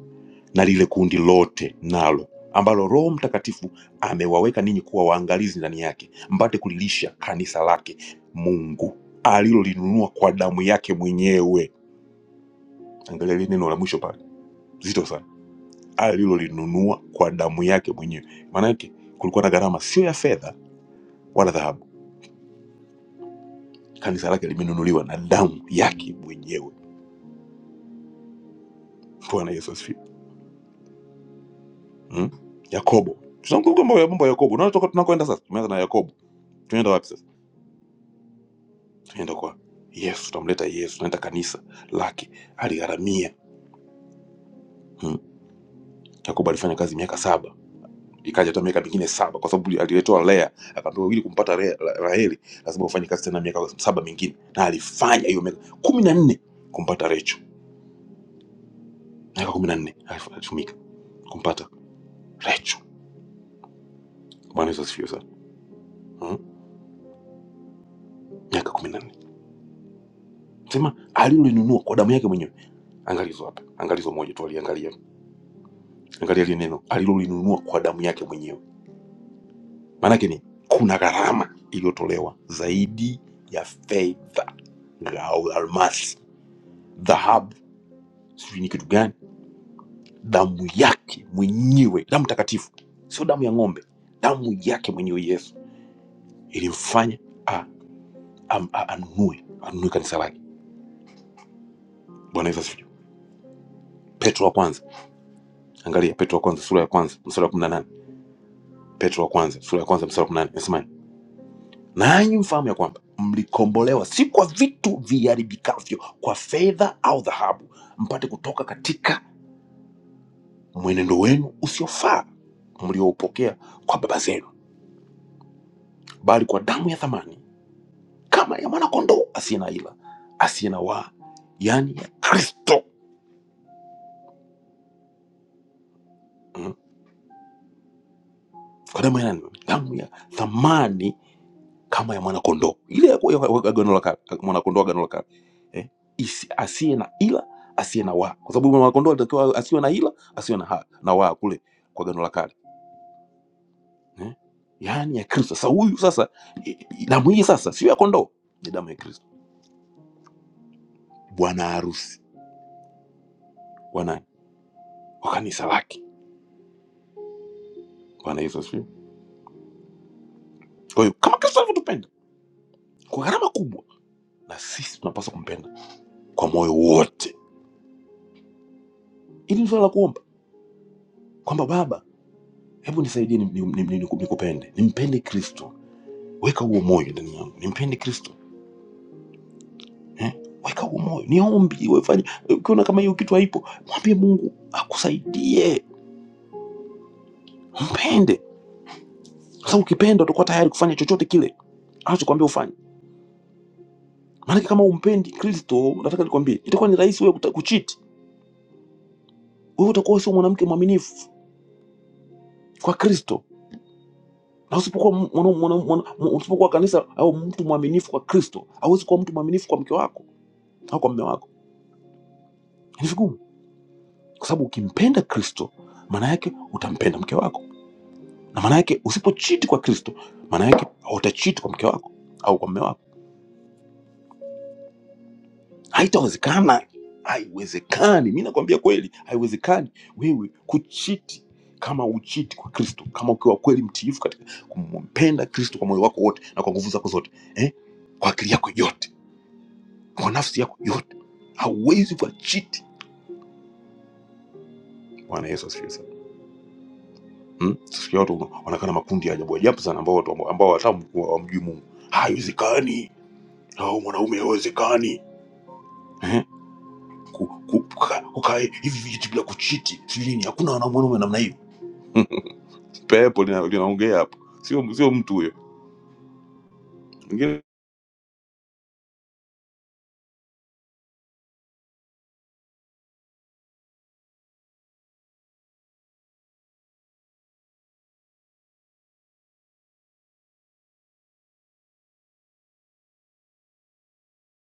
Speaker 4: na lile kundi lote nalo ambalo Roho Mtakatifu amewaweka ninyi kuwa waangalizi ndani yake, mpate kulilisha kanisa lake Mungu alilolinunua kwa damu yake mwenyewe. Angalia lile neno la mwisho pale, zito sana, alilolinunua kwa damu yake mwenyewe. Maana yake kulikuwa na gharama sio ya fedha wala dhahabu Kanisa lake limenunuliwa na damu yake mwenyewe. Bwana Yesu asifiwe. Hmm? Yakobo, tunazungumza mambo ya mambo ya Yakobo. Unaona tuko- tunakoenda sasa, tumeanza na Yakobo, tunaenda wapi sasa? Tunaenda kwa Yesu, tunamleta Yesu, tunaenda kanisa lake aligharamia. Hmm? Yakobo alifanya kazi miaka saba ikaja hata miaka mingine saba kwa sababu aliletewa Lea akaambiwa ili kumpata Lea- La- Raheli lazima ufanye kazi tena miaka saba mingine, na alifanya hiyo miaka kumi na nne kumpata Recho, miaka kumi na nne alitumika kumpata Recho. Bwana Yesu asifiwe sana. Hmm? miaka kumi na nne sema alilolinunua kwa damu yake mwenyewe angalizo hapa angalizo moja tu aliangalia angalia ile neno alilolinunua kwa damu yake mwenyewe maanake ni kuna gharama iliyotolewa zaidi ya fedha au almasi dhahabu sijui ni kitu gani damu yake mwenyewe damu takatifu sio damu ya ng'ombe damu yake mwenyewe yesu ilimfanya a- am- a- anunue anunue kanisa lake bwana yesu asifiwe petro wa kwanza angalia petro wa kwanza sura ya kwanza mstari wa 18 petro wa kwanza sura ya kwanza mstari wa 18 nasema nanyi mfahamu ya kwamba mlikombolewa si kwa vitu viharibikavyo kwa fedha au dhahabu mpate kutoka katika mwenendo wenu usiofaa mlioupokea kwa baba zenu bali kwa damu ya thamani kama ya mwanakondoo asiye na ila asiye na waa yaani ya kristo mm. kwa damu ya nani damu ya thamani kama ya mwanakondoo ile ya ya- ya agano la kale, mwanakondoo agano la kale eh? Isi- asiye na ila asiye na waa, kwa sababu mwanakondoo alitakiwa asiwe na ila asiwe na, ha- na waa kule kwa agano la kale eh? yaani ya Kristo. Sasa huyu sasa i- i- damu hii sasa sio ya kondoo, ni damu ya Kristo, bwana harusi wa nani? Wa kanisa lake. Bwana Yesu asifiwe. Kwa hiyo kama Kristo alivyotupenda kwa gharama kubwa, na sisi tunapaswa kumpenda kwa moyo wote. Ili ni swala la kuomba kwamba Baba, hebu nisaidie nikupende ni, ni, ni, ni, ni, ni, ni, ni, nimpende Kristo weka huo moyo ndani yangu, nimpende Kristo eh? Weka huo moyo, niombi wefanye. Ukiona kama hiyo kitu haipo, mwambie Mungu akusaidie, mpende, kwa sababu ukipenda utakuwa tayari kufanya chochote kile anachokwambia ufanye. Maanake kama umpendi Kristo, nataka nikwambie, itakuwa ni rahisi wewe kuta- kucheat. Wewe utakuwa sio mwanamke mwaminifu kwa Kristo, na usipokuwa mwana, mwana, mwana, mwana- usipokuwa kanisa au mtu mwaminifu kwa Kristo, hauwezi kuwa mtu mwaminifu kwa mke wako au kwa mume wako. Ni vigumu, kwa sababu ukimpenda Kristo, maana yake utampenda mke wako na maana yake usipochiti kwa kristo maana yake utachiti kwa mke wako au kwa mme wako haitawezekana haiwezekani mi nakwambia kweli haiwezekani wewe kuchiti kama uchiti kwa kristo kama ukiwa kweli mtiifu katika kumpenda kristo kwa moyo wako wote na kwa nguvu zako zote eh? kwa akili yako yote kwa nafsi yako yote hauwezi ukachiti bwana yesu asifiwe sana hmm? sikia watu wanaonekana makundi ya ajabu ajabu sana ambao watu ambao hata hawamjui mungu haiwezekani au mwanaume haiwezekani Eh? ku- ku- kuka- kukaa hivi vijiti bila kuchiti sijui nini hakuna wana- mwanaume namna hiyo pepo lina- linaongea hapo sio sio mtu huyo mwingine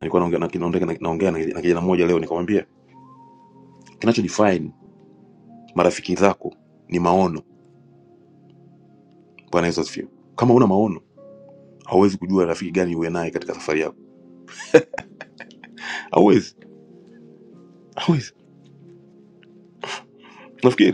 Speaker 4: nilikuwa naongea na- naongea na naongea na na kijana mmoja leo nikamwambia kinacho define marafiki zako ni maono bwana yesu asifiwe kama una maono hauwezi kujua rafiki gani uwe naye katika safari yako hauwezi hauwezi nafikiri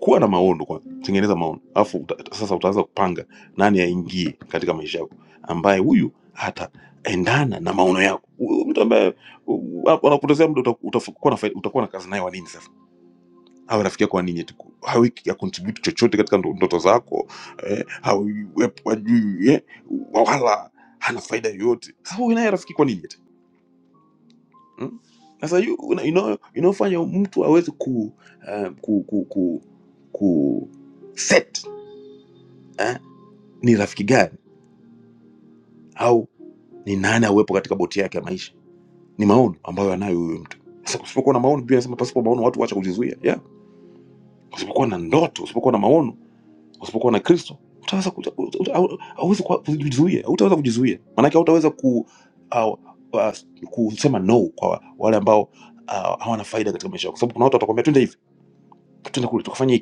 Speaker 4: kuwa na maono kwa tengeneza maono alafu uta, sasa utaanza kupanga nani aingie katika maisha yako ambaye huyu hataendana na maono yako Huyu mtu ambaye u- hapo anakupotezea muda uta- utakuwa na faida- utakuwa na kazi naye wa nini sasa awe rafiki yako wa nini eti ku- hawi ya contribute chochote katika ndo- ndoto zako eh, hawi wepo ajui eh, wala hana faida yoyote sasa huyu naye rafiki kwa nini eti hmm? sasa yu- una- inayo- inayofanya mtu aweze ku, eh, ku, ku, ku, ku set eh? ni rafiki gani au ni nani auwepo katika boti yake ya maisha ni maono ambayo anayo huyo mtu sasa usipokuwa na maono biblia inasema pasipo maono watu wacha kujizuia yeah. usipokuwa na ndoto usipokuwa na maono usipokuwa na kristo utaweza kuta- uta- uta- au- hauwezi kuwa- kujizuia utaweza kujizuia maanake hautaweza ku au- wa- kusema no kwa wale ambao ah, hawana faida katika maisha yako kwa sababu kuna watu watakwambia twende hivi twende kule tukafanya hiki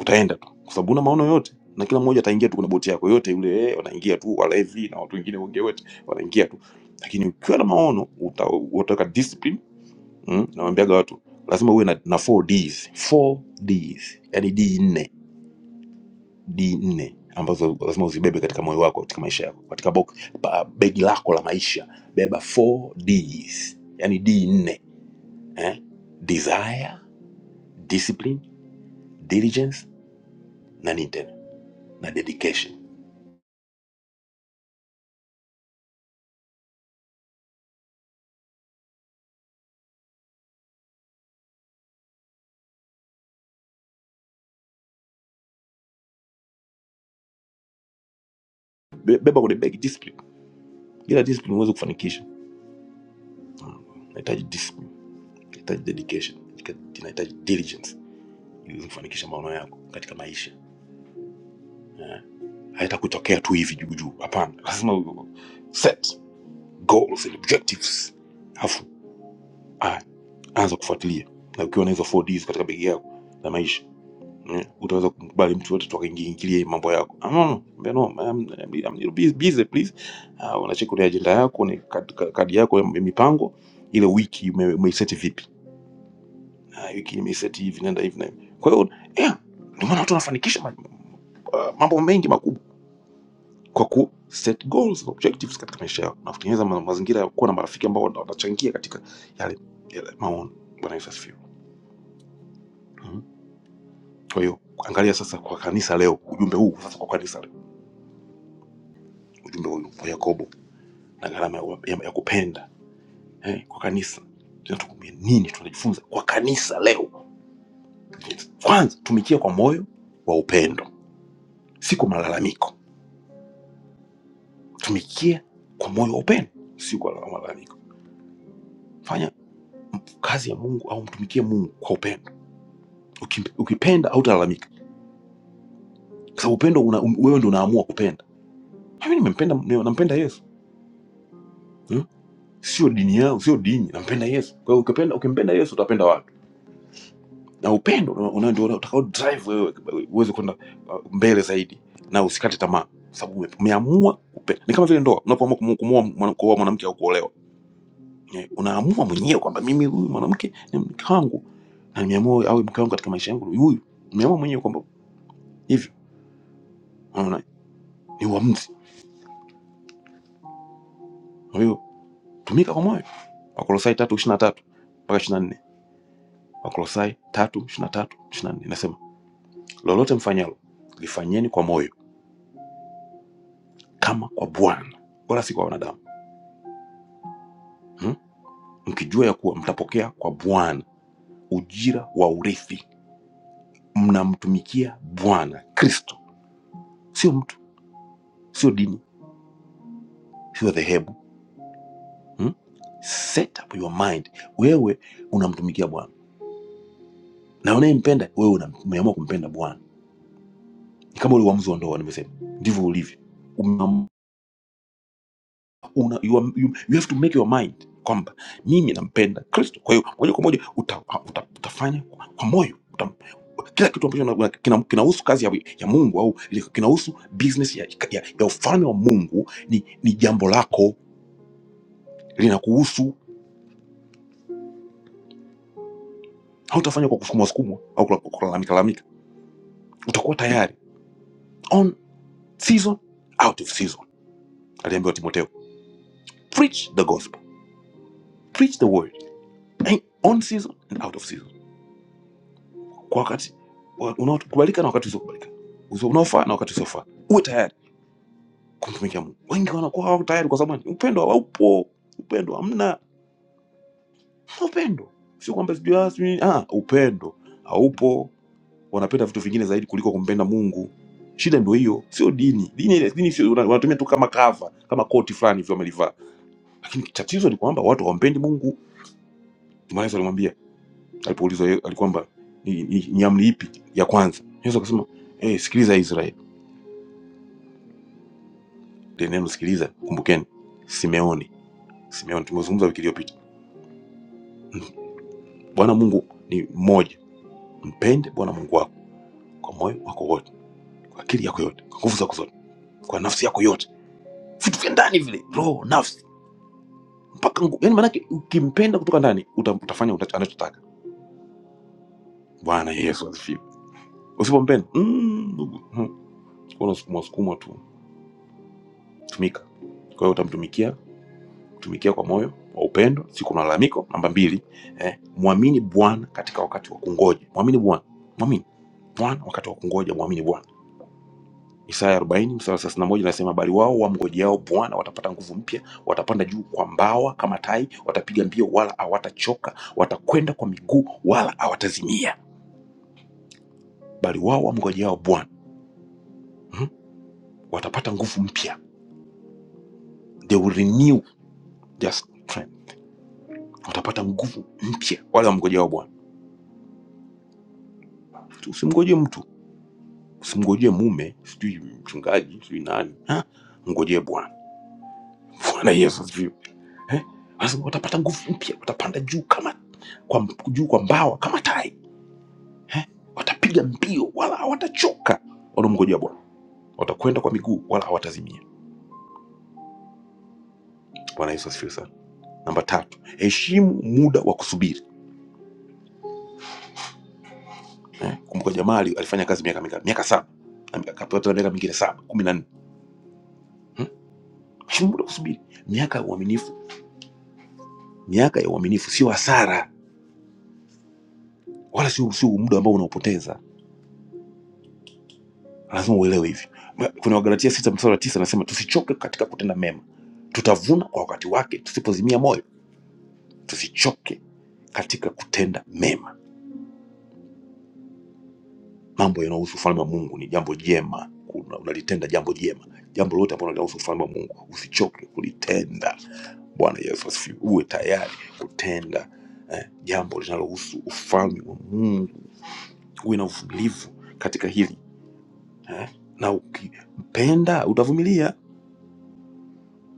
Speaker 4: utaenda tu kwa sababu una maono yote na kila mmoja ataingia tu kuna boti yako yote yule eh, wanaingia tu walevi na watu wengine wengi wote wanaingia tu lakini ukiwa na maono uta- utaweka discipline mm, nawambiaga watu lazima uwe na, na 4 Ds 4 Ds yani D nne D nne ambazo lazima uzibebe katika moyo wako katika maisha yako katika box, pa, begi lako la maisha beba 4 Ds yani D nne eh? desire discipline diligence na nini tena na dedication Be- beba kwenye begi discipline bila discipline huwezi kufanikisha inahitaji discipline inahitaji dedication inahitaji diligence ili uweze kufanikisha maono yako katika maisha haitakutokea tu hivi juu juu hapana lazima u- set goals and objectives alafu a- anza kufuatilia na ukiwa na hizo 4Ds katika begi yako la maisha eh, utaweza kumkubali mtu yote tukaingiingilia mambo yako ah, no, no, Mbea, no, I'm, I'm, I'm little busy, busy, please uh, unacheka kwenye ajenda yako ni kad- kad- kadi yako ya mipango ile wiki ume- umeiseti vipi Ah, hiki nimeiseti hivi, nenda hivi na hivi. Kwa hiyo yeah, ndio maana watu wanafanikisha ma- ah, mambo mengi makubwa kwa ku set goals objectives katika maisha yao na kutengeneza ma mazingira ya kuwa na marafiki ambao wana- wanachangia katika yale, yale maono. Bwana Yesu asifiwe. Mhm. Kwa hiyo angalia sasa kwa kanisa leo, ujumbe huu sasa kwa kanisa leo, ujumbe huu wa Yakobo na gharama ya, ya, ya kupenda eh, kwa kanisa tunatukumia nini? Tunajifunza kwa kanisa leo. Kwanza tumikia kwa moyo wa upendo, si kwa malalamiko Tumikie kwa moyo wa upendo, si kwa la- malalamiko. Fanya kazi ya Mungu au mtumikie Mungu kwa upendo. Uki- Ukipenda hautalalamika, kwa sababu upendo una, um- wewe ndio unaamua kupenda. Mimi nimempenda, ni- nampenda Yesu hmm? Sio dini yao, sio dini, nampenda Yesu. Kwa hiyo ukipenda, ukimpenda Yesu utapenda watu, na upendo una- una- ndio utakao drive wewe uweze kwenda uh, mbele zaidi, na usikate tamaa, kwa sababu ume- umeamua kupenda. Ni kama vile ndoa, unapoamua kumu- kumuoa mwana- kuoa mwanamke au kuolewa Eh, unaamua mwenyewe kwamba mimi huyu mwanamke ni mke wangu na nimeamua awe mke wangu katika maisha yangu ni huyu nimeamua mwenyewe kwamba hivyo unaona ni uamuzi kwa hiyo tumika kwa moyo wakolosai tatu ishirina tatu mpaka ishirina nne wakolosai tatu ishirina tatu ishirina nne inasema lolote mfanyalo lifanyeni kwa moyo kama kwa bwana wala si kwa wanadamu hmm? mkijua ya kuwa mtapokea kwa bwana ujira wa urithi mnamtumikia bwana kristo sio mtu sio dini sio dhehebu hmm? set up your mind wewe unamtumikia bwana na unayempenda wewe una- umeamua kumpenda bwana Ni kama ule uamuzi wa ndoa nimesema ndivyo ulivyo Umeamua- una, you, are- you, you have to make your mind kwamba mimi nampenda kristo kwa hiyo moja kwa moja uta, uta, utafanya kwa kwa moyo uta, kila kitu ambacho na- kina- kinahusu kazi ya, ya mungu au ile- kinahusu business ya, ya, ya ufalme wa mungu ni, ni jambo lako linakuhusu hautafanya kwa kusukumwa sukumwa au kula- kulalamika lalamika utakuwa tayari on season out of season aliambiwa timoteo preach the gospel preach the word and on season and out of season kwa wakati wa- unaokubalika na wakati usiokubalika Uzo- unaofaa na wakati usiofaa uwe tayari kumtumikia mungu wengi wanakuwa hawako tayari kwa sababu upendo haupo upendo hamna Hamna upendo sio kwamba sijui ah, sijui nini. Ah, upendo haupo wanapenda vitu vingine zaidi kuliko kumpenda mungu shida ndio hiyo sio dini dini ile dini sio una- wanatumia tu kama cover kama koti fulani hivyo wamelivaa lakini tatizo ni kwamba watu hawampendi mungu Yesu alimwambia alipoulizwa yeye alikwamba ni, ni, ni amri ipi ya kwanza? Yesu akasema "Eh, hey, sikiliza Israeli. Ile neno sikiliza, kumbukeni Simeoni. Simeoni tumezungumza wiki iliyopita. Bwana Mungu ni mmoja, mpende Bwana Mungu wako kwa moyo wako wote, kwa akili yako yote, kwa nguvu zako zote, kwa nafsi yako yote, vitu vya ndani vile, roho, nafsi mpaka nguvu. Yani maanake ukimpenda kutoka ndani uta, utafanya uta, anachotaka. Bwana Yesu asifiwe. Usipompenda mm, ndugu mm, unasukumwa sukumwa tu, tumika. Kwa hiyo utamtumikia kutumikia kwa moyo wa upendo, si kwa malalamiko. Namba mbili, eh, mwamini Bwana katika wakati wa kungoja. Mwamini Bwana, mwamini Bwana wakati wa kungoja, mwamini Bwana. Isaya 40 mstari wa 31 nasema, bali wao wamngojeao Bwana watapata nguvu mpya, watapanda juu kwa mbawa kama tai, watapiga mbio wala hawatachoka, watakwenda kwa miguu wala hawatazimia. Bali wao wamngojeao Bwana hmm, watapata nguvu mpya, they will renew their strength, watapata nguvu mpya, wale wamngojeao Bwana. Usimngoje mtu Usimngojee mume, sijui mchungaji, sijui nani. Ha? Mngojee Bwana. Bwana Yesu sijui. Eh? Sasa watapata nguvu mpya, watapanda juu kama kwa juu kwa mbawa kama tai. Eh? Watapiga mbio wala hawatachoka. Wanamngojea Bwana. Watakwenda kwa miguu wala hawatazimia. Bwana Yesu asifiwe sana. Namba tatu, heshimu muda wa kusubiri. Eh? Kumbuka jamaa ali- alifanya kazi miaka mingapi? Miaka saba. Ame- Akapata miaka mingine saba, kumi na nne. Hmm? Heshimu muda wa kusubiri. Miaka ya uaminifu, miaka ya uaminifu sio hasara wala sio sio muda ambao unaopoteza lazima uelewe hivi kuna wagalatia sita mstari wa tisa nasema tusichoke katika kutenda mema tutavuna kwa wakati wake tusipozimia moyo tusichoke katika kutenda mema mambo yanayohusu ufalme wa mungu ni jambo jema Kuna- unalitenda jambo jema jambo lolote ambalo linahusu ufalme wa mungu usichoke kulitenda bwana yesu asifiwe uwe tayari kutenda eh, jambo linalohusu ufalme wa mungu uwe na uvumilivu katika hili eh? na ukimpenda utavumilia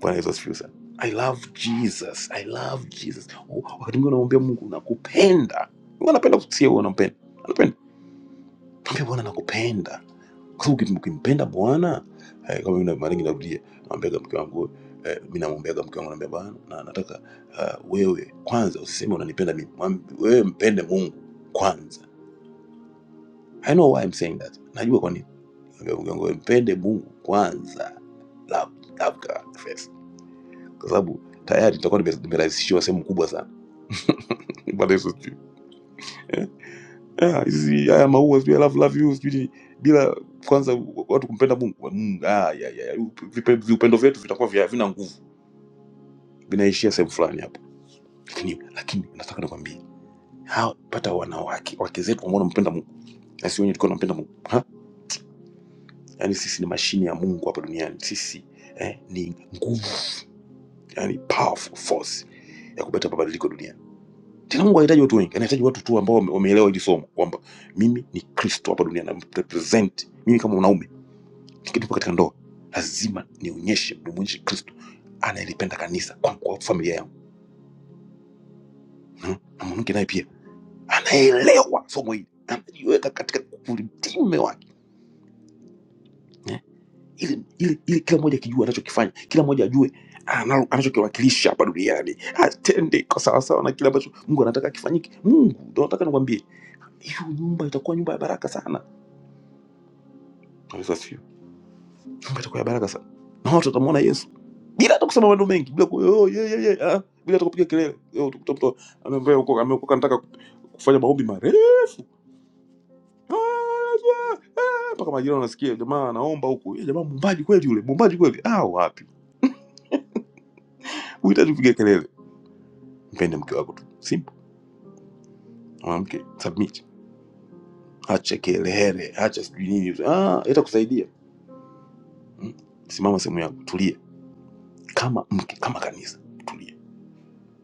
Speaker 4: Bwana Yesu asifiwe sana. I love Jesus, I love Jesus. Oh, Wakati mwingine unamwambia Mungu nakupenda, Mungu anapenda kusikia wewe unampenda, anapenda mwambia Bwana nakupenda, kwa sababu ukim- ukimpenda Bwana eh, kama mimi mara nyingi narudia, namwambiaga mke wangu eh, mimi namwambiaga mke wangu naambia Bwana na nataka uh, wewe kwanza usiseme unanipenda mimi, Mwambi- wewe mpende Mungu kwanza. I know why I'm saying that, najua kwa nini. Naambia mke wangu wewe mpende Mungu kwanza, love, love God first kwa sababu tayari tutakuwa nime- nimerahisishiwa sehemu kubwa sana. Bwana Yesu sijui Ah, hizi haya maua sijui I love love you sijui ni- bila kwanza watu kumpenda Mungu Mungu, ah, ya, ya, ya, vipe- viupendo vyetu vitakuwa vya- havina nguvu, vinaishia sehemu fulani hapo. Lakini lakini nataka nikwambie hao pata wanawake wake zetu ambao wanampenda Mungu na sio wenye tulikuwa tunampenda Mungu ha? Yani sisi ni mashine ya Mungu hapa duniani, sisi eh, ni nguvu, yani powerful force ya kuleta mabadiliko duniani Mungu hahitaji watu wengi, anahitaji watu tu ambao wame- wameelewa hili somo kwamba mimi ni Kristo hapa duniani, na represent mimi kama mwanaume nikipo katika ndoa lazima nionyeshe, nimwonyeshe Kristo anayelipenda kanisa kwa, kwa familia yangu hmm? na mwanamke naye pia anaelewa somo hili, anajiweka katika ulitime wake eh? ili, ili, ili kila mmoja akijua anachokifanya, kila mmoja ajue analo- anachokiwakilisha hapa duniani, atende kwa sawasawa na kile ambacho Mungu anataka kifanyike. Mungu ndo nataka nikwambie, hiyo nyumba itakuwa nyumba ya baraka sana Yesu asifiwe. Mungu atakuwa ya baraka sana, na watu watamwona Yesu bila hata kusema maneno mengi, bila ku- oh, yeah, yeah, yeah, ah, bila hata kupiga kelele. Leo utakuta mtu anaambia huko ameokoka, anataka kufanya maombi marefu Ah, yeah. mpaka majirani wanasikia, jamaa anaomba huku, "Eh, jamaa mumbaji kweli yule, mumbaji kweli. Ah, wapi, huhitaji kupiga kelele. Mpende mke wako tu, simple. Mwanamke submit, acha kelele, acha sijui nini, ah, itakusaidia. Hmm? Simama sehemu yako, tulia kama mke, kama kanisa, tulia.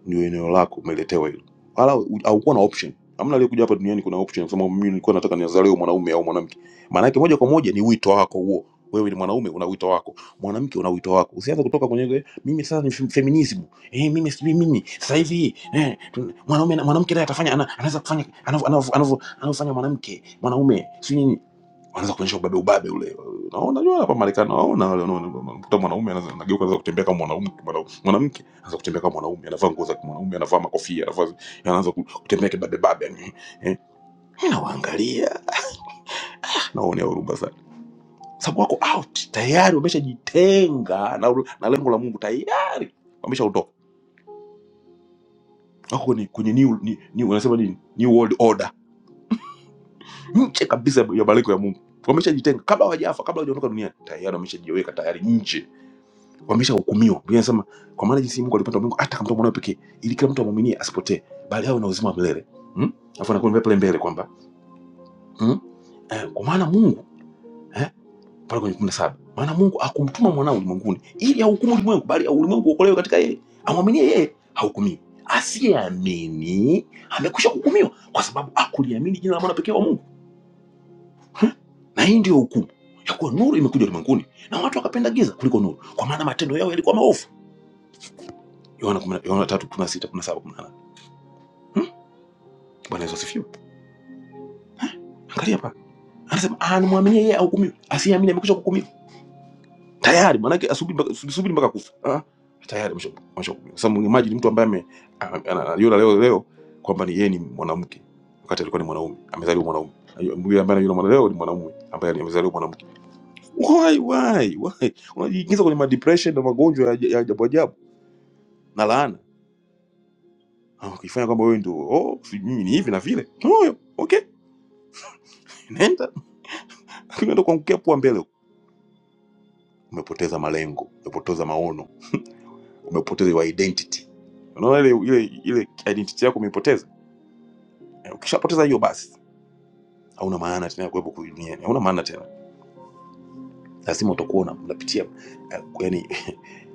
Speaker 4: ndio eneo lako umeletewa hilo wala u- haukuwa na option hamna aliyekuja hapa duniani kuna option kusema mimi nilikuwa nataka nizaliwe mwanaume au mwanamke maana yake moja kwa moja ni wito wako huo wewe ni mwanaume una wito wako mwanamke una wito wako usianze kutoka kwenye ile, mimi sasa ni fem- feminism eh mimi sijui mimi sasa hivi eh, tu- mwanaume na- mwanamke naye atafanya ana, anaweza kufanya anavyo- anavyo- anavyo- anavyofanya mwanamke mwanaume sio nini wanaanza kuonyesha ubabe ubabe ule naona jua hapa Marekani naona wale wanaona mkuta mwanaume anaweza anageuka anaweza kutembea kama mwanaume mwanamke anaanza kutembea kama mwanaume, anavaa nguo za mwanaume, anavaa makofia, anavaa anaanza ku- kutembea kibabe babe, yani eh, nawaangalia naonea huruma sana, sababu wako out tayari, wameshajitenga na, na lengo la Mungu tayari, wameshaondoka wako kwenye, kwenye new, new, new, wanasema nini new world order, nje kabisa ya malengo ya Mungu, wameshajitenga kabla hawajafa, kabla hawajaondoka duniani, tayari wameshajiweka tayari nje, wameshahukumiwa. Biblia inasema kwa maana jinsi Mungu alipenda ulimwengu hata akamtoa mwanawe pekee, ili kila mtu amwaminie asipotee, bali awe na uzima wa milele. Hmm? Alafu anakuambia pale mbele kwamba Mm? Eh, kwa maana Mungu eh, pale kwenye 17. Maana Mungu akumtuma mwanao ulimwenguni ili ahukumu ulimwengu bali ulimwengu uokolewe katika yeye. Amwaminie yeye hahukumiwi. Asiyeamini amekwisha hukumiwa kwa sababu akuliamini jina la mwana pekee wa Mungu. Na hii ndiyo hukumu ya kuwa nuru imekuja ulimwenguni na watu wakapenda giza kuliko nuru, kwa maana matendo yao yalikuwa maovu. Yohana 10 Yohana 3:16, 17, 18. Hmm? Bwana Yesu asifiwe. Angalia hapa. Anasema anamwamini yeye ahukumiwi. Asiyeamini amekwisha hukumiwa tayari maanake asubiri mpaka subiri mpaka kufa ah, tayari ameshakufa. Sasa imagine mtu ambaye ame- ana- ana- anajua leo leo kwamba ni yeye ni mwanamke wakati alikuwa ni mwanaume, amezaliwa mwanaume. Yule ambaye anajua mwana leo ni mwanaume ambaye amezaliwa mwanamke. Why why why unajiingiza kwenye madepression na magonjwa ya ya ajabu ajabu na laana Ah, ukifanya kwamba wewe ndio oh, si mimi ni hivi na vile no, okay, nenda lakini unaenda kuangukia pua mbele, huko. umepoteza malengo, umepoteza maono umepoteza your identity. Unaona ile ile ile identity yako umeipoteza. Eh, Ukishapoteza hiyo basi hauna maana tena ya kuwepo kwa dunia, hauna maana tena. lazima utakuwa una- unapitia uh, yani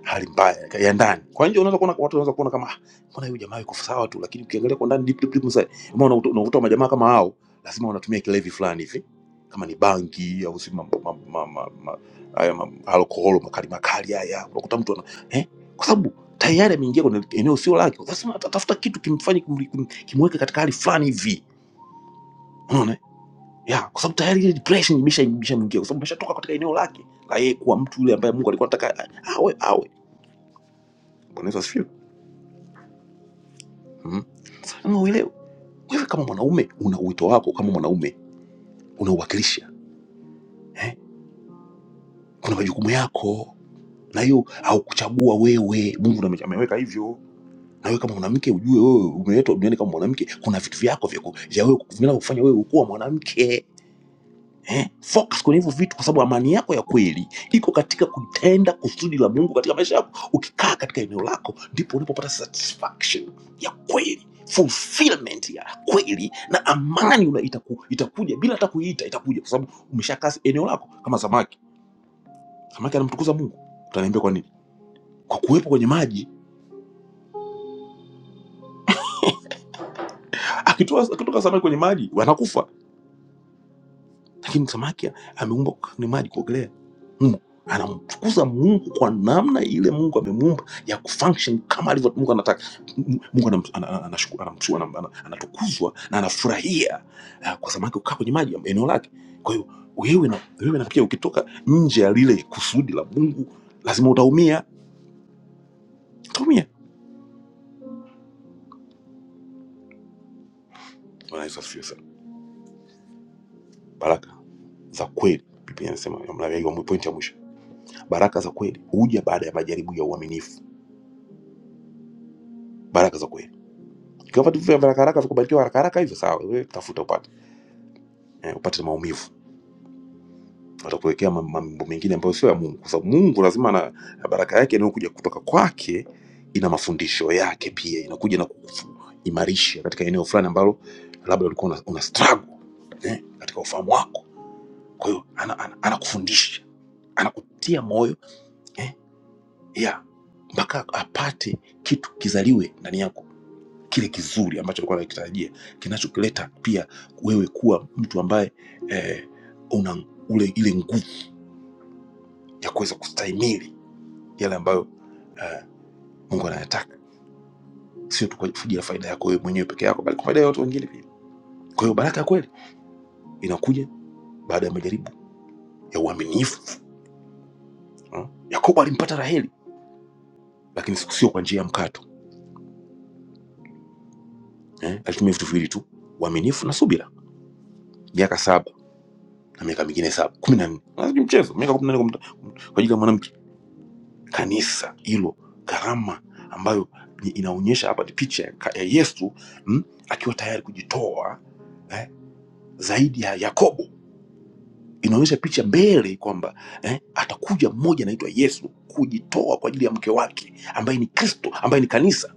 Speaker 4: hali mbaya ya ndani. Kwa nje unaweza kuona watu wanaweza kuona kama "Ah, mbona huyu jamaa yuko sawa tu, lakini ukiangalia kwa ndani deep deep deep inside, kama unakuta unakuta majamaa kama hao lazima wanatumia kilevi fulani hivi, kama ni bangi au si mambo ma, ma, ma, ma, haya ma, alkohol makali makali haya, unakuta mtu ana eh, kwa sababu tayari ameingia kwenye eneo sio lake. Lazima atatafuta kitu kimfanye kumri- kum- kimweke katika hali fulani hivi, unaona ya kwa sababu tayari ile depression imesha imeshamwingia kwa sababu ameshatoka katika eneo lake la yeye kuwa mtu yule ambaye Mungu alikuwa anataka awe awe. Bwana Yesu asifiwe. Mm. Ama uelewe wewe kama mwanaume una uwito wako, kama mwanaume unauwakilisha eh? Kuna majukumu yako na hiyo haukuchagua wewe, Mungu ndo ame- ameweka hivyo. Na wewe kama mwanamke ujue, wewe umeletwa duniani kama mwanamke, kuna vitu vyako vya ku- vya wewe kufanya wewe kuwa mwanamke eh, focus kwenye hivyo vitu, kwa sababu amani yako ya kweli iko katika kutenda kusudi la Mungu katika maisha yako. Ukikaa katika eneo lako, ndipo unapopata satisfaction ya kweli, fulfillment ya kweli, na amani una itaku, itakuja bila hata kuiita, itakuja kwa sababu umeshakaa eneo lako. Kama samaki, samaki anamtukuza Mungu, utaniambia kwa nini? Kwa kuwepo kwenye maji. Akitoa akitoka samaki kwenye maji wanakufa, lakini samaki ameumbwa kwenye maji kuogelea. Mungu anamtukuza Mungu kwa namna ile Mungu amemuumba ya kufunction kama alivyo Mungu anataka. M- Mungu anam- ana- ana- anashukuru- anamtu- anam- ana- anatukuzwa na anafurahia ah, kwa samaki kukaa kwenye maji ya eneo lake. Kwa hiyo wewe na wewe na pia ukitoka nje ya lile kusudi la Mungu lazima utaumia, utaumia. Bwana Yesu asifiwe sana. Baraka za kweli Biblia inasema, ya mla- ya mwi- pointi ya mwisho, baraka za kweli huja baada ya majaribu ya uaminifu. Baraka za kweli Ikiwa vitu vya haraka haraka vikubarikiwa haraka haraka hivyo, sawa, wewe tafuta upate eh, upate maumivu, watakuwekea ma- ma- mambo mengine ambayo sio ya Mungu, kwa sababu Mungu lazima na na baraka yake inayokuja kutoka kwake ina mafundisho yake pia, inakuja na kuimarisha katika eneo fulani ambalo labda ulikuwa una, una struggle eh, katika ufahamu wako. Kwa hiyo anakufundisha ana, ana anakufundisha, anakutia moyo eh, yeah, mpaka apate kitu kizaliwe ndani yako kile kizuri ambacho alikuwa anakitarajia, kinachokileta pia wewe kuwa mtu ambaye eh, una ule ile nguvu ya kuweza kustahimili yale ambayo eh, Mungu anayataka, sio tu kwa ajili ya faida yako wewe mwenyewe peke yako, bali kwa faida ya watu wengine pia. Kwa hiyo baraka ya kweli inakuja baada ya majaribu ya uaminifu. Mm. Yakobo alimpata Raheli, lakini siku- sio kwa njia ya mkato eh, alitumia vitu viwili tu, uaminifu na subira, miaka saba na miaka mingine saba kumi na nne Lazima ni mchezo miaka kumi na nne kwa mta- kwa ajili ya mwanamke kanisa hilo, karama ambayo ni- inaonyesha hapa ni picha ya ka- ya Yesu mm, akiwa tayari kujitoa eh, zaidi ya Yakobo. Inaonyesha picha mbele kwamba eh, atakuja mmoja anaitwa Yesu kujitoa kwa ajili ya mke wake ambaye ni Kristo, ambaye ni kanisa.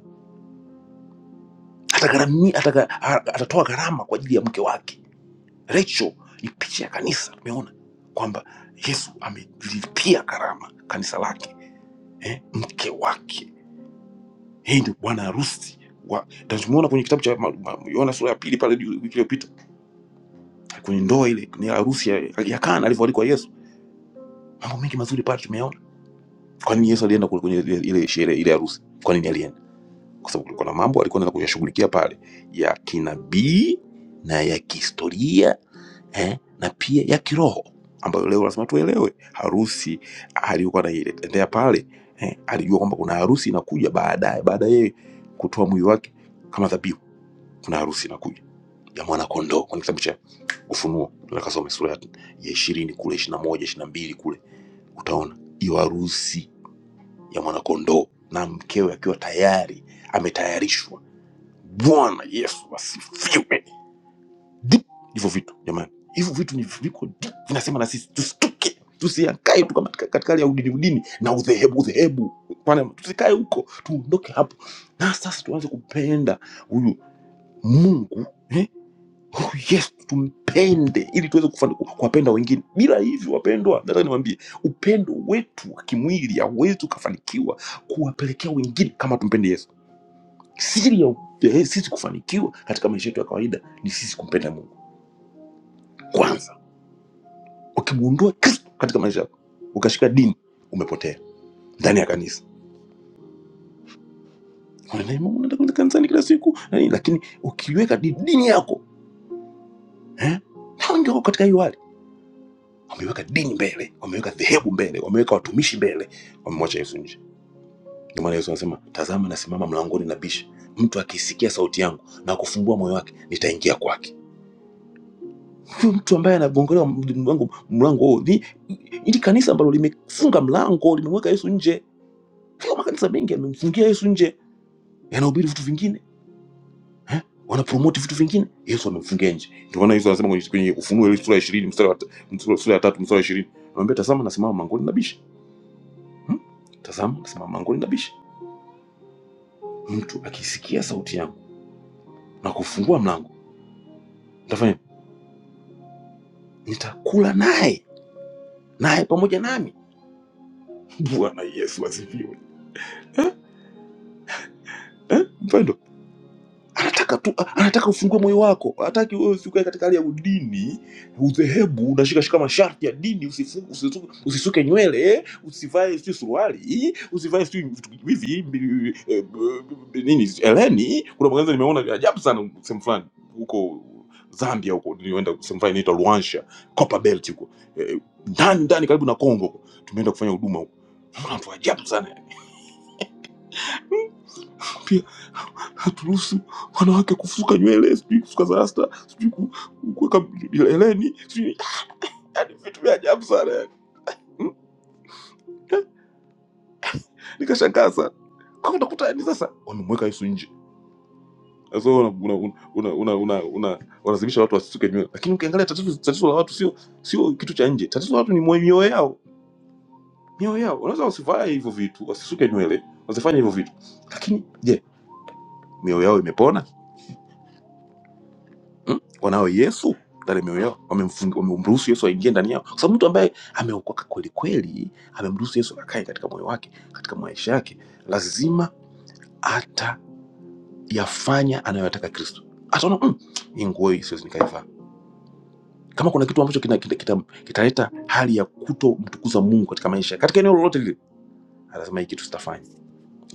Speaker 4: Atagharami, ataga, ha- atatoa gharama kwa ajili ya mke wake Rachel. Ni picha ya kanisa. Umeona kwamba Yesu amelipia gharama kanisa lake eh, mke wake Yeye ndio bwana harusi wa tumeona kwenye kitabu cha ma- ma- Yohana sura ya pili pale juu wiki iliyopita kwenye ndoa ile ni harusi ya, ya Kana alivyoalikwa Yesu. Mambo mengi mazuri pale tumeyaona. Kwa nini Yesu alienda kule kwenye ile ile sherehe ile harusi? Kwa nini alienda? Kwa sababu kulikuwa na mambo alikuwa anaenda kuyashughulikia pale ya kinabii na ya kihistoria eh, na pia ya kiroho ambayo leo lazima tuelewe. Harusi aliyokuwa anaendea pale eh, alijua kwamba kuna harusi inakuja baadaye baada ya yeye kutoa mwili wake kama dhabihu kuna harusi inakuja ya mwana kondoo kwenye kitabu cha Ufunuo, tunaweza kasome sura ya ya ishirini kule ishirini na moja ishirini na mbili kule, utaona hiyo harusi ya mwana kondoo na mkewe akiwa tayari ametayarishwa. Bwana Yesu asifiwe! Deep hivyo vitu jamani, hivyo vitu ni viko deep, vinasema na sisi tustuke, tusiakae tu kama katika katika hali ya udini udini na udhehebu udhehebu, Bwana, tusikae huko, tuondoke hapo, na sasa tuanze kupenda huyu Mungu eh, huyu yesu tumpende ili tuweze kufani- kuwapenda wengine bila hivyo wapendwa nataka niwaambie upendo wetu wa kimwili hauwezi ukafanikiwa kuwapelekea wengine kama tumpende yesu siri ya ya sisi kufanikiwa katika maisha yetu ya kawaida ni sisi kumpenda mungu kwanza ukimwondoa kristo katika maisha yako ukashika dini umepotea ndani ya kanisa Unaenda Mungu, unaenda kwenda kanisani kila siku na nini, lakini ukiweka di- dini yako eh, na wengi wako katika hiyo hali wameweka dini mbele, wameweka dhehebu mbele, wameweka watumishi mbele, wamemwacha Yesu nje. Ndio maana Yesu anasema, tazama, nasimama mlangoni nabisha, mtu akisikia sauti yangu na kufungua moyo wake, nitaingia kwake. Huyu mtu ambaye anagongolewa md- mlango mlango huo ni ili kanisa ambalo limefunga mlango, limemweka Yesu nje. Kwa makanisa mengi yamemfungia Yesu nje, yanahubiri vitu vingine eh? wanapromoti vitu vingine, Yesu amemfungia nje. Ndio maana Yesu anasema kwenye kwenye Ufunuo ile sura ya ishirini mstari wa ta- sura sura ya tatu mstari wa ishirini anamwambia, tazama, nasimama mlangoni nabisha Hmm? Tazama, simama mlangoni nabishi. Mtu akisikia sauti yangu na kufungua mlango, nitafanya nitakula naye naye pamoja nami. Bwana Yesu asifiwe. Eh? Eh? Mpendo, anataka tu anataka ufungue moyo wako hataki wewe usikae katika hali ya udini udhehebu unashikashika masharti ya dini usifu- usisu- usisuke nywele usivae sijui suruali usivae sijui vitu hivi mbi- eh, eh, nini eleni kuna magazi nimeona vya ajabu sana sehemu fulani huko zambia huko nilienda sehemu fulani inaitwa luansha copper belt huko Eh, ndani ndani karibu na congo tumeenda kufanya huduma huko Naona watu wa ajabu sana pia haturuhusu wanawake kusuka nywele, sijui kusuka za rasta, sijui ku- kuweka heleni, sijui yani vitu vya ajabu sana yani. Mm, eh, Nikashangaa sana kwa hiyo utakuta yani sasa wamemweka Yesu nje. Sasa wewe una una una una una una walazimisha watu wasisuke nywele, lakini ukiangalia tatizo tatizo la watu sio sio kitu cha nje, tatizo la watu ni mwe- mioyo yao, mioyo yao. Wanaweza wasivae hivyo vitu, wasisuke nywele, wasifanye hivyo vitu, lakini je, mioyo yao imepona? mm? wanawe Yesu ndani ya mioyo yao Wamemfung- wamemruhusu Yesu aingie ndani yao, kwa sababu mtu ambaye ameokoka kweli kweli, amemruhusu Yesu akae katika moyo wake, katika maisha yake, lazima atayafanya anayoyataka Kristo. Ataona mm, hii nguo hii siwezi nikaivaa. Kama kuna kitu ambacho kitaleta kita, kita, kita kitaleta hali ya kutomtukuza Mungu katika maisha, katika eneo lolote lile, lazima hii kitu sitafanya,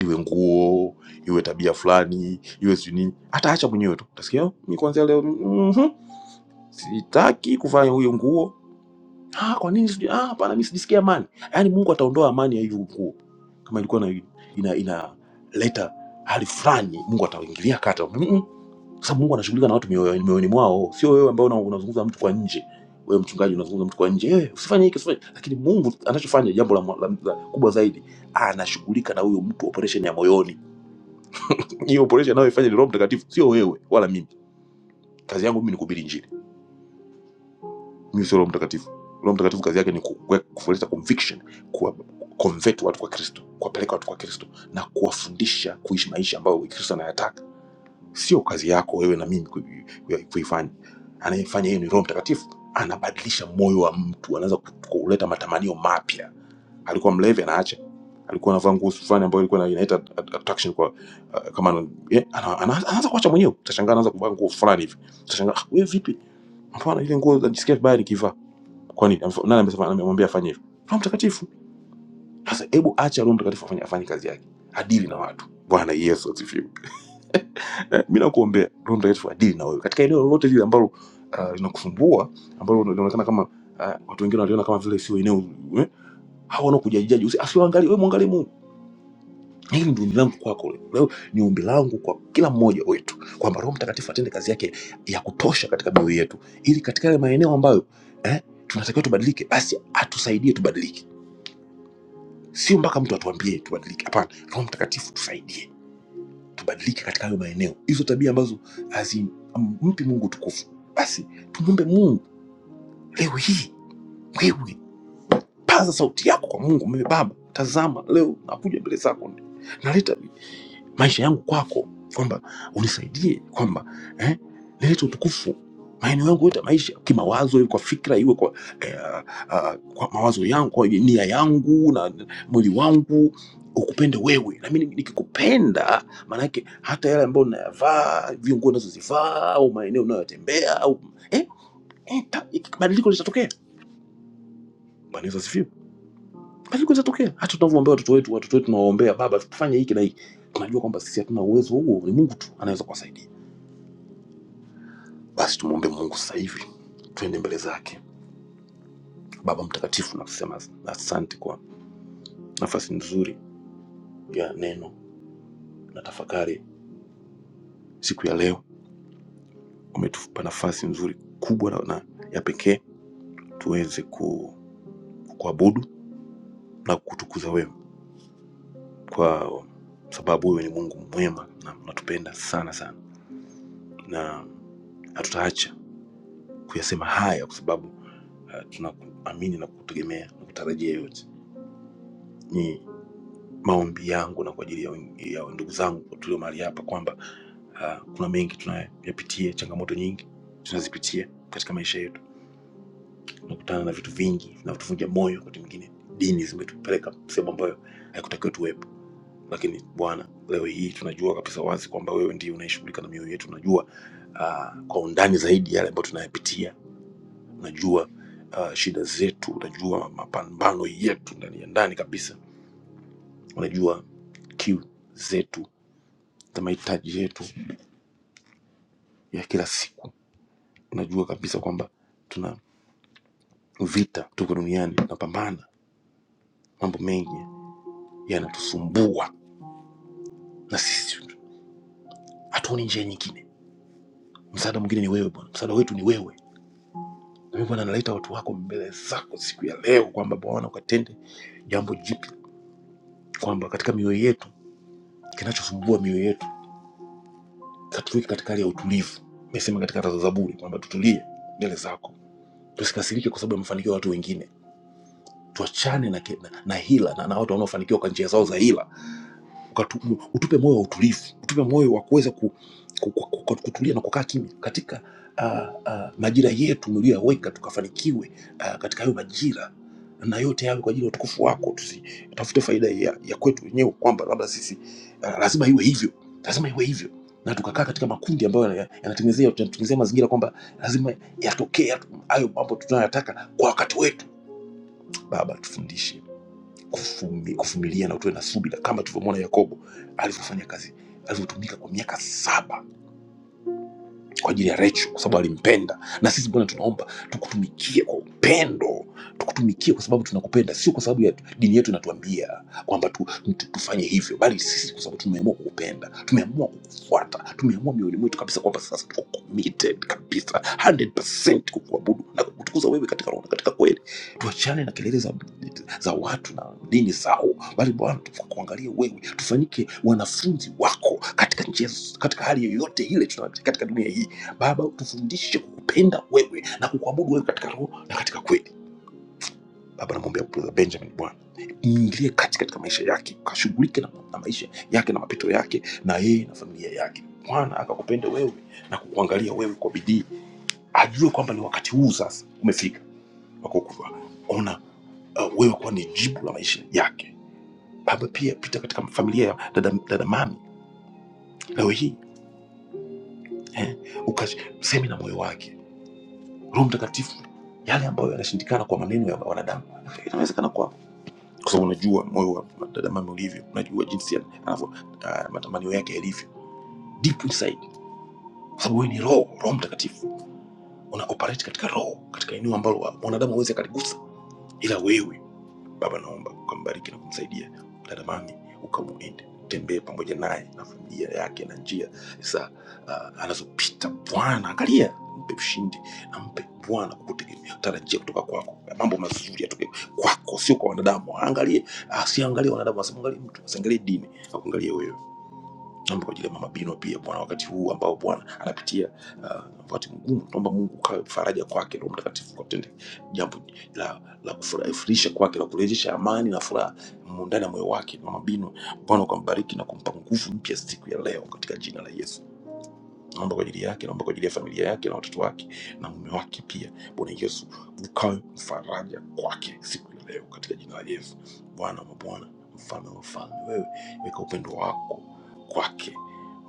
Speaker 4: iwe nguo, iwe tabia fulani, iwe sijui nini, ataacha mwenyewe tu, utasikia "Oh, mimi kuanzia leo mm, mhm, sitaki kuvaa huyo nguo Ah, kwa nini sijui? Ah, hapana, mimi sijisikii amani. Yaani Mungu ataondoa amani ya hiyo ukoo kama ilikuwa na ina inaleta hali fulani, Mungu ataingilia kata. Mm -mm. Sasa Mungu anashughulika na watu mioyo- mioyoni mwao, sio wewe ambao una- unazungumza na mtu kwa nje. Wewe mchungaji unazungumza na mtu kwa nje, eh, usifanye hiki usifanye. Lakini Mungu anachofanya jambo la, la, la kubwa zaidi, anashughulika na huyo mtu, operation ya moyoni. Hiyo operation anayoifanya ni Roho Mtakatifu, sio wewe wala mimi. Kazi yangu mimi ni kuhubiri injili mimi sio roho mtakatifu roho mtakatifu kazi yake ni kuwe- kuleta conviction kuwa convert watu kwa kristo kuwapeleka watu kwa kristo na kuwafundisha kuishi maisha ambayo kristo anayataka sio kazi yako wewe na mimi kui- kui- kuifanya anayefanya hiyo ni roho mtakatifu anabadilisha moyo wa mtu anaweza ku- kuleta matamanio mapya alikuwa mlevi anaacha alikuwa anavaa nguo fulani ambayo ilikuwa ina- inaita at- attraction kwa uh, kama yeah, ana- ana- anaanza kuacha mwenyewe utashangaa anaanza kuvaa nguo fulani hivi utashangaa "Ah, wewe vipi mbona ile nguo najisikia vibaya nikivaa Kwani amef- nani amesema amemwambia afanye hivyo? Roho Mtakatifu. Sasa hebu acha Roho Mtakatifu afanye afanye kazi yake, adili na watu. Bwana Yesu asifiwe. Eh, Mimi nakuombea Roho Mtakatifu adili na wewe katika eneo lolote lile ambalo ah, linakusumbua, ambalo linaonekana kama ah, watu wengine waliona kama vile sio eneo eh, hao wanaokujajijaji, usi- asiwaangalie wewe, mwangalie Mungu. Hili ndio ombi langu kwako leo. Leo ni ombi langu kwa kila mmoja wetu kwamba Roho Mtakatifu atende kazi yake ya kutosha katika mioyo yetu, ili katika yale maeneo ambayo eh, tunatakiwa tubadilike, basi atusaidie tubadilike sio mpaka mtu atuambie tubadilike. Hapana, Roho Mtakatifu tusaidie tubadilike katika hayo maeneo, hizo tabia ambazo hazimpi Mungu tukufu. Basi tumwombe Mungu leo hii, wewe paza sauti yako kwa Mungu. Mimi Baba, tazama leo nakuja mbele zako, naleta maisha yangu kwako, kwamba unisaidie kwamba eh, nilete utukufu maeneo yangu yote ya maisha, kimawazo, iwe kwa fikra, iwe kwa, eh, ah, ah, kwa mawazo yangu, kwa nia yangu na mwili wangu ukupende wewe, nami nikikupenda, maanake hata yale ambayo nayavaa, viungo nazozivaa au maeneo unayotembea au eh, eh, ta- badiliko litatokea. Bwana Yesu asifiwe. Badiliko litatokea. Hata tunavyowaombea watoto wetu, watoto wetu tunawaombea, Baba tufanye hiki na hiki, tunajua kwamba sisi hatuna uwezo huo, ni Mungu tu anaweza kuwasaidia. Basi tumwombe Mungu sasa hivi, twende mbele zake. Baba Mtakatifu, nakusema asante kwa nafasi nzuri ya neno na tafakari siku ya leo. Umetupa nafasi nzuri kubwa na na ya pekee tuweze ku- kuabudu na kukutukuza wewe, kwa sababu wewe ni Mungu mwema na unatupenda sana sana, na hatutaacha kuyasema haya kwa sababu uh, tunakuamini na kukutegemea na kutarajia yote. Ni Maombi yangu na kwa ajili ya wen- ya ndugu zangu tulio mahali hapa kwamba ah, kuna mengi tunayapitia, changamoto nyingi tunazipitia katika maisha yetu, tunakutana na vitu vingi vinavutuvunja moyo. Wakati mwingine dini zimetupeleka sehemu ambayo haikutakiwa tuwepo, lakini Bwana, leo hii tunajua kabisa wazi kwamba wewe ndiye unayeshughulika na mioyo yetu. Unajua ah, kwa undani zaidi yale ambayo tunayapitia, unajua ah, shida zetu, unajua mapambano yetu ndani ya ndani kabisa, unajua kiu zetu za mahitaji yetu ya kila siku. Tunajua kabisa kwamba tuna vita, tuko duniani tunapambana, mambo mengi yanatusumbua na sisi hatuoni njia nyingine. Msaada mwingine ni wewe Bwana, msaada wetu ni wewe. Na mimi Bwana, naleta watu wako mbele zako siku ya leo, kwamba Bwana ukatende jambo jipya, kwamba katika mioyo yetu, kinachosumbua mioyo yetu katuweke katika hali ya utulivu. Nimesema katika Zaburi kwamba tutulie mbele zako, tusikasirike kwa sababu ya mafanikio ya watu wengine tuachane na, ke- na, na hila na, na watu wanaofanikiwa kwa njia zao za hila Ukatu, utupe moyo wa utulivu utupe moyo wa kuweza ku, ku, ku, ku, kutulia na kukaa kimya katika uh, uh, majira yetu mlioyaweka tukafanikiwe uh, katika hayo majira na yote yawe kwa ajili ya utukufu wako tusitafute faida ya, ya kwetu wenyewe kwamba labda sisi uh, lazima iwe hivyo lazima iwe hivyo na tukakaa katika makundi ambayo yana- yanatengenezea yanatengenezea mazingira kwamba lazima yatokee hayo mambo tunayoyataka kwa wakati wetu baba tufundishe kufumi- kuvumilia na utoe na subira kama tulivyomwona yakobo alivyofanya kazi alivyotumika kwa miaka saba kwa ajili ya Rachel kwa sababu alimpenda. Na sisi Bwana tunaomba tukutumikie kwa upendo, tukutumikie kwa sababu tunakupenda, sio kwa sababu ya dini yetu inatuambia kwamba tu, tu, tufanye hivyo, bali sisi kwa sababu tumeamua kukupenda, tumeamua kukufuata, tumeamua mioyoni mwetu kabisa kwamba sasa tuko committed kabisa 100% kukuabudu na kukutukuza wewe katika roho na katika kweli. Tuachane na kelele za, za watu na dini zao, bali Bwana tukuangalie wewe, tufanyike wanafunzi wako katika njia, katika hali yoyote ile tuna katika dunia hii Baba, utufundishe kukupenda wewe na kukuabudu wewe katika roho na katika kweli. Baba, namwombea brother Benjamin, Bwana ingilie kati katika maisha yake, kashughulike na, na maisha yake na mapito yake na yeye na familia yake. Bwana akakupende wewe na kukuangalia wewe kwa bidii, ajue kwamba ni wakati huu sasa umefika wakuona uh, wewe kuwa ni jibu la maisha yake. Baba, pia pita katika familia ya dada, dada mami leo hii eh, ukasemi na moyo wake Roho Mtakatifu yale ambayo yanashindikana kwa maneno ya wanadamu inawezekana kwako, kwa sababu unajua moyo wa dada mama ulivyo, unajua jinsi ya- anavyo ah, matamanio yake yalivyo deep inside, kwa sababu wewe ni roho, Roho Mtakatifu una operate katika roho, katika eneo ambalo wa- mwanadamu hawezi akaligusa, ila wewe Baba, naomba ukambariki na kumsaidia dada Mami, ukamuende tembee pamoja naye na familia yake na njia za uh, anazopita Bwana. Angalia, mpe ushindi na mpe Bwana kukutegemea, tarajia kutoka kwako, mambo mazuri yatoke kwako, sio kwa wanadamu. Angalie, asiangalie wanadamu, asimwangalie mtu, asiangalie dini, akuangalie wewe. Naomba kwa ajili ya mama Bino pia Bwana, wakati huu ambao Bwana anapitia uh, wakati mgumu, naomba Mungu ukawe faraja kwake, Roho Mtakatifu katende jambo la, la kufurahisha kwake, la kurejesha amani na furaha mu- ndani ya moyo wake. Mama Bino, Bwana ukambariki na kumpa nguvu mpya siku ya leo katika jina la Yesu naomba kwa ajili yake, naomba kwa ajili ya familia yake na watoto wake na mume wake pia. Bwana Yesu, ukawe mfaraja kwake siku ya leo, katika jina la Yesu. Bwana wa mabwana, mfalme wa wafalme, wewe weka upendo wako kwake,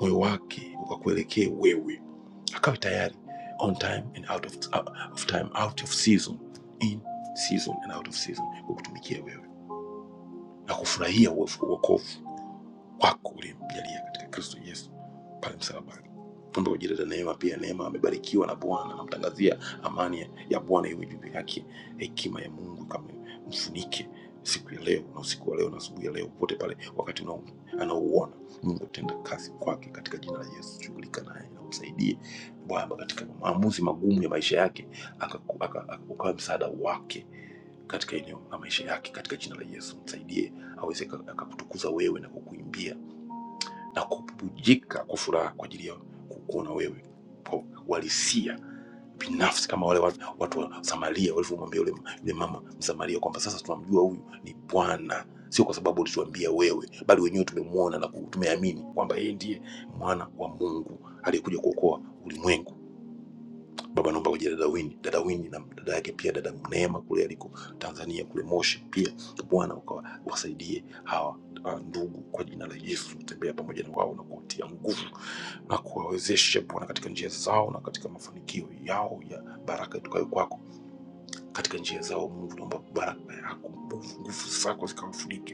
Speaker 4: moyo wake ukakuelekee wewe, akawe tayari on time and out of, uh, of time, out of season, in season and out of season, kukutumikia wewe na kufurahia uokovu wako ulimjalia katika kristo yesu pale msalabani omba kwa ajili ya neema pia neema amebarikiwa na bwana namtangazia amani ya bwana iwe juu yake hekima ya mungu kama mfunike siku ya leo na usiku wa leo na asubuhi ya leo popote pale wakati unao- anaouona mungu tenda kazi kwake katika jina la yesu shughulika naye na umsaidie bwana katika maamuzi magumu ya maisha yake aka- aka- aka- ukawe msaada wake katika eneo la maisha yake katika jina la yesu msaidie aweze aka- akakutukuza wewe na kukuimbia na kububujika kwa furaha kwa ajili ya kukuona wewe kwa uhalisia binafsi, kama wale watu, watu wa Samaria walivyomwambia yule yule mama Msamaria kwamba sasa tunamjua huyu ni Bwana, sio kwa sababu ulituambia wewe, bali wenyewe tumemwona na ku- tumeamini kwamba yeye ndiye mwana wa Mungu aliyekuja kuokoa ulimwengu baba naomba uje dada Wini, dada Wini na dada yake pia dada Neema kule aliko Tanzania kule Moshi pia, Bwana ukawasaidie hawa ah, ndugu kwa jina la Yesu, tembea pamoja na wao na kuwatia nguvu na kuwawezesha Bwana katika njia zao na katika mafanikio yao ya baraka itokayo kwako. Katika njia zao Mungu, naomba baraka yako, nguvu nguvu zako zikawafunike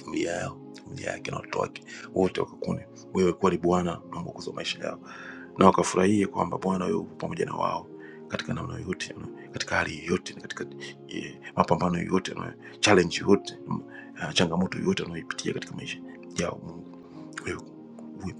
Speaker 4: familia yao familia yake na watoto wake wote wakakune wewe kweli Bwana unaongoza maisha yao, na wakafurahie kwamba Bwana yupo pamoja na wao katika namna yote, katika hali yote, katika eh, mapambano yote, na challenge yote, mm, ah, changamoto yote wanayoipitia katika maisha yao. Mungu wewe uwe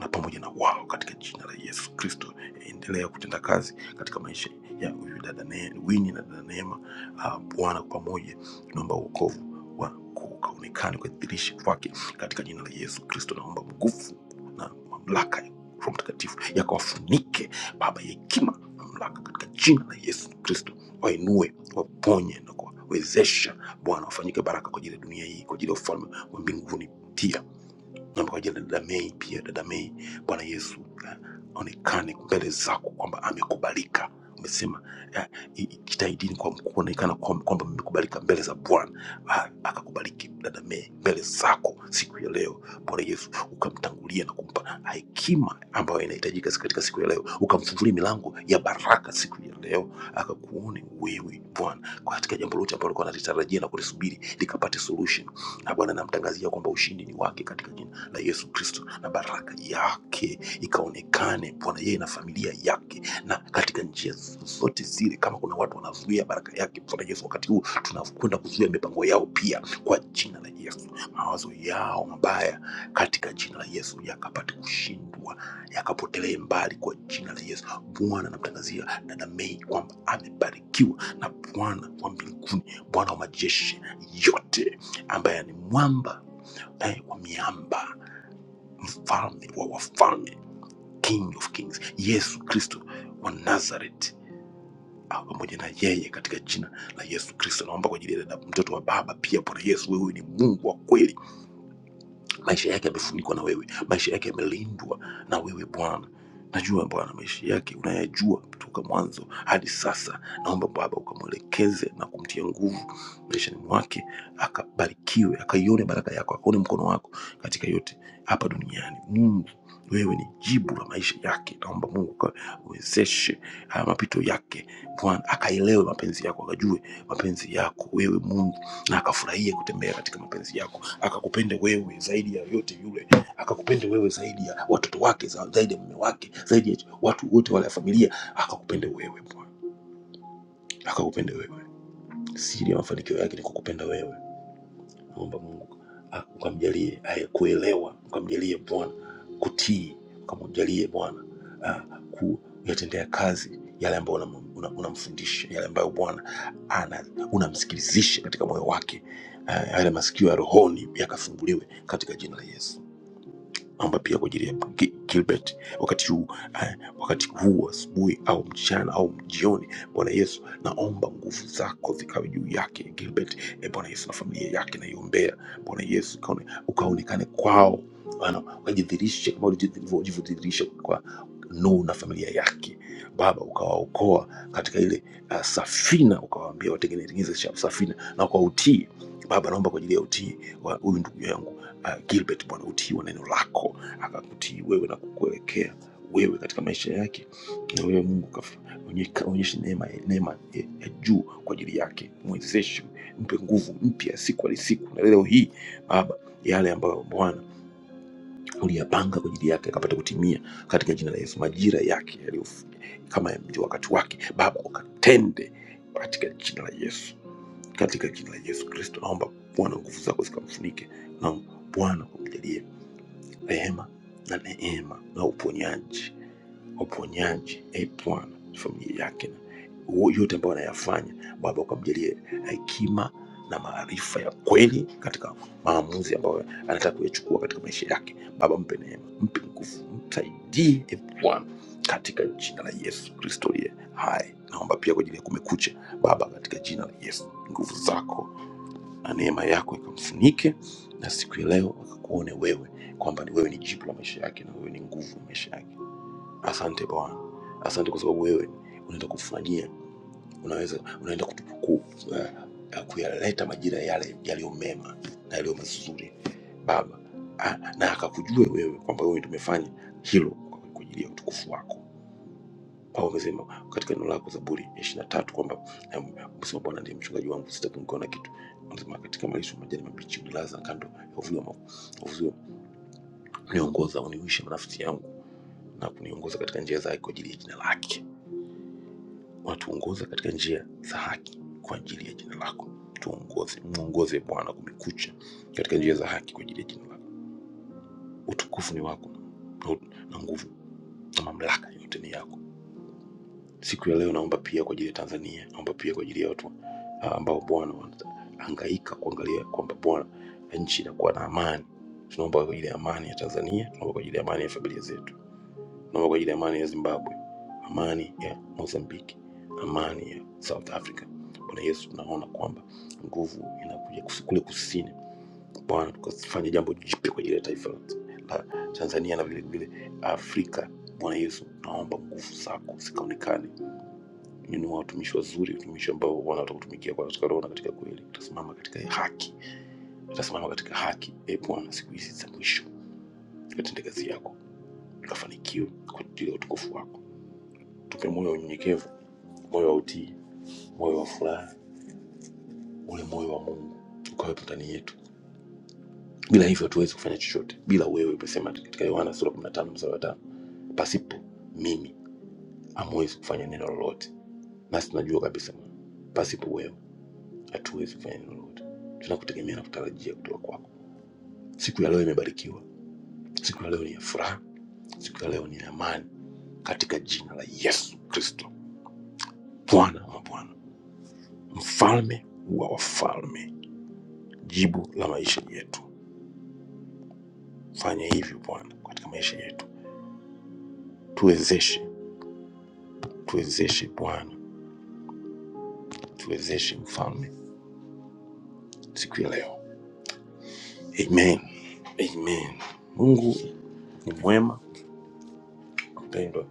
Speaker 4: na pamoja na wao katika jina la Yesu Kristo. Endelea kutenda kazi katika maisha ya huyu dada Ne- Winnie na dada Neema. Ah, Bwana, kwa pamoja tunaomba wokovu wako ukaonekane ukadhihirishe kwake katika jina la Yesu Kristo. Naomba nguvu na mamlaka ya Roho Mtakatifu yakawafunike Baba ya hekima na mamlaka katika jina la Yesu Kristo, wainue, waponye na kuwawezesha Bwana, wafanyike baraka kwa ajili ya dunia hii, kwa ajili ya ufalme wa mbinguni pia Nimewaja na dada Mei pia. Dada Mei, Bwana Yesu eh, aonekane mbele zako kwamba amekubalika. Umesema eh, i- i- jitahidini kwa kuonekana kwa- kwamba mmekubalika mbele za Bwana. Ah, Akakubaliki dada Mei mbele zako siku ya leo. Bwana Yesu ukamtangulia na kumpa hekima ambayo inahitajika katika siku ya leo, ukamfungulia milango ya baraka siku ya leo, akakuone wewe Bwana kwa katika jambo lote ambalo alikuwa analitarajia na kulisubiri likapate solution. Na Bwana namtangazia kwamba ushindi ni wake katika jina na Yesu Kristo na baraka yake ikaonekane Bwana yeye na familia yake na katika njia zote zile. Kama kuna watu wanazuia baraka yake Bwana Yesu, wakati huu tunakwenda kuzuia mipango yao pia kwa jina la Yesu, mawazo yao mabaya katika jina la Yesu yakapate kushindwa, yakapotelee mbali kwa jina la Yesu. Bwana anamtangazia dada Mei kwamba amebarikiwa na Bwana wa mbinguni, Bwana wa majeshi yote, ambaye ni mwamba naye wa miamba mfalme wa wafalme, King of Kings, Yesu Kristo wa Nazareth awe pamoja na yeye katika jina la Yesu Kristo. Naomba kwa ajili ya dada mtoto wa baba pia. Bwana Yesu, wewe ni Mungu wa kweli maisha yake yamefunikwa na wewe, maisha yake yamelindwa na wewe Bwana. Najua Bwana, maisha yake unayajua kutoka mwanzo hadi sasa. Naomba Baba ukamwelekeze na kumtia nguvu maishani mwake, akabarikiwe, akaione baraka yako, akaone mkono wako katika yote hapa duniani. Mungu, wewe ni jibu la maisha yake. Naomba Mungu ukawezeshe haya mapito yake Bwana, akaelewe mapenzi yako, akajue mapenzi yako wewe Mungu, na akafurahie kutembea katika mapenzi yako akakupende wewe zaidi ya yote yule, akakupende wewe zaidi ya watoto wake, za- zaidi ya mume wake, zaidi ya watu wote wale ya familia, akakupende wewe Bwana, akakupende wewe. Siri ya mafanikio yake ni kukupenda wewe. Naomba Mungu a- ukamjalie haya kuelewa, ukamjalie Bwana kutii, ukamjalie Bwana ah, kuyatendea kazi yale ambayo unamfundisha una, una unamfundisha, yale ambayo Bwana ana- unamsikilizisha katika moyo wake, Ah, yale masikio ya rohoni yakafunguliwe katika jina la Yesu. Omba pia kwa ajili ya Gi- Gilbert wakati huu eh, wakati huu asubuhi au mchana au jioni. Bwana Yesu, naomba nguvu zako zikawe juu yake Gilbert, eh, Bwana Yesu, na familia yake naiombea. Bwana Yesu, ukaone- ukaonekane kwao Bwana, ukajidhihirishe kama ulivyodhihirisha kwa Nuhu na familia yake Baba, ukawaokoa katika ile uh, safina, ukawaambia watengeneze safina na kwa utii Baba, naomba kwa ajili ya utii wa huyu ndugu yangu uh, Gilbert Bwana, utiiwa neno lako, akakutii wewe na kukuelekea wewe katika maisha yake, na wewe Mungu kaf- onye- onyeshe neema, neema ya, ya juu kwa ajili yake, mwezeshe, mpe nguvu mpya siku hadi siku, na leo hii Baba yale ambayo Bwana uliyapanga kwa ajili yake akapata kutimia katika jina la Yesu, majira yake yaliyo kama ndio wakati wake, Baba ukatende katika jina la Yesu, katika jina la Yesu Kristo naomba Bwana nguvu zako zikamfunike na Bwana kumjalia rehema na neema na uponyaji uponyaji e Bwana, familia yake na huo yote ambayo anayafanya Baba, ukamjalie hekima na maarifa ya kweli katika maamuzi ambayo anataka kuyachukua katika maisha yake. Baba, mpe neema, mpe nguvu, msaidie e Bwana, katika jina la Yesu Kristo aliye hai. Naomba pia kwa ajili ya Kumekucha Baba, katika jina la Yesu, nguvu zako na neema yako ikamfunike, na siku ya leo akakuone wewe kwamba ni wewe ni jibu la maisha yake na wewe ni nguvu ya maisha yake. Asante Bwana, asante kwa sababu wewe unaenda kutufanyia, unaweza unaenda kutu- ku- uh, uh, kuyaleta majira yale yaliyo mema na yaliyo mazuri Baba, Ah, na akakujue wewe kwamba wewe tumefanya hilo kwa ajili ya utukufu wako Paulo amesema katika neno lako Zaburi ya ishirini na tatu kwamba em, umesema Bwana ndiye mchungaji wangu, sitapungukiwa na kitu. Anasema katika malisho ya majani mabichi unilaza kando ya uvuli wa magu- wa uzio, uniongoza uniuisha nafsi yangu, na kuniongoza katika njia za haki kwa ajili ya jina lake. Unatuongoza katika njia za haki kwa ajili ya jina lako. Tuongoze, mwongoze Bwana kumekucha katika njia za haki kwa ajili ya jina lako. Utukufu ni wako na ut- na nguvu na mamlaka yote ni yako Siku ya leo naomba pia kwa ajili ya Tanzania, naomba pia kwa ajili ya watu ah, ambao Bwana wanahangaika kuangalia kwamba Bwana nchi inakuwa na amani. Tunaomba kwa ajili ya amani ya Tanzania, tunaomba kwa ajili ya amani ya familia zetu, tunaomba kwa ajili ya amani ya Zimbabwe, amani ya Mozambiki, amani ya South Africa. Bwana Yesu, tunaona kwamba nguvu inakuja kus- kule kusini. Bwana, tukafanye jambo jipya kwa ajili ya taifa la Tanzania na vile vile Afrika. Bwana Yesu, naomba nguvu zako zikaonekane ni ni watumishi wazuri, watumishi ambao wanataka kutumikia kwa katika roho na katika kweli, utasimama katika haki, utasimama katika haki. E Bwana, siku hizi za mwisho katende kazi yako, ukafanikiwe kwa ajili ya utukufu wako. Tupe moyo wa unyenyekevu, moyo wa utii, moyo wa furaha, ule moyo wa Mungu ukawepo ndani yetu. Bila hivyo hatuwezi kufanya chochote. Bila wewe, umesema katika Yohana sura 15 mstari wa tano, pasipo mimi hamwezi kufanya neno lolote. Nasi tunajua kabisa pasipo wewe hatuwezi kufanya lolote, tunakutegemea na kutarajia kutoka kwako. Siku ya leo imebarikiwa, siku ya leo ni ya furaha, siku ya leo ni ya amani, katika jina la Yesu Kristo, Bwana wa mabwana, mfalme wa wafalme, jibu la maisha yetu. Fanya hivyo Bwana katika maisha yetu, tuwezeshe, tuwezeshe Bwana, tuwezeshe mfalme, siku ya leo. Amen, amen. Mungu ni mwema, mpendwa,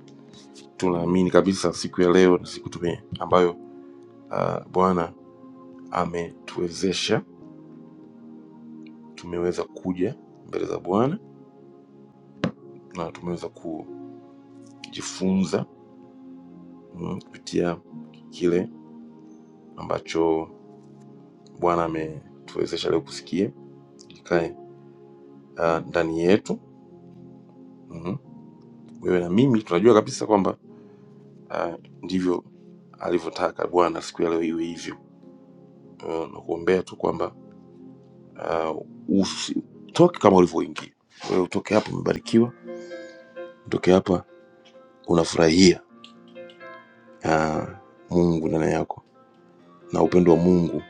Speaker 4: tunaamini kabisa siku ya leo ni siku tume ambayo Uh, Bwana ametuwezesha, tumeweza kuja mbele za Bwana na tumeweza kujifunza mm, kupitia kile ambacho Bwana ametuwezesha leo kusikia, kikae uh, ndani yetu mm. Wewe na mimi tunajua kabisa kwamba uh, ndivyo alivyotaka Bwana siku ya leo iwe hivyo. Uh, na kuombea tu kwamba uh, usi- utoke kama ulivyoingia, wewe utoke hapa umebarikiwa, utoke hapa unafurahia ah, Mungu ndani yako na upendo wa Mungu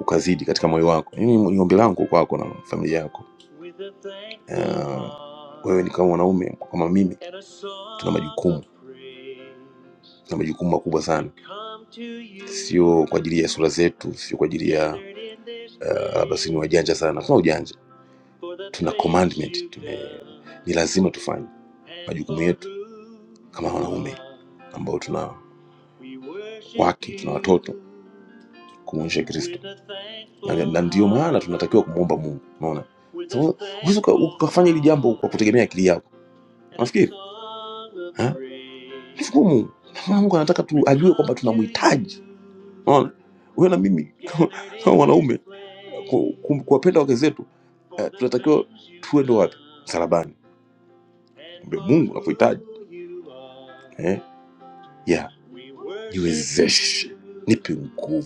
Speaker 4: ukazidi katika moyo wako. Hili ni ombi langu kwako na familia yako. Ah, wewe ni kama mwanaume kama mimi, tuna majukumu, tuna majukumu makubwa sana, sio kwa ajili ya sura zetu, sio kwa ajili ya ah, labda sisi ni wajanja sana. Tuna ujanja, tuna commandment, tume, ni lazima tufanye majukumu yetu kama wanaume ambao tuna wake tuna watoto kumwonyesha kristo na, na ndio maana tunatakiwa kumwomba mungu unaona Sasa, huwezi uka- ukafanya hili jambo kwa kutegemea akili yako nafikiri ni vigumu Na maana mungu anataka tu ajue kwamba tunamhitaji unaona wewe na mimi kama wanaume ku- ku- kuwapenda wake zetu eh, tunatakiwa tuende wapi msalabani Mwambie mungu nakuhitaji yeah niwezeshe nipe nguvu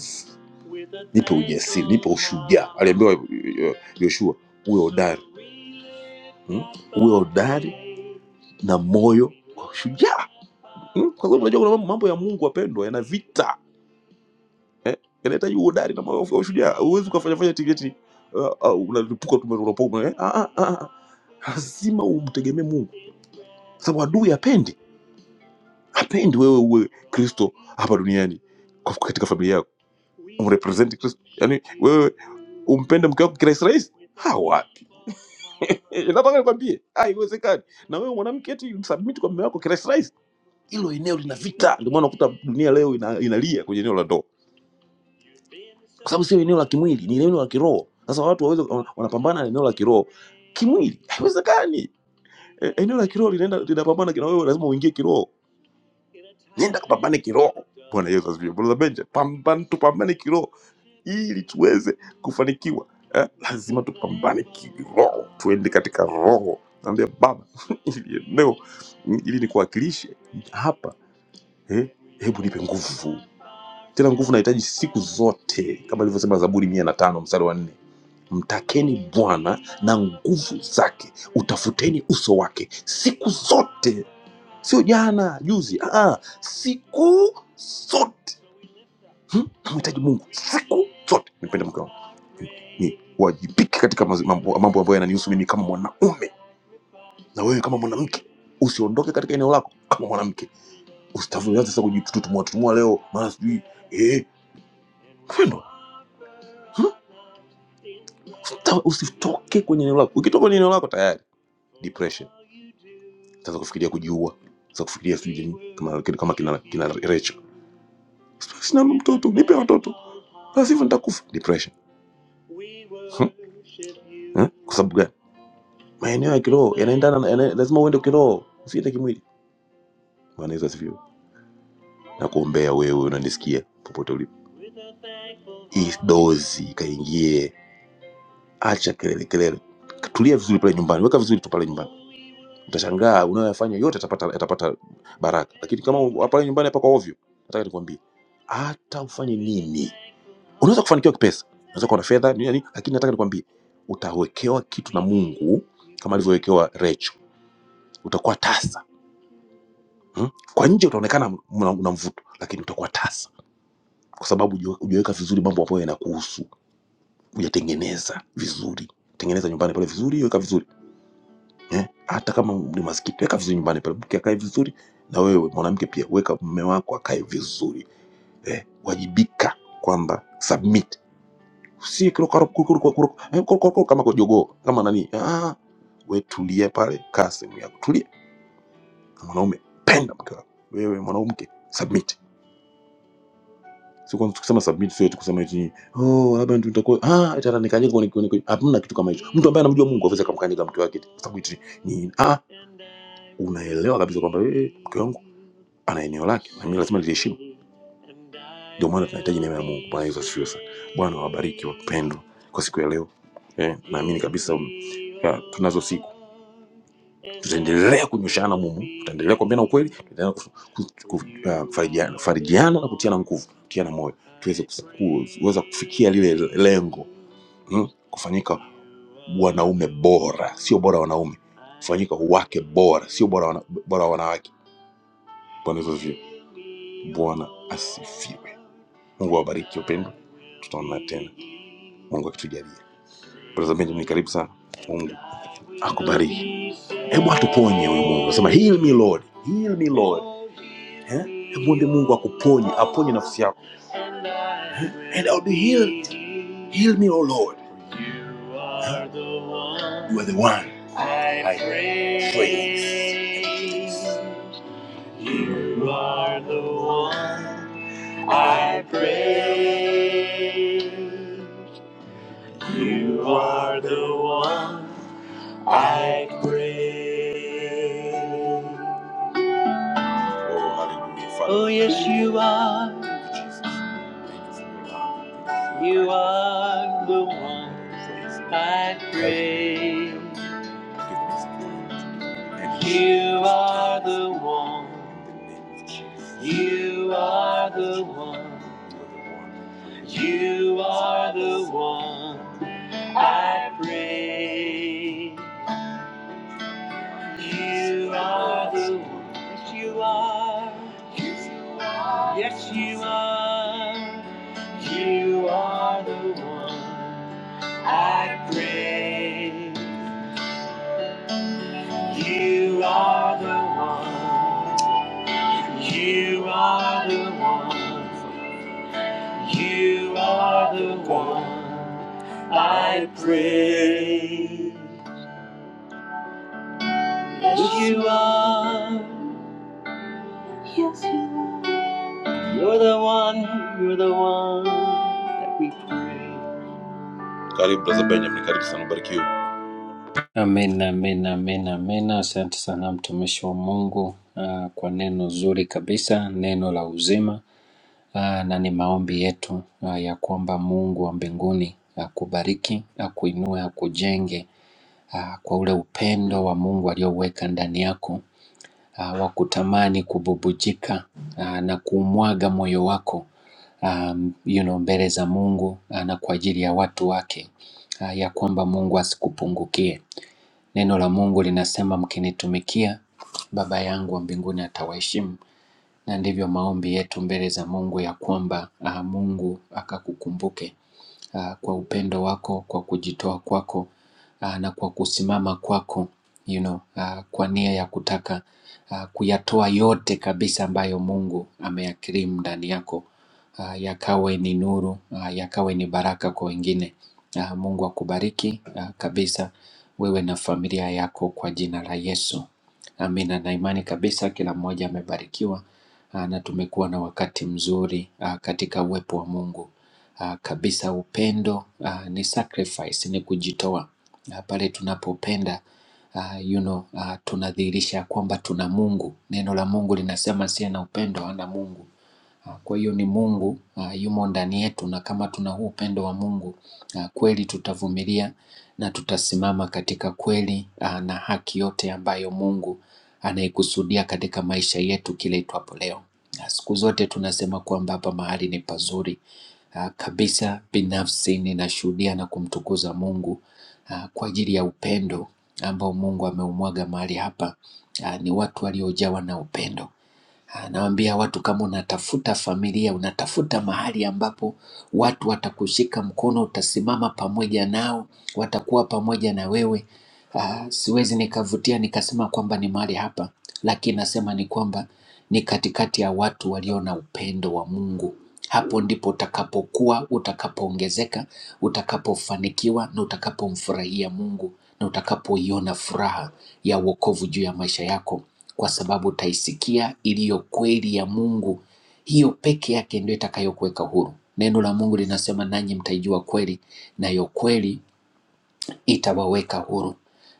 Speaker 4: nipe ujasiri nipe ushujaa aliambiwa eh, eh, yoshua uwe hodari hmm? uwe hodari na moyo wa ushujaa hmm? kwa sababu unajua kuna mambo mambo ya mungu wapendwa yana vita eh? yanahitaji uhodari na moyo wa ushujaa huwezi ukafanyafanya tiketi uh, uh, unalipuka tu unapoka eh? ah, ah, ah. ah. lazima umtegemee mungu kwa sababu adui hapendi hapendi wewe uwe kristo hapa duniani kwa- katika familia yako umrepresent Kristo? Yaani wewe umpende mke wako kirahisi rahisi? ha wapi nataka nikwambie ah, haiwezekani na wewe mwanamke eti submit kwa mume wako kirahisi rahisi hilo eneo lina vita ndio maana unakuta dunia leo ina, inalia kwenye eneo la ndoa kwa sababu sio eneo la kimwili ni eneo la kiroho sasa watu waweze wanapambana na eneo la kiroho kimwili haiwezekani E- eneo la kiroho linaenda linapambana na wewe lazima uingie kiroho nenda kapambane kiroho bwana yesu asifiwe brother benja pambana tupambane kiroho ili tuweze kufanikiwa eh, lazima tupambane kiroho, tuende katika roho. Naambia Baba, ili eneo ili nikuwakilishe hapa eh, hebu nipe nguvu tena, nguvu nahitaji siku zote, kama ilivyosema Zaburi mia na tano mstari wa nne mtakeni Bwana na nguvu zake, utafuteni uso wake siku zote, sio jana juzi, ah, ah, siku zote hmm? namhitaji mungu siku zote nipende mke wangu ni ni wajibike katika mazi- mambo mambo ambayo yananihusu mimi kama mwanaume na wewe kama mwanamke usiondoke katika eneo lako kama mwanamke usitavuanza sasa kujitutumua tutumua leo mara sijui eh mpendwa hmm? Usita- usitoke kwenye eneo lako ukitoka kwenye eneo lako tayari depression utaanza kufikiria kujiua utaanza kufikiria sijui nini, kama kama kina kina Rachel sina mtoto nipe watoto basi hivyo nitakufa depression hmm? Eh? kwa sababu gani maeneo ya kiroho yanaendana na- yana, lazima uende kiroho usiende kimwili bwana yesu asifiwe na kuombea wewe unanisikia popote ulipo hii dozi ikaingie acha kelele kelele tulia vizuri pale nyumbani weka vizuri tu pale nyumbani utashangaa unayoyafanya yote yatapata yatapata baraka lakini kama u- pale nyumbani hapa kwa ovyo nataka nikwambie hata ufanye nini unaweza kufanikiwa kipesa unaweza kuwa na fedha nini, nini, lakini nataka nikwambie utawekewa kitu na mungu kama alivyowekewa recho utakuwa tasa Mm? Kwa nje utaonekana mna mna mvuto, lakini utakuwa tasa, kwa sababu huja- hujaweka vizuri mambo ambayo yanakuhusu, hujatengeneza vizuri. Tengeneza nyumbani pale vizuri, weka vizuri eh? Hata kama ni maskiti, weka vizuri nyumbani pale, mke akae vizuri, na wewe mwanamke pia weka mume wako akae vizuri eh? Wajibika kwamba submit, si kurukaro- kurukaro- kurukaro- eh, kurukaro kama kwa jogoo kama nani. Ah, we tulie pale, kaa sehemu yako, tulia. Mwanaume penda mke wako, wewe mwanamke submit Sio kwanza tukisema submit sio tu kusema eti oh labda ndio nitakuwa ah eti atanikanyega kwenye kwenye kwenye- hamna kitu kama hicho. Mtu ambaye anamjua Mungu hawezi akamkanyaga mke wake eti kwa sababu eti ni ah unaelewa kabisa kwamba eh eh, mke wangu ana eneo lake na mimi lazima niliheshimu. Ndio maana tunahitaji neema ya Mungu. Bwana Yesu asifiwe sana. Bwana wabariki wapendwa kwa siku ya leo. Eh, naamini kabisa um, ya, tunazo siku tutaendelea kunyoshana mumu tutaendelea kuambiana ukweli tutaendelea kufu- ku- ku- ah, kufarijiana kufarijiana na kutiana nguvu kutiana moyo tuweze kus- ku- kuweza kufikia lile lengo mm? kufanyika wanaume bora sio bora wanaume kufanyika wake bora sio bora, wana, bora wanawake bwana hivyo vyo bwana asifiwe mungu awabariki upendo tutaonana tena mungu akitujalia brother benjamin karibu sana mungu akubariki hebu atuponye huyu mungu anasema heal me lord heal me lord Eh? Mwombe Mungu akuponye, aponye nafsi yako. Eh? And I'll be healed. Heal me, O Lord. Eh? You are the one I praise. You are the one I praise. You are the one I praise. Oh, hallelujah. Father, Oh, yes, you are. you, are the one I pray. You are the one. You are the one. You are the one I pray. You are the one. Yes, you are. Yes, you are. You are the one I praise. You are the one. You are the one. You are the one I praise. Yes, you are. Yes, you are. You're the one. You're the one that we praise. Karibu brother Benjamin. Karibu sana. ubarikiwe.
Speaker 3: Amen, amen, amen, amen. Asante sana mtumishi wa Mungu ah, kwa neno zuri kabisa, neno la uzima. Ah, Na ni maombi yetu ah, ya kwamba Mungu wa mbinguni akubariki, akuinue, akujenge ah, kwa ule upendo wa Mungu alioweka ndani yako ah, wa kutamani kububujika ah, na kuumwaga moyo wako um, you know, mbele za Mungu ah, na kwa ajili ya watu wake ah, ya kwamba Mungu asikupungukie Neno la Mungu linasema mkinitumikia, Baba yangu wa mbinguni atawaheshimu, na ndivyo maombi yetu mbele za Mungu ya kwamba ah, Mungu akakukumbuke ah, kwa upendo wako, kwa kujitoa kwako ah, na kwa kusimama kwako you know, ah, kwa nia ya kutaka ah, kuyatoa yote kabisa ambayo Mungu ameyakirimu ndani yako ah, yakawe ni nuru ah, yakawe ni baraka kwa wengine. Ah, Mungu akubariki ah, kabisa wewe na familia yako kwa jina la Yesu. Amina, na imani kabisa kila mmoja amebarikiwa ah, na tumekuwa na wakati mzuri ah, katika uwepo wa Mungu ah, kabisa. Upendo ah, ni sacrifice, ni kujitoa. Ah, Pale tunapopenda ah, you know, ah, tunadhihirisha kwamba tuna Mungu. Neno la Mungu linasema asiye na upendo hana Mungu. Ah, Kwa hiyo ni Mungu uh, yumo ndani yetu na kama tuna huu upendo wa Mungu uh, kweli tutavumilia na tutasimama katika kweli uh, na haki yote ambayo Mungu anaikusudia katika maisha yetu kila itwapo leo. Uh, Siku zote tunasema kwamba hapa mahali ni pazuri Ah, kabisa. Binafsi ninashuhudia na kumtukuza Mungu ah, kwa ajili ya upendo ambao Mungu ameumwaga mahali hapa. Ah, Ni watu waliojawa na upendo Nawaambia watu kama unatafuta familia, unatafuta mahali ambapo watu watakushika mkono, utasimama pamoja nao, watakuwa pamoja na wewe. Ah, siwezi nikavutia nikasema kwamba ni mahali hapa, lakini nasema ni kwamba ni katikati ya watu walio na upendo wa Mungu. Hapo ndipo utakapokuwa, utakapoongezeka, utakapofanikiwa na utakapomfurahia Mungu na utakapoiona furaha ya wokovu juu ya maisha yako kwa sababu utaisikia iliyo kweli ya Mungu. Hiyo peke yake ndio itakayokuweka huru. Neno la Mungu linasema, nanyi mtaijua kweli, nayo kweli itawaweka huru.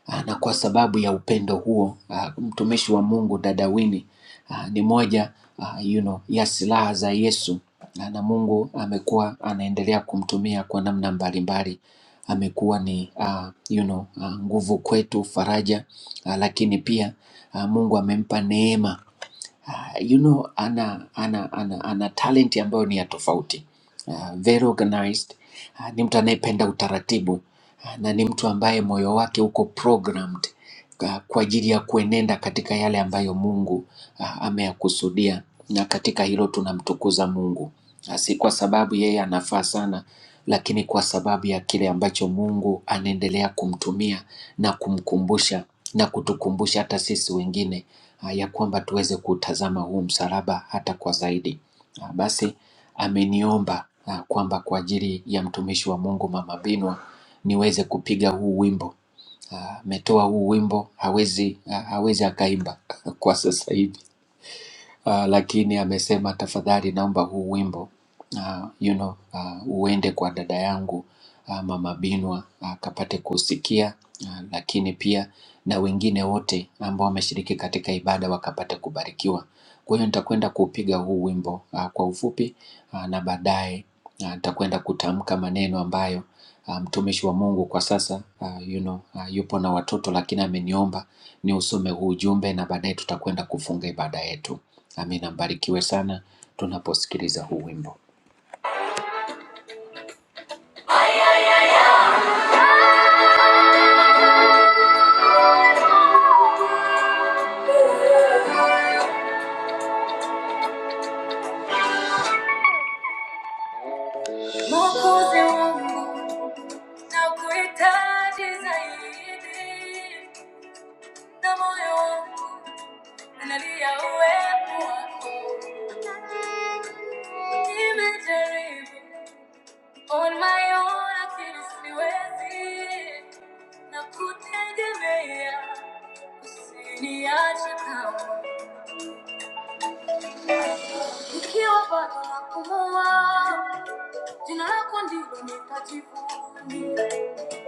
Speaker 3: Ah, Na kwa sababu ya upendo huo, ah, mtumishi wa Mungu dada Winnie ah, ni moja ah, you know, ya silaha za Yesu Ah, na Mungu amekuwa anaendelea kumtumia kwa namna mbalimbali. Amekuwa ni ah, you know, ah, nguvu kwetu, faraja, ah, lakini pia ah, Mungu amempa neema Ah, you know ana ana ana, ana talent ambayo ni ya tofauti Ah, very organized Ah, ni mtu anayependa utaratibu Ah, na ni mtu ambaye moyo wake uko programmed ah, kwa ajili ya kuenenda katika yale ambayo Mungu ah, ameyakusudia, na katika hilo tunamtukuza Mungu, Ah, si kwa sababu yeye anafaa sana, lakini kwa sababu ya kile ambacho Mungu anaendelea kumtumia na kumkumbusha na kutukumbusha hata sisi wengine ah, ya kwamba tuweze kutazama huu msalaba hata kwa zaidi. Ah, Basi ameniomba ah, kwamba kwa ajili ya mtumishi wa Mungu Mama Binwa niweze kupiga huu wimbo. Ah, Ametoa huu wimbo hawezi, ah, hawezi akaimba kwa sasa hivi uh, lakini amesema tafadhali, naomba huu wimbo uh, you know, uh, uende kwa dada yangu uh, mama Binwa akapate uh, kusikia uh, lakini pia na wengine wote ambao wameshiriki katika ibada wakapate kubarikiwa. Kwa hiyo nitakwenda kuupiga huu wimbo uh, kwa ufupi uh, na baadaye Ah, nitakwenda kutamka maneno ambayo ah, mtumishi um, wa Mungu kwa sasa ah, you know, ah, yupo na watoto lakini ameniomba ni usome huu ujumbe na baadaye tutakwenda kufunga ibada yetu. Amina, mbarikiwe sana tunaposikiliza huu wimbo. Mwokozi wangu, nakuhitaji zaidi, na moyo wangu unalia uwepo wako. Nimejaribu on my own, lakini siwezi. Nakutegemea, usiniache kama. Nikiwa bado napumua, jina lako ndilo nitajivunia.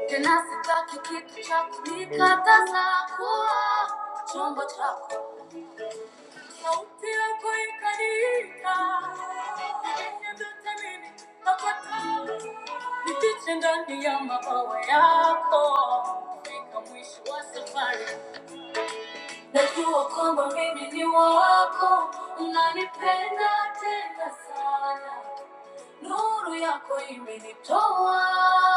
Speaker 3: Tena sitaki kitu cha kunikataza kuwa chombo chako. Sauti yako ikaniita, vyenye vyote mimi nakataa. Nifiche ndani ya mabawa yako, fika mwisho wa safari. Najua kwamba mimi ni wako, unanipenda tena sana. Nuru yako imenitoa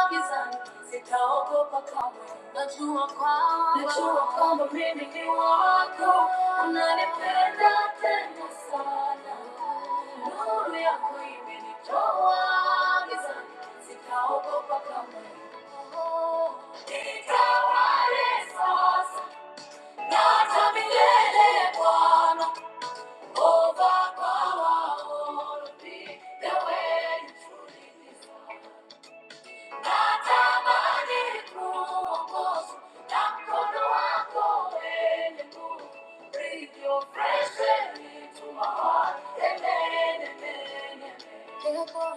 Speaker 3: gizani, sitaogopa kamwe. Najua kwamba najua kwamba mimi ni wako, unanipenda tena sana. Nuru yako imenitoa gizani, sitaogopa kamwe. Nitawale sasa. hata milele Bwana. Over power, all be the way you truly desire. Natamani kuongozwa na mkono wako, Ee Mungu, ulivyo freshi tuma wake, nene, nene, nene. Yako,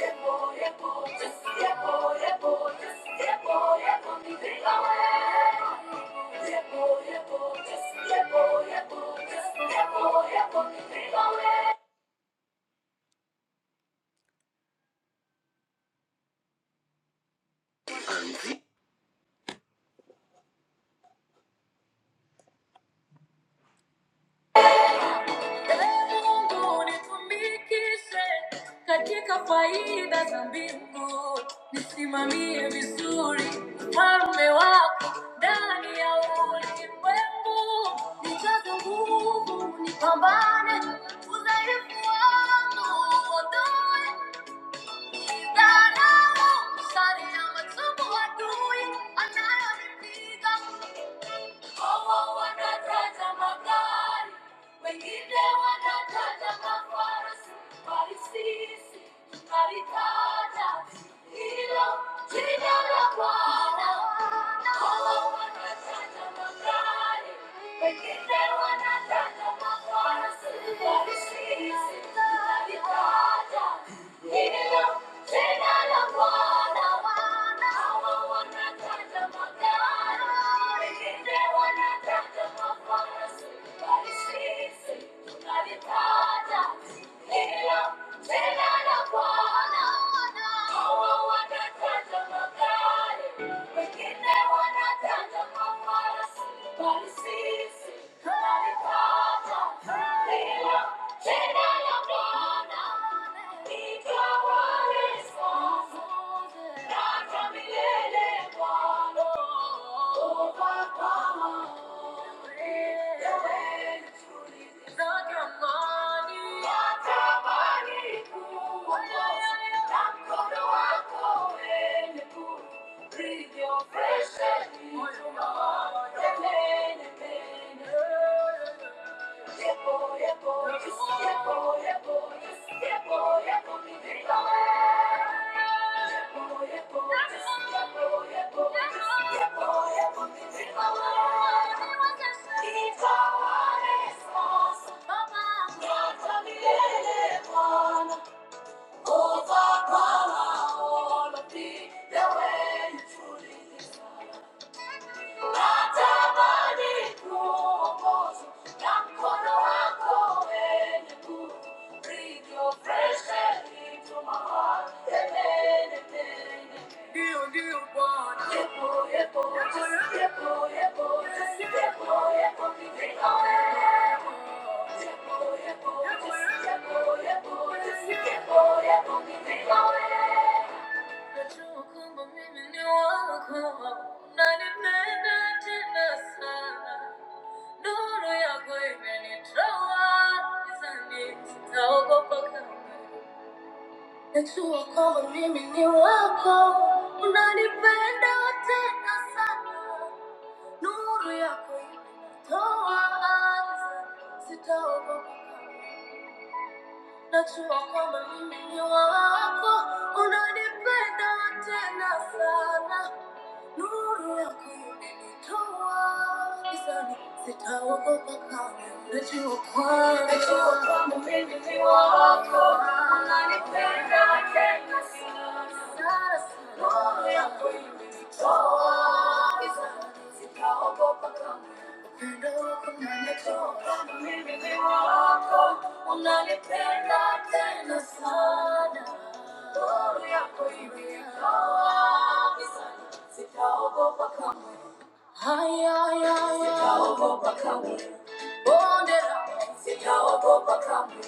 Speaker 3: yako, yako, Yesu, yako, yako, Yesu, yako, yako, nifika wewe. Yako, yako, Yesu, yako, yako, Yesu, yako, yako, nifika wewe. Pambano, Oh, oh, wanataka magari wengine wanataja mafarasi, bali sisi tunalitaja hilo jina la Bwana. Hawa wanataja magari, wengine wanataja mafarasi, bali sisi tunalitaja hilo jina la Bwana. Hawa wanataja magari, wengine wanataja mafarasi, bali sisi Bwana natamani natamani kuongoza na mkono wako wenye kulivyo fresh moyo wangu. Nemene, nemene. Over power, all of thee, the way you truly deserve. Natamani kuongozwa na mkono wako wenye nguvu. Breathe your fresh into my heart. Tene, tene. Yepo, yepo, just yepo, yepo, just yepo, yepo, nifika wewe. Yepo, yepo, just yepo, yepo, just yepo, yepo, nifika wewe. Nuru, Nuru yako imenitoa gizani, sitaogopa kamwe. Najua kwamba- Najua kwamba mimi ni wako. Unanipenda tena sana. Nuru yako imenitoa gizani, sitaogopa kamwe. Sitaogopa kamwe Sitaogopa kamwe. Bonde la ufa. Sitaogopa kamwe.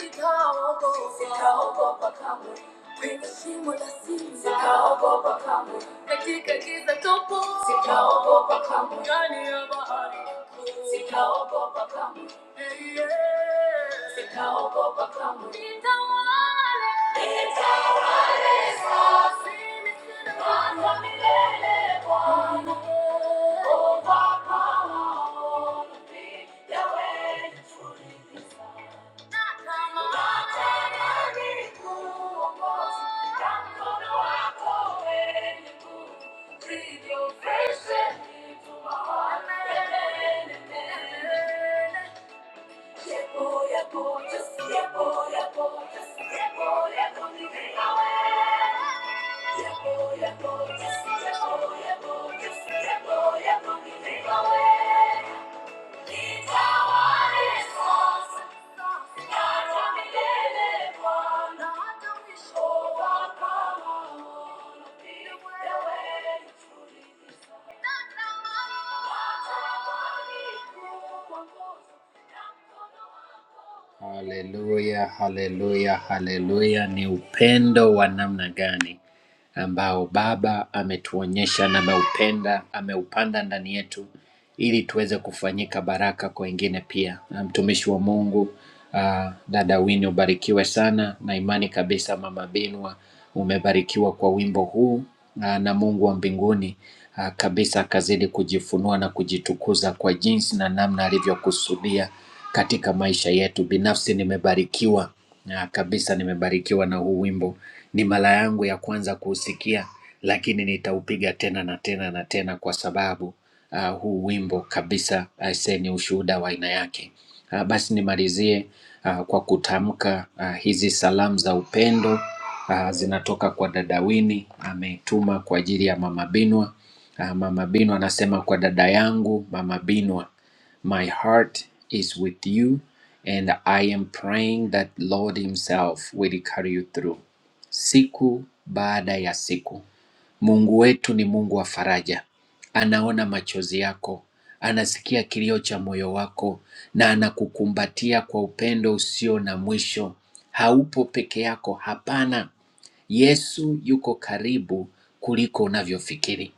Speaker 3: Sitaogopa. Sitaogopa kamwe. Kwenye shimo la simba. Sitaogopa kamwe. Katika giza tupu. Sitaogopa kamwe. Ndani ya bahari kuu. Sitaogopa kamwe. Hey, yeah. Sitaogopa kamwe. Nitawale. Nitawale. Breathe your fresh air into my heart. Ye bo ye bo, just ye bo ye bo, just ye bo ye bo, you bring me joy. Ye bo ye bo, just ye bo ye bo, just ye bo ye bo, you bring me joy. Nitawale sasa, hata milele Bwana. Oh, Baba wangu, pia wewe nitulize. Haleluya, haleluya, haleluya! Ni upendo wa namna gani ambao Baba ametuonyesha na ameupenda, ameupanda ndani yetu ili tuweze kufanyika baraka kwa wengine pia. Na Mtumishi wa Mungu ah, dada Winnie, ubarikiwe sana na imani kabisa, mama Binwa, umebarikiwa kwa wimbo huu ah, na Mungu wa mbinguni ah, kabisa akazidi kujifunua na kujitukuza kwa jinsi na namna alivyokusudia katika maisha yetu. Binafsi nimebarikiwa na kabisa, nimebarikiwa na huu wimbo. Ni mara yangu ya kwanza kuusikia, lakini nitaupiga tena na tena na tena kwa sababu uh, huu wimbo kabisa. Aisee, ni ushuhuda wa aina yake. Uh, basi nimalizie uh, kwa kutamka uh, hizi salamu za upendo uh, zinatoka kwa dada Wini, ametuma kwa ajili ya mama Binwa. Uh, mama Binwa anasema kwa dada yangu mama Binwa, my heart is with you and I am praying that Lord himself will carry you through siku baada ya siku. Mungu wetu ni Mungu wa faraja. Anaona machozi yako, anasikia kilio cha moyo wako na anakukumbatia kwa upendo usio na mwisho. Haupo peke yako, hapana. Yesu yuko karibu kuliko unavyofikiri.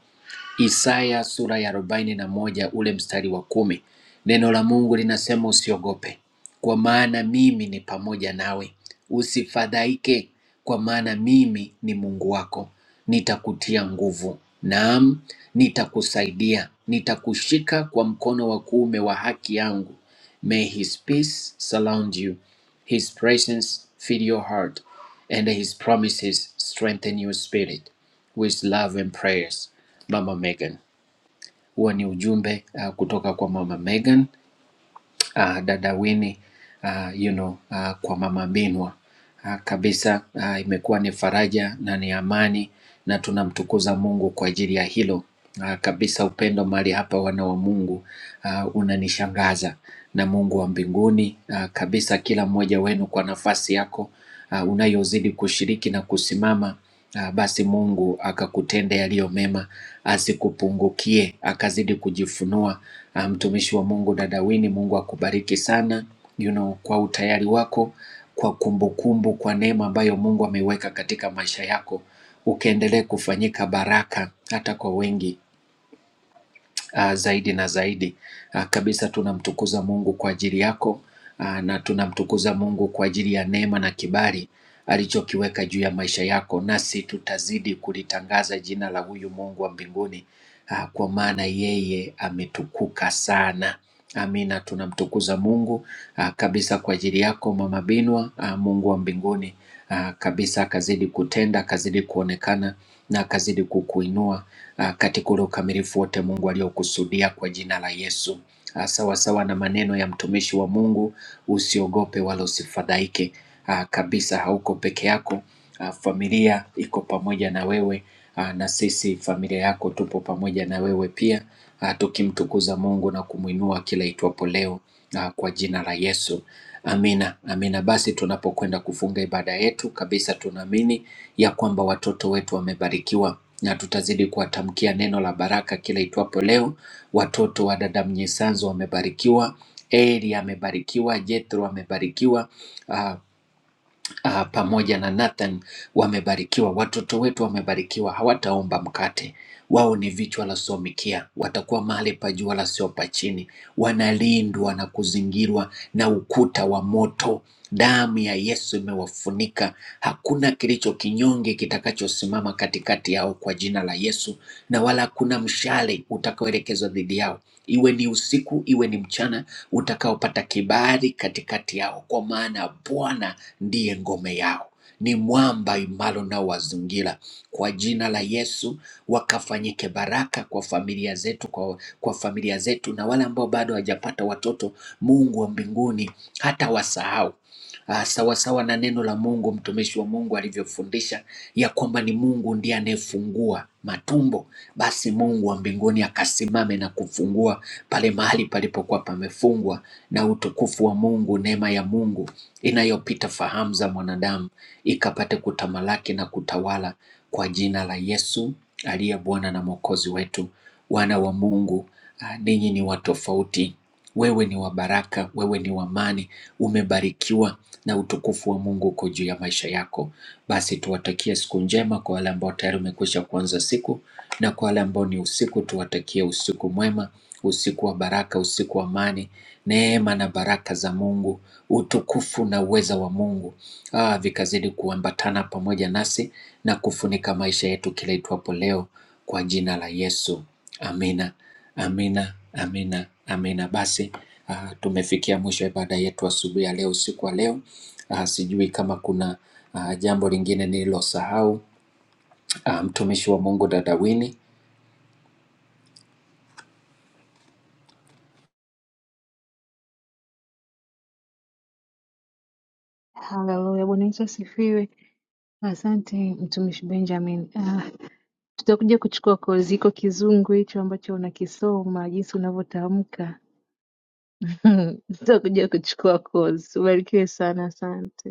Speaker 3: Isaya sura ya arobaini na moja ule mstari wa kumi neno la Mungu linasema usiogope, kwa maana mimi ni pamoja nawe. Usifadhaike, kwa maana mimi ni Mungu wako, nitakutia nguvu. Naam, nitakusaidia, nitakushika kwa mkono wa kuume wa haki yangu. May his peace surround you, his presence fill your heart, and his promises strengthen your spirit with love and prayers, Mama Megan. Huo ni ujumbe uh, kutoka kwa Mama Megan uh, dada Winnie uh, you know, uh, kwa mama Binwa uh, kabisa uh, imekuwa ni faraja na ni amani, na tunamtukuza Mungu kwa ajili ya hilo uh, kabisa. Upendo mahali hapa, wana wa Mungu, uh, unanishangaza na Mungu wa mbinguni uh, kabisa, kila mmoja wenu kwa nafasi yako uh, unayozidi kushiriki na kusimama Ah, basi Mungu akakutende yaliyo mema, asikupungukie, akazidi kujifunua uh, mtumishi um, wa Mungu dada Winnie. Mungu akubariki sana you know, kwa utayari wako, kwa kumbukumbu, kwa neema ambayo Mungu ameiweka katika maisha yako, ukaendelee kufanyika baraka hata kwa wengi uh, zaidi na zaidi. Uh, kabisa tunamtukuza Mungu kwa ajili yako uh, na tunamtukuza Mungu kwa ajili ya neema na kibali alichokiweka juu ya maisha yako, nasi tutazidi kulitangaza jina la huyu Mungu wa mbinguni uh, kwa maana yeye ametukuka sana. Amina, tunamtukuza Mungu uh, kabisa kwa ajili yako mama Binwa. Uh, Mungu wa mbinguni uh, kabisa akazidi kutenda, akazidi kuonekana na akazidi kukuinua ah, katika ule ukamilifu wote Mungu aliokusudia kwa jina la Yesu. Ah, Sawa sawa na maneno ya mtumishi wa Mungu, usiogope wala usifadhaike. Ah, Kabisa hauko peke yako, Ah, familia iko pamoja na wewe, Ah, na sisi familia yako tupo pamoja na wewe pia, ah, tukimtukuza Mungu na kumwinua kila itwapo leo ah, kwa jina la Yesu. Amina, amina. Basi tunapokwenda kufunga ibada yetu kabisa, tunaamini ya kwamba watoto wetu wamebarikiwa na tutazidi kuwatamkia neno la baraka kila itwapo leo. Watoto wa dada Mnyisanzu wamebarikiwa, Eri amebarikiwa, Jethro amebarikiwa, uh, ah, pamoja na Nathan wamebarikiwa, watoto wetu wamebarikiwa, hawataomba mkate. Wao ni vichwa la somikia, watakuwa mahali pa juu wala sio pa chini. Wanalindwa na kuzingirwa na ukuta wa moto. Damu ya Yesu imewafunika, hakuna kilicho kinyonge kitakachosimama katikati yao kwa jina la Yesu na wala hakuna mshale utakaoelekezwa dhidi yao, iwe ni usiku, iwe ni mchana, utakaopata kibali katikati yao, kwa maana Bwana ndiye ngome yao, ni mwamba imara unaowazingira. Kwa jina la Yesu wakafanyike baraka kwa familia zetu, kwa, kwa familia zetu na wale ambao bado hawajapata watoto, Mungu wa mbinguni hata wasahau ah, sawasawa na neno la Mungu, mtumishi wa Mungu alivyofundisha ya kwamba ni Mungu ndiye anayefungua matumbo, basi Mungu wa mbinguni akasimame na kufungua pale mahali palipokuwa pamefungwa, na utukufu wa Mungu, neema ya Mungu inayopita fahamu za mwanadamu ikapate kutamalaki na kutawala kwa jina la Yesu aliye Bwana na Mwokozi wetu. Wana wa Mungu, ah, ninyi ni watu tofauti wewe ni wa baraka, wewe ni wa amani, umebarikiwa na utukufu wa Mungu uko juu ya maisha yako. Basi tuwatakie siku njema kwa wale ambao tayari umekwisha kuanza siku, na kwa wale ambao ni usiku, tuwatakie usiku mwema, usiku wa baraka, usiku wa amani, neema na baraka za Mungu, utukufu na uweza wa Mungu ah, vikazidi kuambatana pamoja nasi na kufunika maisha yetu kila itwapo leo, kwa jina la Yesu, amina. Amina, amina, amina. Basi ah, tumefikia mwisho wa ibada yetu asubuhi ya leo, usiku wa leo. Ah, sijui kama kuna ah, jambo lingine nililosahau. Ah, mtumishi wa Mungu dada Wini.
Speaker 1: Haleluya. Bwana Yesu asifiwe. Asante mtumishi Benjamin. Ah, tutakuja kuchukua kozi iko kizungu hicho ambacho unakisoma, jinsi unavyotamka Nitakuja kuchukua course. Ubarikiwe sana asante.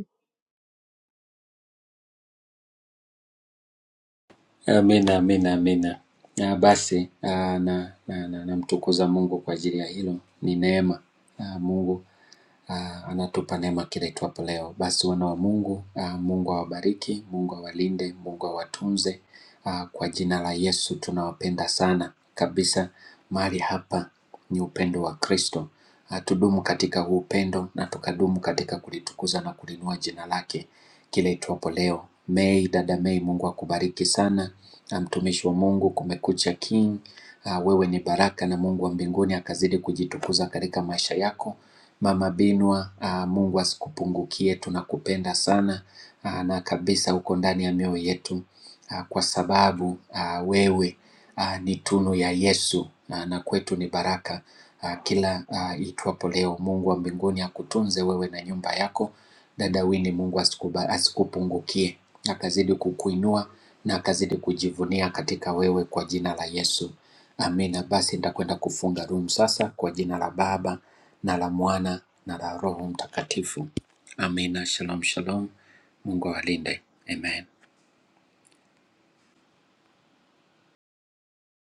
Speaker 3: Amina, amina, amina. Ah, basi ah, na, na, na, namtukuza Mungu kwa ajili ya hilo, ni neema ah, Mungu uh, anatupa neema kila itwapo leo. Basi wana wa Mungu, uh, Mungu awabariki, Mungu awalinde, Mungu awatunze. Uh, kwa jina la Yesu tunawapenda sana kabisa. Mahali hapa ni upendo wa Kristo. Uh, tudumu katika huu upendo na tukadumu katika kulitukuza na kulinua jina lake kila itwapo leo. Mei, dada Mei, Mungu akubariki sana. Uh, mtumishi wa Mungu, kumekucha King. Uh, wewe ni baraka na Mungu wa mbinguni akazidi kujitukuza katika maisha yako Mama Binwa, ah, Mungu asikupungukie, tunakupenda sana ah, na kabisa uko ndani ya mioyo yetu ah, kwa sababu ah, wewe ah, ni tunu ya Yesu ah, na kwetu ni baraka ah, kila ah, itwapo leo. Mungu wa mbinguni akutunze wewe na nyumba yako. Dada Wini, Mungu asikuba- asikupungukie, akazidi kukuinua na akazidi kujivunia katika wewe kwa jina la Yesu. Amina. Basi nitakwenda kufunga room sasa kwa jina la Baba na la Mwana na la Roho Mtakatifu. Amina. Shalom, shalom. Mungu awalinde. Amen.